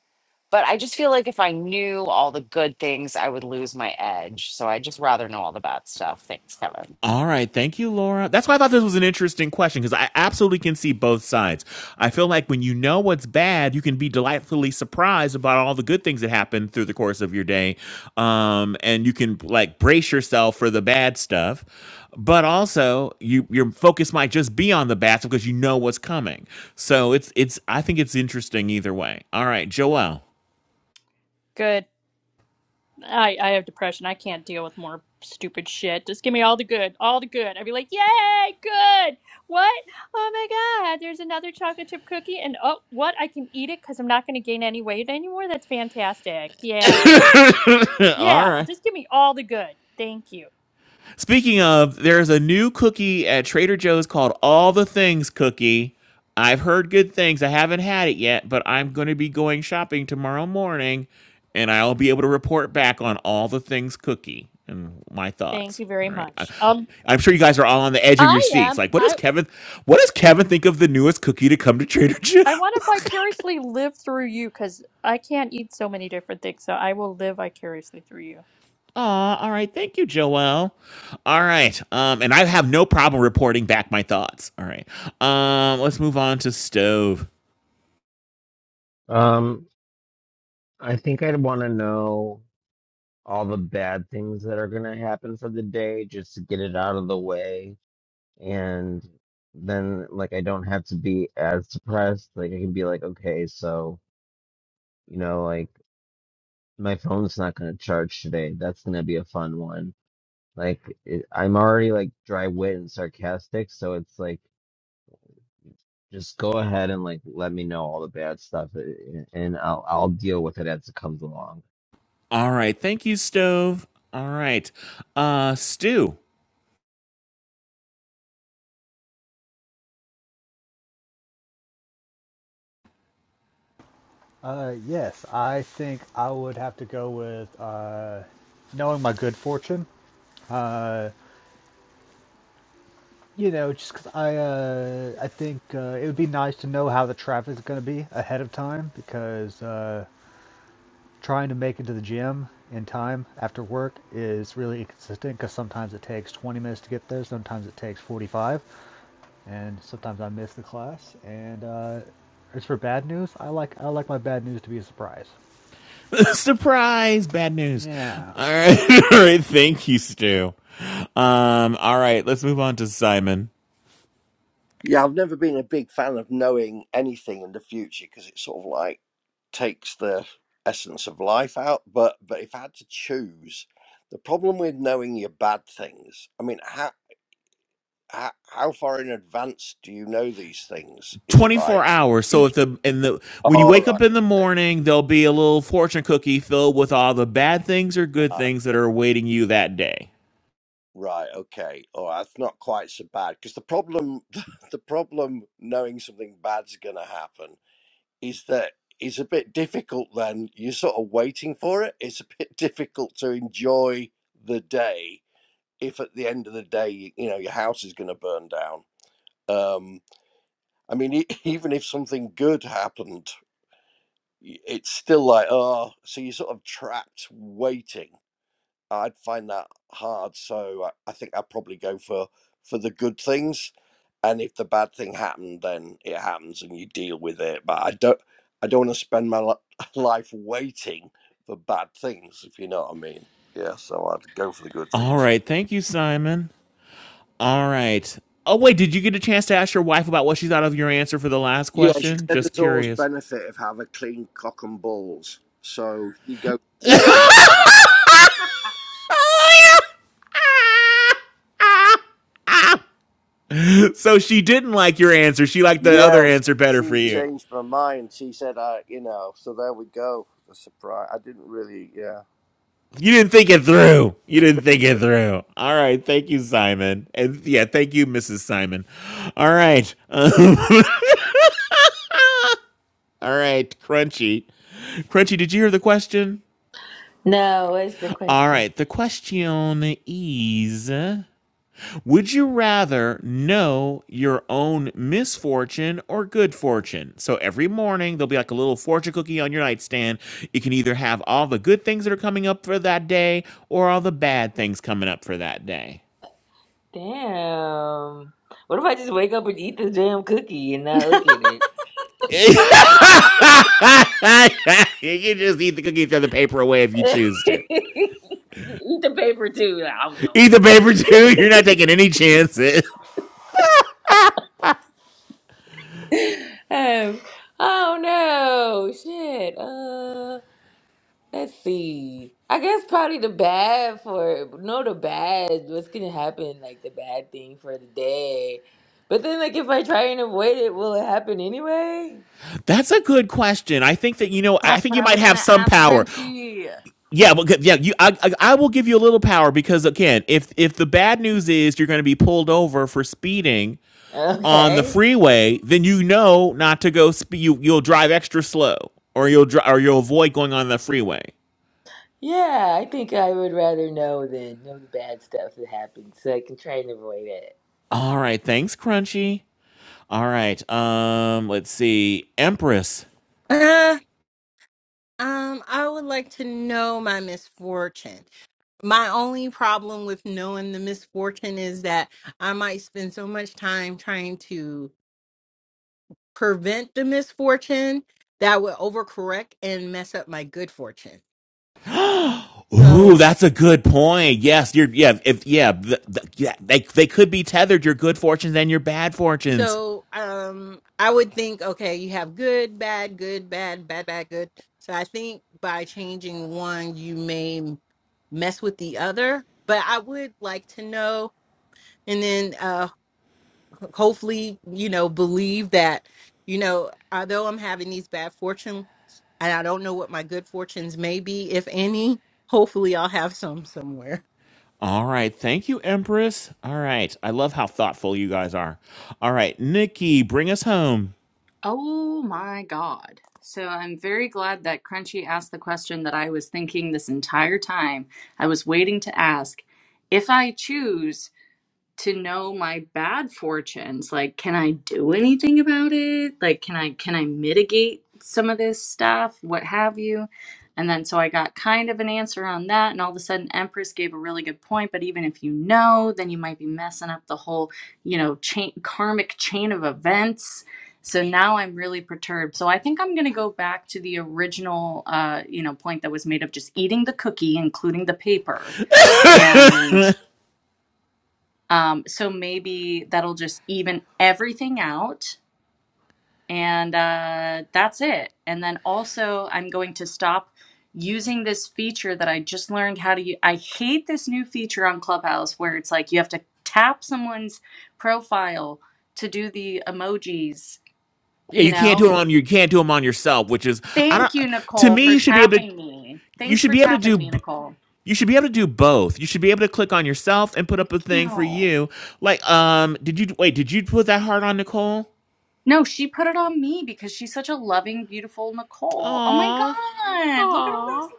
[SPEAKER 13] But I just feel like if I knew all the good things, I would lose my edge. So I just rather know all the bad stuff. Thanks, Kevin.
[SPEAKER 2] All right, thank you, Laura. That's why I thought this was an interesting question because I absolutely can see both sides. I feel like when you know what's bad, you can be delightfully surprised about all the good things that happen through the course of your day. Um, and you can like brace yourself for the bad stuff. But also, you your focus might just be on the bad stuff because you know what's coming. So it's it's I think it's interesting either way. All right, Joelle.
[SPEAKER 4] Good. I I have depression. I can't deal with more stupid shit. Just give me all the good, all the good. I'd be like, yay, good. What? Oh my god, there's another chocolate chip cookie, and oh, what? I can eat it because I'm not going to gain any weight anymore. That's fantastic. Yeah, I don't.
[SPEAKER 2] all
[SPEAKER 4] Yeah,
[SPEAKER 2] right.
[SPEAKER 4] just give me all the good. Thank you.
[SPEAKER 2] Speaking of, there's a new cookie at Trader Joe's called All the Things Cookie. I've heard good things. I haven't had it yet, but I'm going to be going shopping tomorrow morning and I'll be able to report back on All the Things Cookie and my
[SPEAKER 4] Thank
[SPEAKER 2] thoughts.
[SPEAKER 4] you very
[SPEAKER 2] All right. I,
[SPEAKER 4] much. Um,
[SPEAKER 2] I'm sure you guys are all on the edge of your
[SPEAKER 4] I
[SPEAKER 2] seats.
[SPEAKER 4] am.
[SPEAKER 2] Like, what does
[SPEAKER 4] I
[SPEAKER 2] Kevin what does Kevin think of the newest cookie to come to Trader Joe?
[SPEAKER 4] I want to vicariously live through you because I can't eat so many different things. So I will live vicariously through you.
[SPEAKER 2] Aw, all right. Thank you, Joelle. All right. Um, and I have no problem reporting back my thoughts. All right. Um, let's move on to Stove.
[SPEAKER 7] Um, I think I'd want to know. all the bad things that are going to happen for the day just to get it out of the way and then like I don't have to be as depressed like I can be like okay so you know like my phone's not going to charge today that's going to be a fun one like it, I'm already like dry wit and sarcastic so it's like just go ahead and like let me know all the bad stuff and and I'll I'll deal with it as it comes along
[SPEAKER 2] All right. Thank you, Stove. All right. Uh, Stu.
[SPEAKER 6] uh, yes, I think I would have to go with uh, knowing my good fortune. Uh, you know, just 'cause I, uh, I think uh, it would be nice to know how the traffic is going to be ahead of time because uh, trying to make it to the gym in time after work is really inconsistent because sometimes it takes 20 minutes to get there, sometimes it takes 45, and sometimes I miss the class. And uh, as for bad news, I like I like my bad news to be a surprise.
[SPEAKER 2] Surprise. Bad news.
[SPEAKER 6] Yeah.
[SPEAKER 2] All right. all right. Thank you, Stu. Um, all right. Let's move on to Simon.
[SPEAKER 8] Yeah, I've never been a big fan of knowing anything in the future because it sort of like takes the essence of life out. But but if I had to choose, the problem with knowing your bad things, I mean, how how, how far in advance do you know these things? Is it like
[SPEAKER 2] 24 hours. So if
[SPEAKER 8] each?
[SPEAKER 2] the in the when you
[SPEAKER 8] All
[SPEAKER 2] wake
[SPEAKER 8] right,
[SPEAKER 2] up in the
[SPEAKER 8] okay,
[SPEAKER 2] morning, there'll be a little fortune cookie filled with all the bad things or good
[SPEAKER 8] uh,
[SPEAKER 2] things that are awaiting you that day.
[SPEAKER 8] right, okay. All right, it's not quite so bad because the problem the problem knowing something bad's going to happen is that it's a bit difficult then. You're sort of waiting for it. It's a bit difficult to enjoy the day if at the end of the day, you, know, your house is going to burn down. Um, I mean, e- even if something good happened, y- it's still like, oh, so you're sort of trapped waiting. I'd find that hard. So I, I think I'd probably go for for the good things, and if the bad thing happened, then it happens and you deal with it. But I don't I don't want to spend my li- life waiting for bad things, if you know what I mean. Yeah, so I'd go for the good
[SPEAKER 2] All
[SPEAKER 8] things.
[SPEAKER 2] right. Thank you, Simon. All right. Oh, wait. Did you get a chance to ask your wife about what she thought of your answer for the last
[SPEAKER 8] Yeah, she
[SPEAKER 2] question?
[SPEAKER 8] said
[SPEAKER 2] Just
[SPEAKER 8] there's always
[SPEAKER 2] curious.
[SPEAKER 8] benefit of having clean cock and balls. So you go.
[SPEAKER 2] so she didn't like your answer. She liked the other
[SPEAKER 8] Yeah, sh-
[SPEAKER 2] answer better for
[SPEAKER 8] she
[SPEAKER 2] you.
[SPEAKER 8] changed my mind. She said, "I, you know." So there we go. The surprise. I didn't really. Yeah.
[SPEAKER 2] You didn't think it through. You didn't think it through. All right. Thank you, Simon. And yeah, thank you, Mrs. Simon. All right. Uh, all right. Crunchy. Crunchy, did you hear the question?
[SPEAKER 9] No, what's the
[SPEAKER 2] All
[SPEAKER 9] question?
[SPEAKER 2] right, the question is Would you rather know your own misfortune or good fortune? So every morning there'll be like a little fortune cookie on your nightstand. You can either have all the good things that are coming up for that day or all the bad things coming up for that day.
[SPEAKER 9] Damn. What if I just wake up and eat the damn cookie and not look at it?
[SPEAKER 2] you
[SPEAKER 15] That's
[SPEAKER 2] can just eat the cookie, throw the paper away if you choose to.
[SPEAKER 9] Eat the paper too.
[SPEAKER 2] Eat the paper too. You're not taking any chances.
[SPEAKER 9] Um, oh no, shit. Uh, let's see. I guess probably the bad for no the bad. What's gonna happen? Like the bad thing for the day. But then, like, if I try and avoid it, will it happen anyway?
[SPEAKER 2] That's a good question. I think that you know. I think
[SPEAKER 15] what
[SPEAKER 2] you
[SPEAKER 15] I
[SPEAKER 2] might
[SPEAKER 15] was going
[SPEAKER 2] have
[SPEAKER 15] to
[SPEAKER 2] some
[SPEAKER 15] ask
[SPEAKER 2] power.
[SPEAKER 15] Crunchy.
[SPEAKER 2] Yeah, well, yeah, you, I, I, I will give you a little power because again, if if the bad news is you're going to be pulled over for speeding on the
[SPEAKER 9] Okay.
[SPEAKER 2] freeway, then you know not to go. Spe- you you'll drive extra slow, or you'll dri- or you'll avoid going on the freeway.
[SPEAKER 9] Yeah, I think I would rather know than know the bad stuff that happens, so I can try and avoid it.
[SPEAKER 2] All right, thanks, Crunchy. All right, um, let's see, Empress.
[SPEAKER 12] Um, I would like to know my misfortune. My only problem with knowing the misfortune is that I might spend so much time trying to prevent the misfortune that I would overcorrect and mess up my good fortune.
[SPEAKER 2] Ooh,
[SPEAKER 12] So,
[SPEAKER 2] that's a good point. Yes, you're. Yeah, if yeah, th th yeah, they they could be tethered. Your good fortunes and your bad fortunes.
[SPEAKER 12] so um, I would think, okay, you have good, bad, good, bad, bad, bad, good. So I think by changing one, you may mess with the other. But I would like to know. And then uh. hopefully, you know, believe that, you know, although I'm having these bad fortune and I don't know what my good fortunes may be, if any, hopefully I'll have some somewhere.
[SPEAKER 2] All right. Thank you, Empress. All right. I love how thoughtful you guys are. All right, Nikki, bring us home.
[SPEAKER 15] Oh my god. So I'm very glad that Crunchy asked the question that I was thinking this entire time. I was waiting to ask if I choose to know my bad fortunes like can i do anything about it like can i can i mitigate some of this stuff what have you and then so i got kind of an answer on that and all of a sudden empress gave a really good point but even if you know then you might be messing up the whole you know chain karmic chain of events so now i'm really perturbed so i think i'm going to go back to the original uh, you know point that was made of just eating the cookie including the paper and um, so maybe that'll just even everything out, and uh, that's it. And then also, I'm going to stop using this feature that I just learned how to use. I hate this new feature on Clubhouse where it's like you have to tap someone's profile to do the emojis,
[SPEAKER 2] Yeah,
[SPEAKER 15] you
[SPEAKER 2] you can't do
[SPEAKER 15] know?
[SPEAKER 2] them on you can't do them on yourself, which is I
[SPEAKER 15] Thank
[SPEAKER 2] don't
[SPEAKER 15] you,
[SPEAKER 2] to
[SPEAKER 15] Nicole,
[SPEAKER 2] me
[SPEAKER 15] for
[SPEAKER 2] you should be able to
[SPEAKER 15] tapping me.
[SPEAKER 2] you
[SPEAKER 15] Thanks
[SPEAKER 2] should
[SPEAKER 15] for
[SPEAKER 2] be able to do
[SPEAKER 15] tapping me,
[SPEAKER 2] b-
[SPEAKER 15] Nicole.
[SPEAKER 2] you should be able to do both. You should be able to click on yourself and put up a
[SPEAKER 15] Thank
[SPEAKER 2] thing for
[SPEAKER 15] you.
[SPEAKER 2] you. Like um did you wait, did you put that heart on Nicole?
[SPEAKER 15] No, she put it on me because she's such a loving, beautiful Nicole. Oh my
[SPEAKER 2] Aw.
[SPEAKER 15] God, look at all this
[SPEAKER 3] Aw.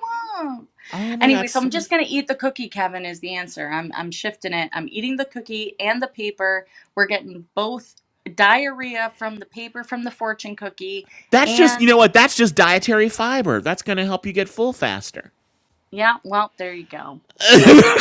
[SPEAKER 15] love.
[SPEAKER 2] Oh my
[SPEAKER 15] Anyway,
[SPEAKER 2] god,
[SPEAKER 15] so I'm
[SPEAKER 2] so
[SPEAKER 15] just
[SPEAKER 2] many.
[SPEAKER 15] gonna eat the cookie, Kevin, is the answer. I'm I'm shifting it. I'm eating the cookie and the paper. We're getting both diarrhea from the paper from the fortune cookie
[SPEAKER 2] That's just you
[SPEAKER 15] and
[SPEAKER 2] know what? That's just dietary fiber. That's going to help you get full faster.
[SPEAKER 15] yeah, well, there you go. So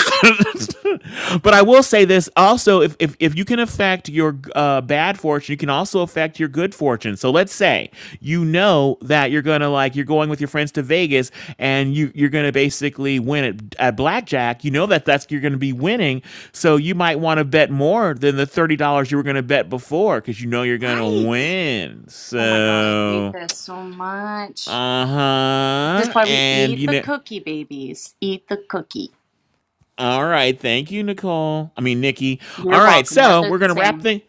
[SPEAKER 2] But I will say this also: if if, if you can affect your uh, bad fortune, you can also affect your good fortune. So let's say you know that you're gonna like you're going with your friends to Vegas, and you you're gonna basically win at, at blackjack. You know that that's you're gonna be winning, so you might want to bet more than the thirty dollars you were gonna bet before because you know you're gonna
[SPEAKER 15] right.
[SPEAKER 2] win.
[SPEAKER 15] Oh my God, I hate
[SPEAKER 2] So
[SPEAKER 15] this so much.
[SPEAKER 2] uh
[SPEAKER 15] This is
[SPEAKER 2] huh,
[SPEAKER 15] why we
[SPEAKER 2] and
[SPEAKER 15] eat
[SPEAKER 2] you
[SPEAKER 15] the
[SPEAKER 2] know.
[SPEAKER 15] cookie, babies. Eat the cookie.
[SPEAKER 2] All right, thank you, Nicole. I mean, Nikki. All
[SPEAKER 15] You're
[SPEAKER 2] right,
[SPEAKER 15] welcome. We're
[SPEAKER 2] so
[SPEAKER 15] the
[SPEAKER 2] we're gonna wrap
[SPEAKER 15] same.
[SPEAKER 2] things.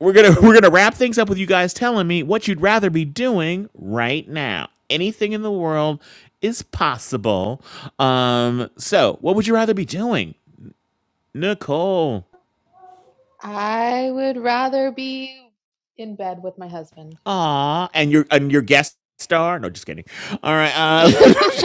[SPEAKER 2] we're gonna we're gonna wrap things up with you guys telling me what you'd rather be doing right now. Anything in the world is possible. Um, so what would you rather be doing, Nicole?
[SPEAKER 3] I would rather be in bed with my husband.
[SPEAKER 2] Aw, and your and your guest star? No, just kidding. All right, uh,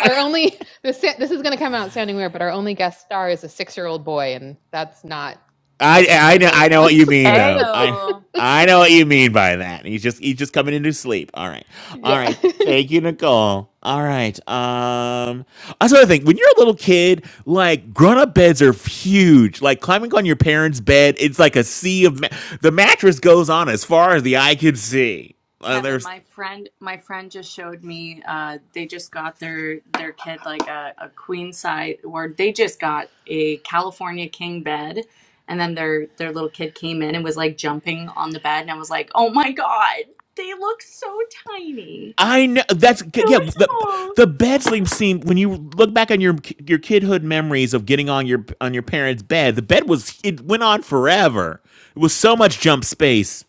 [SPEAKER 3] our only this this is going to come out sounding weird, but our only guest star is a six-year-old boy, and that's not
[SPEAKER 2] I
[SPEAKER 3] what
[SPEAKER 2] I
[SPEAKER 3] anyone
[SPEAKER 2] know
[SPEAKER 3] really
[SPEAKER 2] I know what you
[SPEAKER 3] wants.
[SPEAKER 2] mean though. I
[SPEAKER 15] Ayo.
[SPEAKER 2] I know what you mean by that. He's just he's just coming into sleep. All right. All
[SPEAKER 3] yeah.
[SPEAKER 2] right. Thank you, Nicole. All right. Um that's another thing. When you're a little kid, like grown up beds are huge. Like climbing on your parents' bed, it's like a sea of ma- the mattress goes on as far as the eye can see. Uh,
[SPEAKER 15] Kevin,
[SPEAKER 2] there's
[SPEAKER 15] my friend, my friend just showed me. Uh, they just got their their kid like a, a queen size, or they just got a California king bed, and then their their little kid came in and was like jumping on the bed, and I was like, oh my god, they look so tiny,
[SPEAKER 2] I know that's
[SPEAKER 15] so
[SPEAKER 2] yeah. The the
[SPEAKER 15] small.
[SPEAKER 2] bed sleep scene when you look back on your your kidhood memories of getting on your on your parents' bed, the bed was it went on forever. It was so much jump space.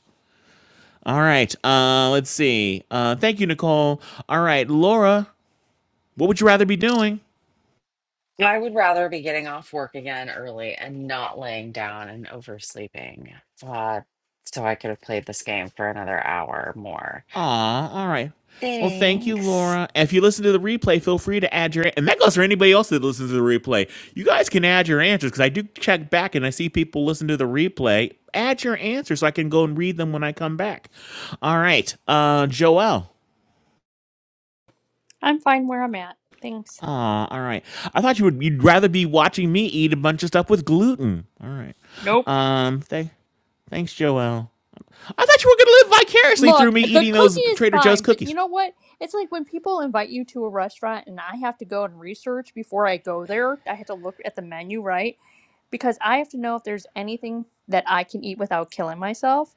[SPEAKER 2] All right, uh, let's see. Uh, thank you, Nicole. All right, Laura, what would you rather be doing?
[SPEAKER 13] I would rather be getting off work again early and not laying down and oversleeping. Uh, so I could have played this game for another hour more.
[SPEAKER 2] Aw, all right. Well, thank you,
[SPEAKER 13] Thanks.
[SPEAKER 2] Laura. And If you listen to the replay, feel free to add your and that goes for anybody else that listens to the replay. You guys can add your answers because I do check back and I see people listen to the replay. Add your answers so I can go and read them when I come back. All right, uh, Joelle.
[SPEAKER 4] I'm fine where I'm at. Thanks.
[SPEAKER 2] Aw, all right. I thought you would you'd rather be watching me eat a bunch of stuff with gluten. All right.
[SPEAKER 4] Nope.
[SPEAKER 2] Um, thank, thanks, Joelle. I thought you were gonna live vicariously through
[SPEAKER 4] Look,
[SPEAKER 2] me
[SPEAKER 4] the
[SPEAKER 2] eating those
[SPEAKER 4] cookie is
[SPEAKER 2] Trader Joe's
[SPEAKER 4] fine, but you
[SPEAKER 2] cookies.
[SPEAKER 4] know what? It's like when people invite you to a restaurant and I have to go and research before I go there. I have to look at the menu, right? Because I have to know if there's anything that I can eat without killing myself.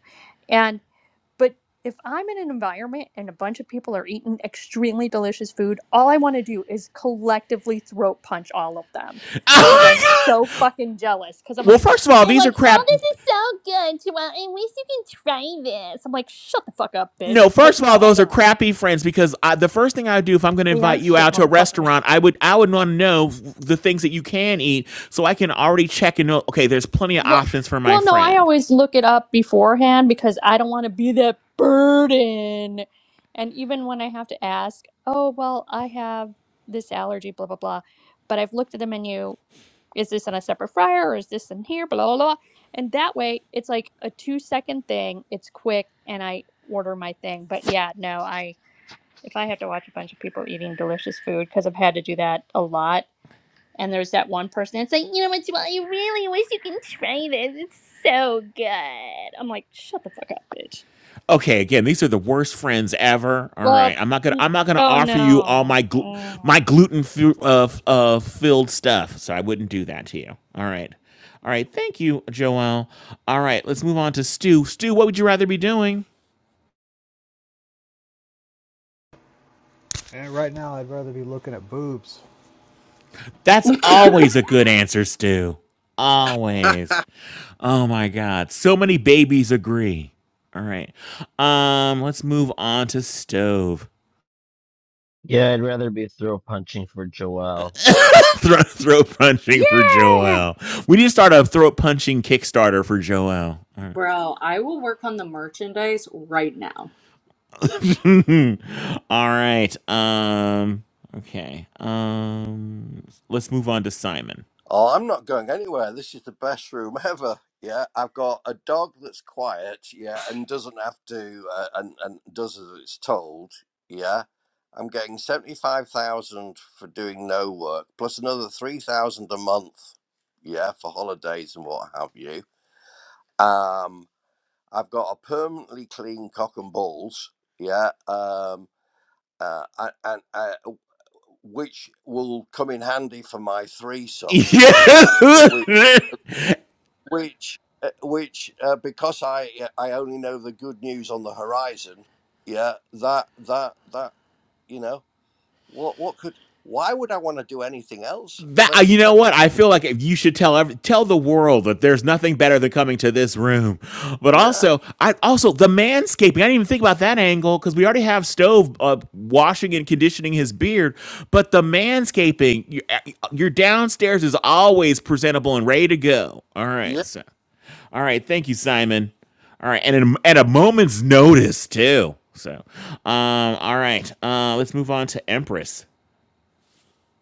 [SPEAKER 4] But if I'm in an environment and a bunch of people are eating extremely delicious food, all I want to do is collectively throat punch all of them
[SPEAKER 2] Oh
[SPEAKER 4] because
[SPEAKER 2] my
[SPEAKER 4] I'm
[SPEAKER 2] god!
[SPEAKER 4] so fucking jealous. Because I'm
[SPEAKER 2] Well,
[SPEAKER 4] like,
[SPEAKER 2] first of all,
[SPEAKER 4] they're
[SPEAKER 2] these are
[SPEAKER 4] like, oh,
[SPEAKER 2] crap.
[SPEAKER 4] this is so good. Well, I wish you can try this. I'm like, shut the fuck up, bitch.
[SPEAKER 2] No,
[SPEAKER 4] But
[SPEAKER 2] first of all,
[SPEAKER 4] no, I
[SPEAKER 2] those are
[SPEAKER 4] don't.
[SPEAKER 2] crappy friends because I, the first thing I would do if I'm going to
[SPEAKER 4] They
[SPEAKER 2] invite
[SPEAKER 4] are
[SPEAKER 2] you
[SPEAKER 4] shit
[SPEAKER 2] out to a
[SPEAKER 4] motherfuckers.
[SPEAKER 2] restaurant, I would I would want to know the things that you can eat so I can already check and know. Okay, there's plenty of
[SPEAKER 4] Well,
[SPEAKER 2] options for my
[SPEAKER 4] well, no, I
[SPEAKER 2] friend.
[SPEAKER 4] always look it up beforehand because I don't want to be that burden. And even when I have to ask, oh, well, I have this allergy, blah, blah, blah, but I've looked at the menu. Is this on a separate fryer or is this in here? Blah, blah, blah. And that way it's like a two second thing. It's quick and I order my thing. But yeah, no, I, if I have to watch a bunch of people eating delicious food, because I've had to do that a lot and there's that one person that's like, you know what, well, I really wish you can try this. It's so good. I'm like, shut the fuck up, bitch.
[SPEAKER 2] Okay, again, these are the worst friends ever. All
[SPEAKER 4] Well,
[SPEAKER 2] right, I'm not gonna
[SPEAKER 4] n-
[SPEAKER 2] I'm not gonna
[SPEAKER 4] oh
[SPEAKER 2] offer you all
[SPEAKER 4] no.
[SPEAKER 2] my glu- my
[SPEAKER 4] Mm.
[SPEAKER 2] gluten fu- uh, uh, filled stuff, so I wouldn't do that to you. All right, all right, thank you, Joelle. All right, let's move on to Stu. Stu, what would you rather be doing?
[SPEAKER 6] And right now, I'd rather be looking at boobs.
[SPEAKER 2] That's always a good answer, Stu. Always. Oh my God. So many babies agree. All right. Um, let's move on to stove.
[SPEAKER 7] yeah I'd rather be throw punching for Joel
[SPEAKER 2] Throat, throat punching for
[SPEAKER 4] Yeah.
[SPEAKER 2] Joel. We need to start a throat punching Kickstarter for Joel. All right.
[SPEAKER 15] Bro, I will work on the merchandise right now.
[SPEAKER 2] All right. Um, okay. Um, let's move on to Simon.
[SPEAKER 8] Oh, I'm not going anywhere. This is the best room ever. Yeah, I've got a dog that's quiet. Yeah, and doesn't have to uh, and and does as it's told. Yeah, I'm getting seventy five thousand for doing no work, plus another three thousand a month. Yeah, for holidays and what have you. Um, I've got a permanently clean cock and balls. Yeah, um, uh, and, and uh, which will come in handy for my threesome yeah,
[SPEAKER 2] Yeah.
[SPEAKER 8] which uh, which uh, because I uh, I only know the good news on the horizon. Yeah, that that that you know what what could why would I want to do anything else?
[SPEAKER 2] that uh,
[SPEAKER 8] Let's
[SPEAKER 2] you know
[SPEAKER 8] let
[SPEAKER 2] what I feel like you should tell every, tell the world that there's nothing better than coming to this room, but
[SPEAKER 8] yeah
[SPEAKER 2] also I also the manscaping. I didn't even think about that angle because we already have stove uh, washing and conditioning his beard, but the manscaping your, your downstairs is always presentable and ready to go. All right, so all right, thank you, Simon. All right, and in, at a moment's notice too. So, um, all right, uh, let's move on to Empress.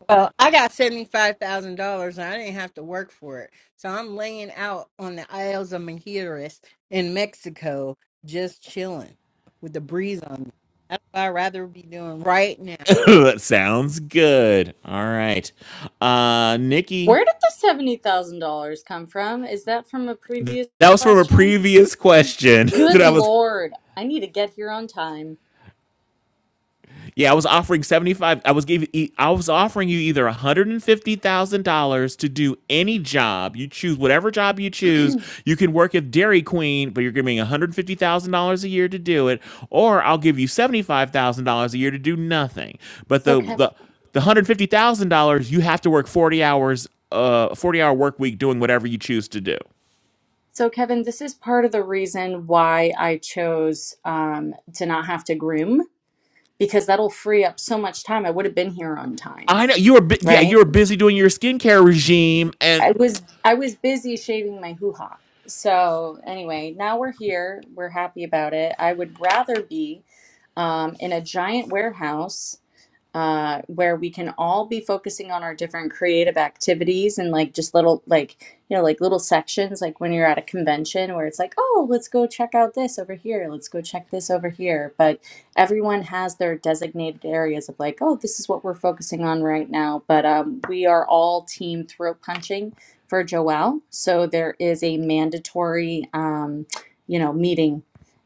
[SPEAKER 12] Well, I got $75,000 and I didn't have to work for it. So I'm laying out on the Isles of Mujeres in Mexico, just chilling with the breeze on me. That's what I'd rather be doing right now.
[SPEAKER 2] that sounds good. All right. Uh
[SPEAKER 15] Where
[SPEAKER 2] Nikki,
[SPEAKER 15] did the seventy thousand dollars come from? Is that from a previous
[SPEAKER 2] that was from a
[SPEAKER 15] question?
[SPEAKER 2] previous question
[SPEAKER 15] Good
[SPEAKER 2] that I was
[SPEAKER 15] lord, I need to get here on time.
[SPEAKER 2] Yeah, I was offering seventy five. I was giving. e- I was offering you either one hundred and fifty thousand dollars to do any job you choose, whatever job you choose. You can work at Dairy Queen, but you're giving one hundred fifty thousand dollars a year to do it, or I'll give you seventy five thousand dollars a year to do nothing. But
[SPEAKER 15] So
[SPEAKER 2] the
[SPEAKER 15] Kevin,
[SPEAKER 2] the the one hundred fifty thousand dollars you have to work forty hours, uh, forty hour work week doing whatever you choose to do.
[SPEAKER 15] so Kevin, this is part of the reason why I chose um, to not have to groom because that'll free up so much time. I would have been here on time,
[SPEAKER 2] I know you were bu- yeah you
[SPEAKER 15] right?
[SPEAKER 2] were busy doing your skincare regime and
[SPEAKER 15] I was I was busy shaving my hoo ha. So anyway, now we're here. We're happy about it. I would rather be um, in a giant warehouse uh, where we can all be focusing on our different creative activities and like just little like you know like little sections like when you're at a convention where it's like oh let's go check out this over here let's go check this over here but everyone has their designated areas of like oh this is what we're focusing on right now but um, we are all team throat punching for joelle so there is a mandatory um, you know meeting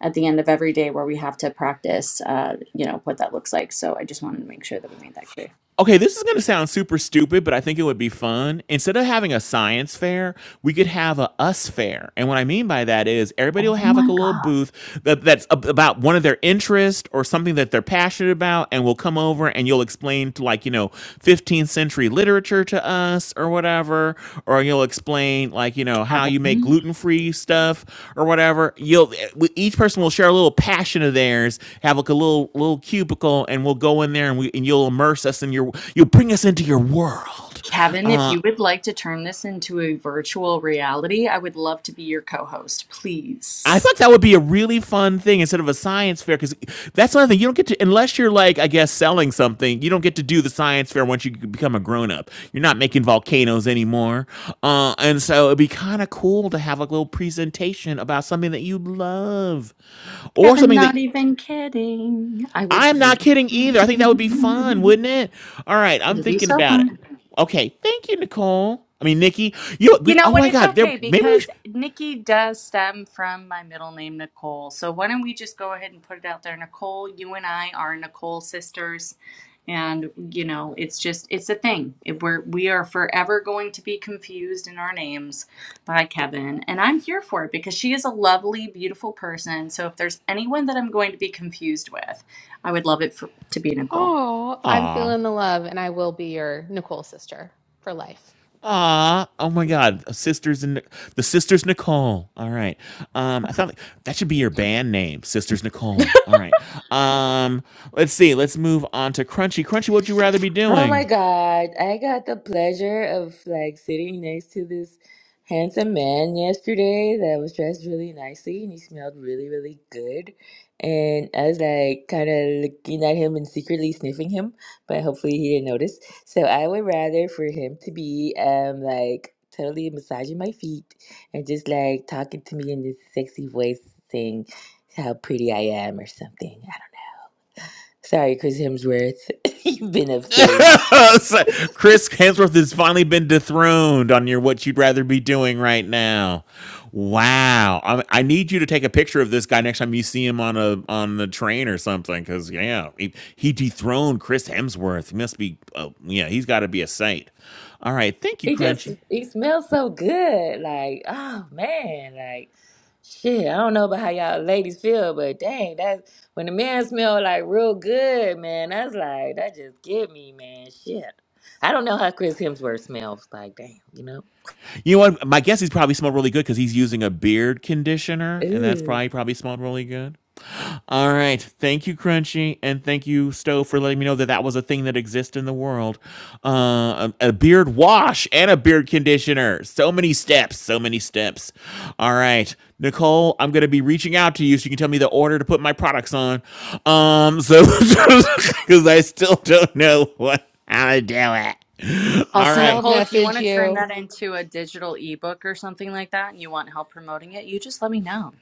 [SPEAKER 15] at the end of every day where we have to practice, uh, you know, what that looks like. So I just wanted to make sure that we made that clear.
[SPEAKER 2] Okay, this is going to sound super stupid, but I think it would be fun. Instead of having a science fair, we could have a us fair. And what I mean by that is everybody
[SPEAKER 15] Oh
[SPEAKER 2] will have like
[SPEAKER 15] my
[SPEAKER 2] a little
[SPEAKER 15] God,
[SPEAKER 2] booth that, that's ab- about one of their interests or something that they're passionate about, and we'll come over and you'll explain to like, you know, 15th century free literature to us or whatever, or you'll explain like you know how you make
[SPEAKER 15] Kevin.
[SPEAKER 2] gluten free stuff or whatever. You'll each person will share a little passion of theirs, have like a little little cubicle, and we'll go in there and we and you'll immerse us in your you'll bring us into your world.
[SPEAKER 15] Kevin, if
[SPEAKER 2] Uh,
[SPEAKER 15] you would like to turn this into a virtual reality, I would love to be your co host,
[SPEAKER 2] I
[SPEAKER 15] please.
[SPEAKER 2] thought that would be a really fun thing instead of a science fair because that's another thing you don't get to unless you're like I guess selling something you don't get to do the science fair once you become a grown up you're not making volcanoes anymore uh, and so it'd be kind of cool to have like a little presentation about something that you love or
[SPEAKER 15] Kevin,
[SPEAKER 2] something that
[SPEAKER 15] not even kidding. I would
[SPEAKER 2] I'm
[SPEAKER 15] be.
[SPEAKER 2] not kidding either I think that would be fun wouldn't it all right I'm
[SPEAKER 15] It'd be
[SPEAKER 2] thinking
[SPEAKER 15] so
[SPEAKER 2] about
[SPEAKER 15] fun.
[SPEAKER 2] it okay thank you Nicole I mean Nikki you know,
[SPEAKER 15] You
[SPEAKER 2] we,
[SPEAKER 15] know
[SPEAKER 2] oh
[SPEAKER 15] what?
[SPEAKER 2] my
[SPEAKER 15] It's
[SPEAKER 2] God there
[SPEAKER 15] okay
[SPEAKER 2] maybe we
[SPEAKER 15] because
[SPEAKER 2] should,
[SPEAKER 15] Nikki does stem from my middle name, Nicole. So why don't we just go ahead and put it out there? Nicole, you and I are Nicole sisters. And, you know, it's just, it's a thing. It, we're, we are forever going to be confused in our names by Kevin. And I'm here for it because she is a lovely, beautiful person. So if there's anyone that I'm going to be confused with, I would love it for, to be Nicole.
[SPEAKER 3] oh, I'm
[SPEAKER 2] aw
[SPEAKER 3] feeling the love, and I will be your Nicole sister for life.
[SPEAKER 2] Ah, oh my God, sisters and the sisters Nicole. All right, um, I thought that should be your band name, sisters Nicole. All right, um, let's see, let's move on to Crunchy. Crunchy, what'd you rather be
[SPEAKER 9] Oh my
[SPEAKER 2] doing?
[SPEAKER 9] God. I got the pleasure of like sitting next to this handsome man yesterday that was dressed really nicely and he smelled really, really good. And I was like kind of looking at him and secretly sniffing him, but hopefully he didn't notice. So I would rather for him to be um like totally massaging my feet and just like talking to me in this sexy voice saying how pretty I am or something. I don't know. Sorry, Chris Hemsworth. You've been upstage.
[SPEAKER 2] Chris Hemsworth has finally been dethroned on your what you'd rather be doing right now. Wow, I, I need you to take a picture of this guy next time you see him on a on the train or something. Because yeah, he, he dethroned Chris Hemsworth. He must be, oh, yeah, he's got to be a saint. All right, thank you,
[SPEAKER 9] He just
[SPEAKER 2] Crunchy.
[SPEAKER 9] he smells so good. Like, oh man, like shit. I don't know about how y'all ladies feel, but dang, that's when the man smell like real good, man, that's like that just get me, man. Shit. I don't know how Chris Hemsworth smells like, damn, you know?
[SPEAKER 2] You know what? My guess he's probably smelled really good because he's using a beard conditioner, and that's
[SPEAKER 9] Ooh.
[SPEAKER 2] probably probably smelled really good. All right. Thank you, Crunchy, and thank you, Stowe, for letting me know that that was a thing that exists in the world. Uh, a, a beard wash and a beard conditioner. So many steps. So many steps. All right, Nicole, I'm gonna be reaching out to you so you can tell me the order to put my products on. Um, so because I still don't know what how to do it. All
[SPEAKER 15] Also,
[SPEAKER 3] I'll
[SPEAKER 2] right.
[SPEAKER 15] Nicole, if you want
[SPEAKER 3] message
[SPEAKER 15] to turn
[SPEAKER 3] you.
[SPEAKER 15] that into a digital ebook or something like that and you want help promoting it, you just let me know.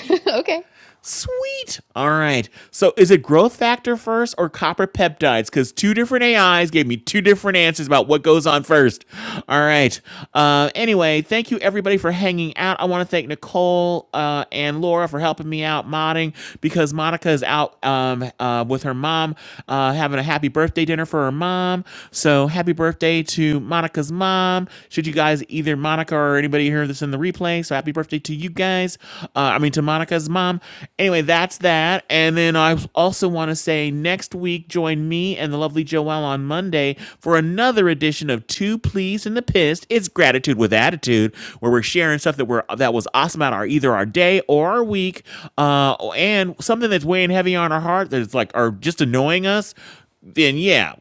[SPEAKER 3] okay.
[SPEAKER 2] Sweet. All right. So is it growth factor first or copper peptides? Because two different AIs gave me two different answers about what goes on first. All right. Uh, anyway, thank you everybody for hanging out. I want to thank Nicole uh, and Laura for helping me out modding because Monica is out um, uh, with her mom uh, having a happy birthday dinner for her mom. So happy birthday to Monica's mom. Should you guys either Monica or anybody hear this in the replay? So happy birthday to you guys. Uh, I mean, to Monica's mom. Anyway, that's that. And then I also want to say next week, join me and the lovely Joelle on Monday for another edition of Two Pleased and the Pissed. It's Gratitude with Attitude, where we're sharing stuff that we're that was awesome about our either our day or our week, uh, and something that's weighing heavy on our heart that's like are just annoying us. Then yeah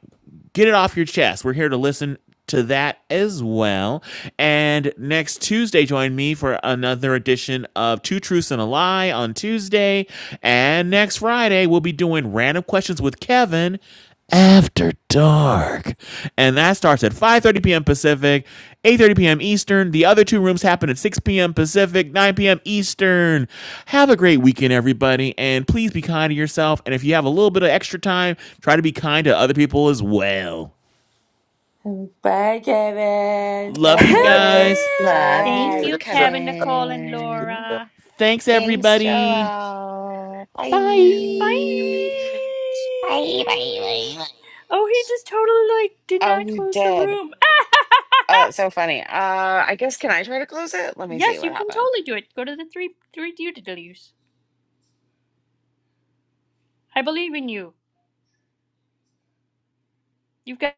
[SPEAKER 2] get it off your chest. We're here to listen to that as well. And next Tuesday, join me for another edition of Two Truths and a Lie on Tuesday. And next Friday, we'll be doing random questions with Kevin after dark. York. And that starts at 5:30 p.m. Pacific, 8:30 p.m. Eastern. The other two rooms happen at 6 p.m. Pacific, 9 p.m. Eastern. Have a great weekend everybody and please be kind to yourself and if you have a little bit of extra time, try to be kind to other people as well.
[SPEAKER 9] Bye, Kevin.
[SPEAKER 2] Love
[SPEAKER 15] Hell
[SPEAKER 9] Love
[SPEAKER 2] you
[SPEAKER 9] you.
[SPEAKER 3] Bye.
[SPEAKER 2] guys.
[SPEAKER 15] yeah!
[SPEAKER 13] Love
[SPEAKER 4] Thank
[SPEAKER 9] Bye.
[SPEAKER 13] you,
[SPEAKER 4] you,
[SPEAKER 8] yeah.
[SPEAKER 4] Kevin, Nicole, and
[SPEAKER 13] Kevin.
[SPEAKER 4] Laura.
[SPEAKER 2] Thanks
[SPEAKER 13] Thanks,
[SPEAKER 2] everybody.
[SPEAKER 13] Joel. Bye.
[SPEAKER 4] Bye.
[SPEAKER 2] Bye.
[SPEAKER 13] Bye, bye, bye, bye.
[SPEAKER 4] Oh, he just totally like did
[SPEAKER 13] Oh,
[SPEAKER 4] not
[SPEAKER 13] you
[SPEAKER 4] close the
[SPEAKER 13] did.
[SPEAKER 4] room.
[SPEAKER 13] Oh, that's so funny. Uh, I guess can I try to close it? Let me
[SPEAKER 4] Yes,
[SPEAKER 13] see what
[SPEAKER 4] you can
[SPEAKER 13] happens.
[SPEAKER 4] totally do it. Go to the three three duties. I believe in you. You've got.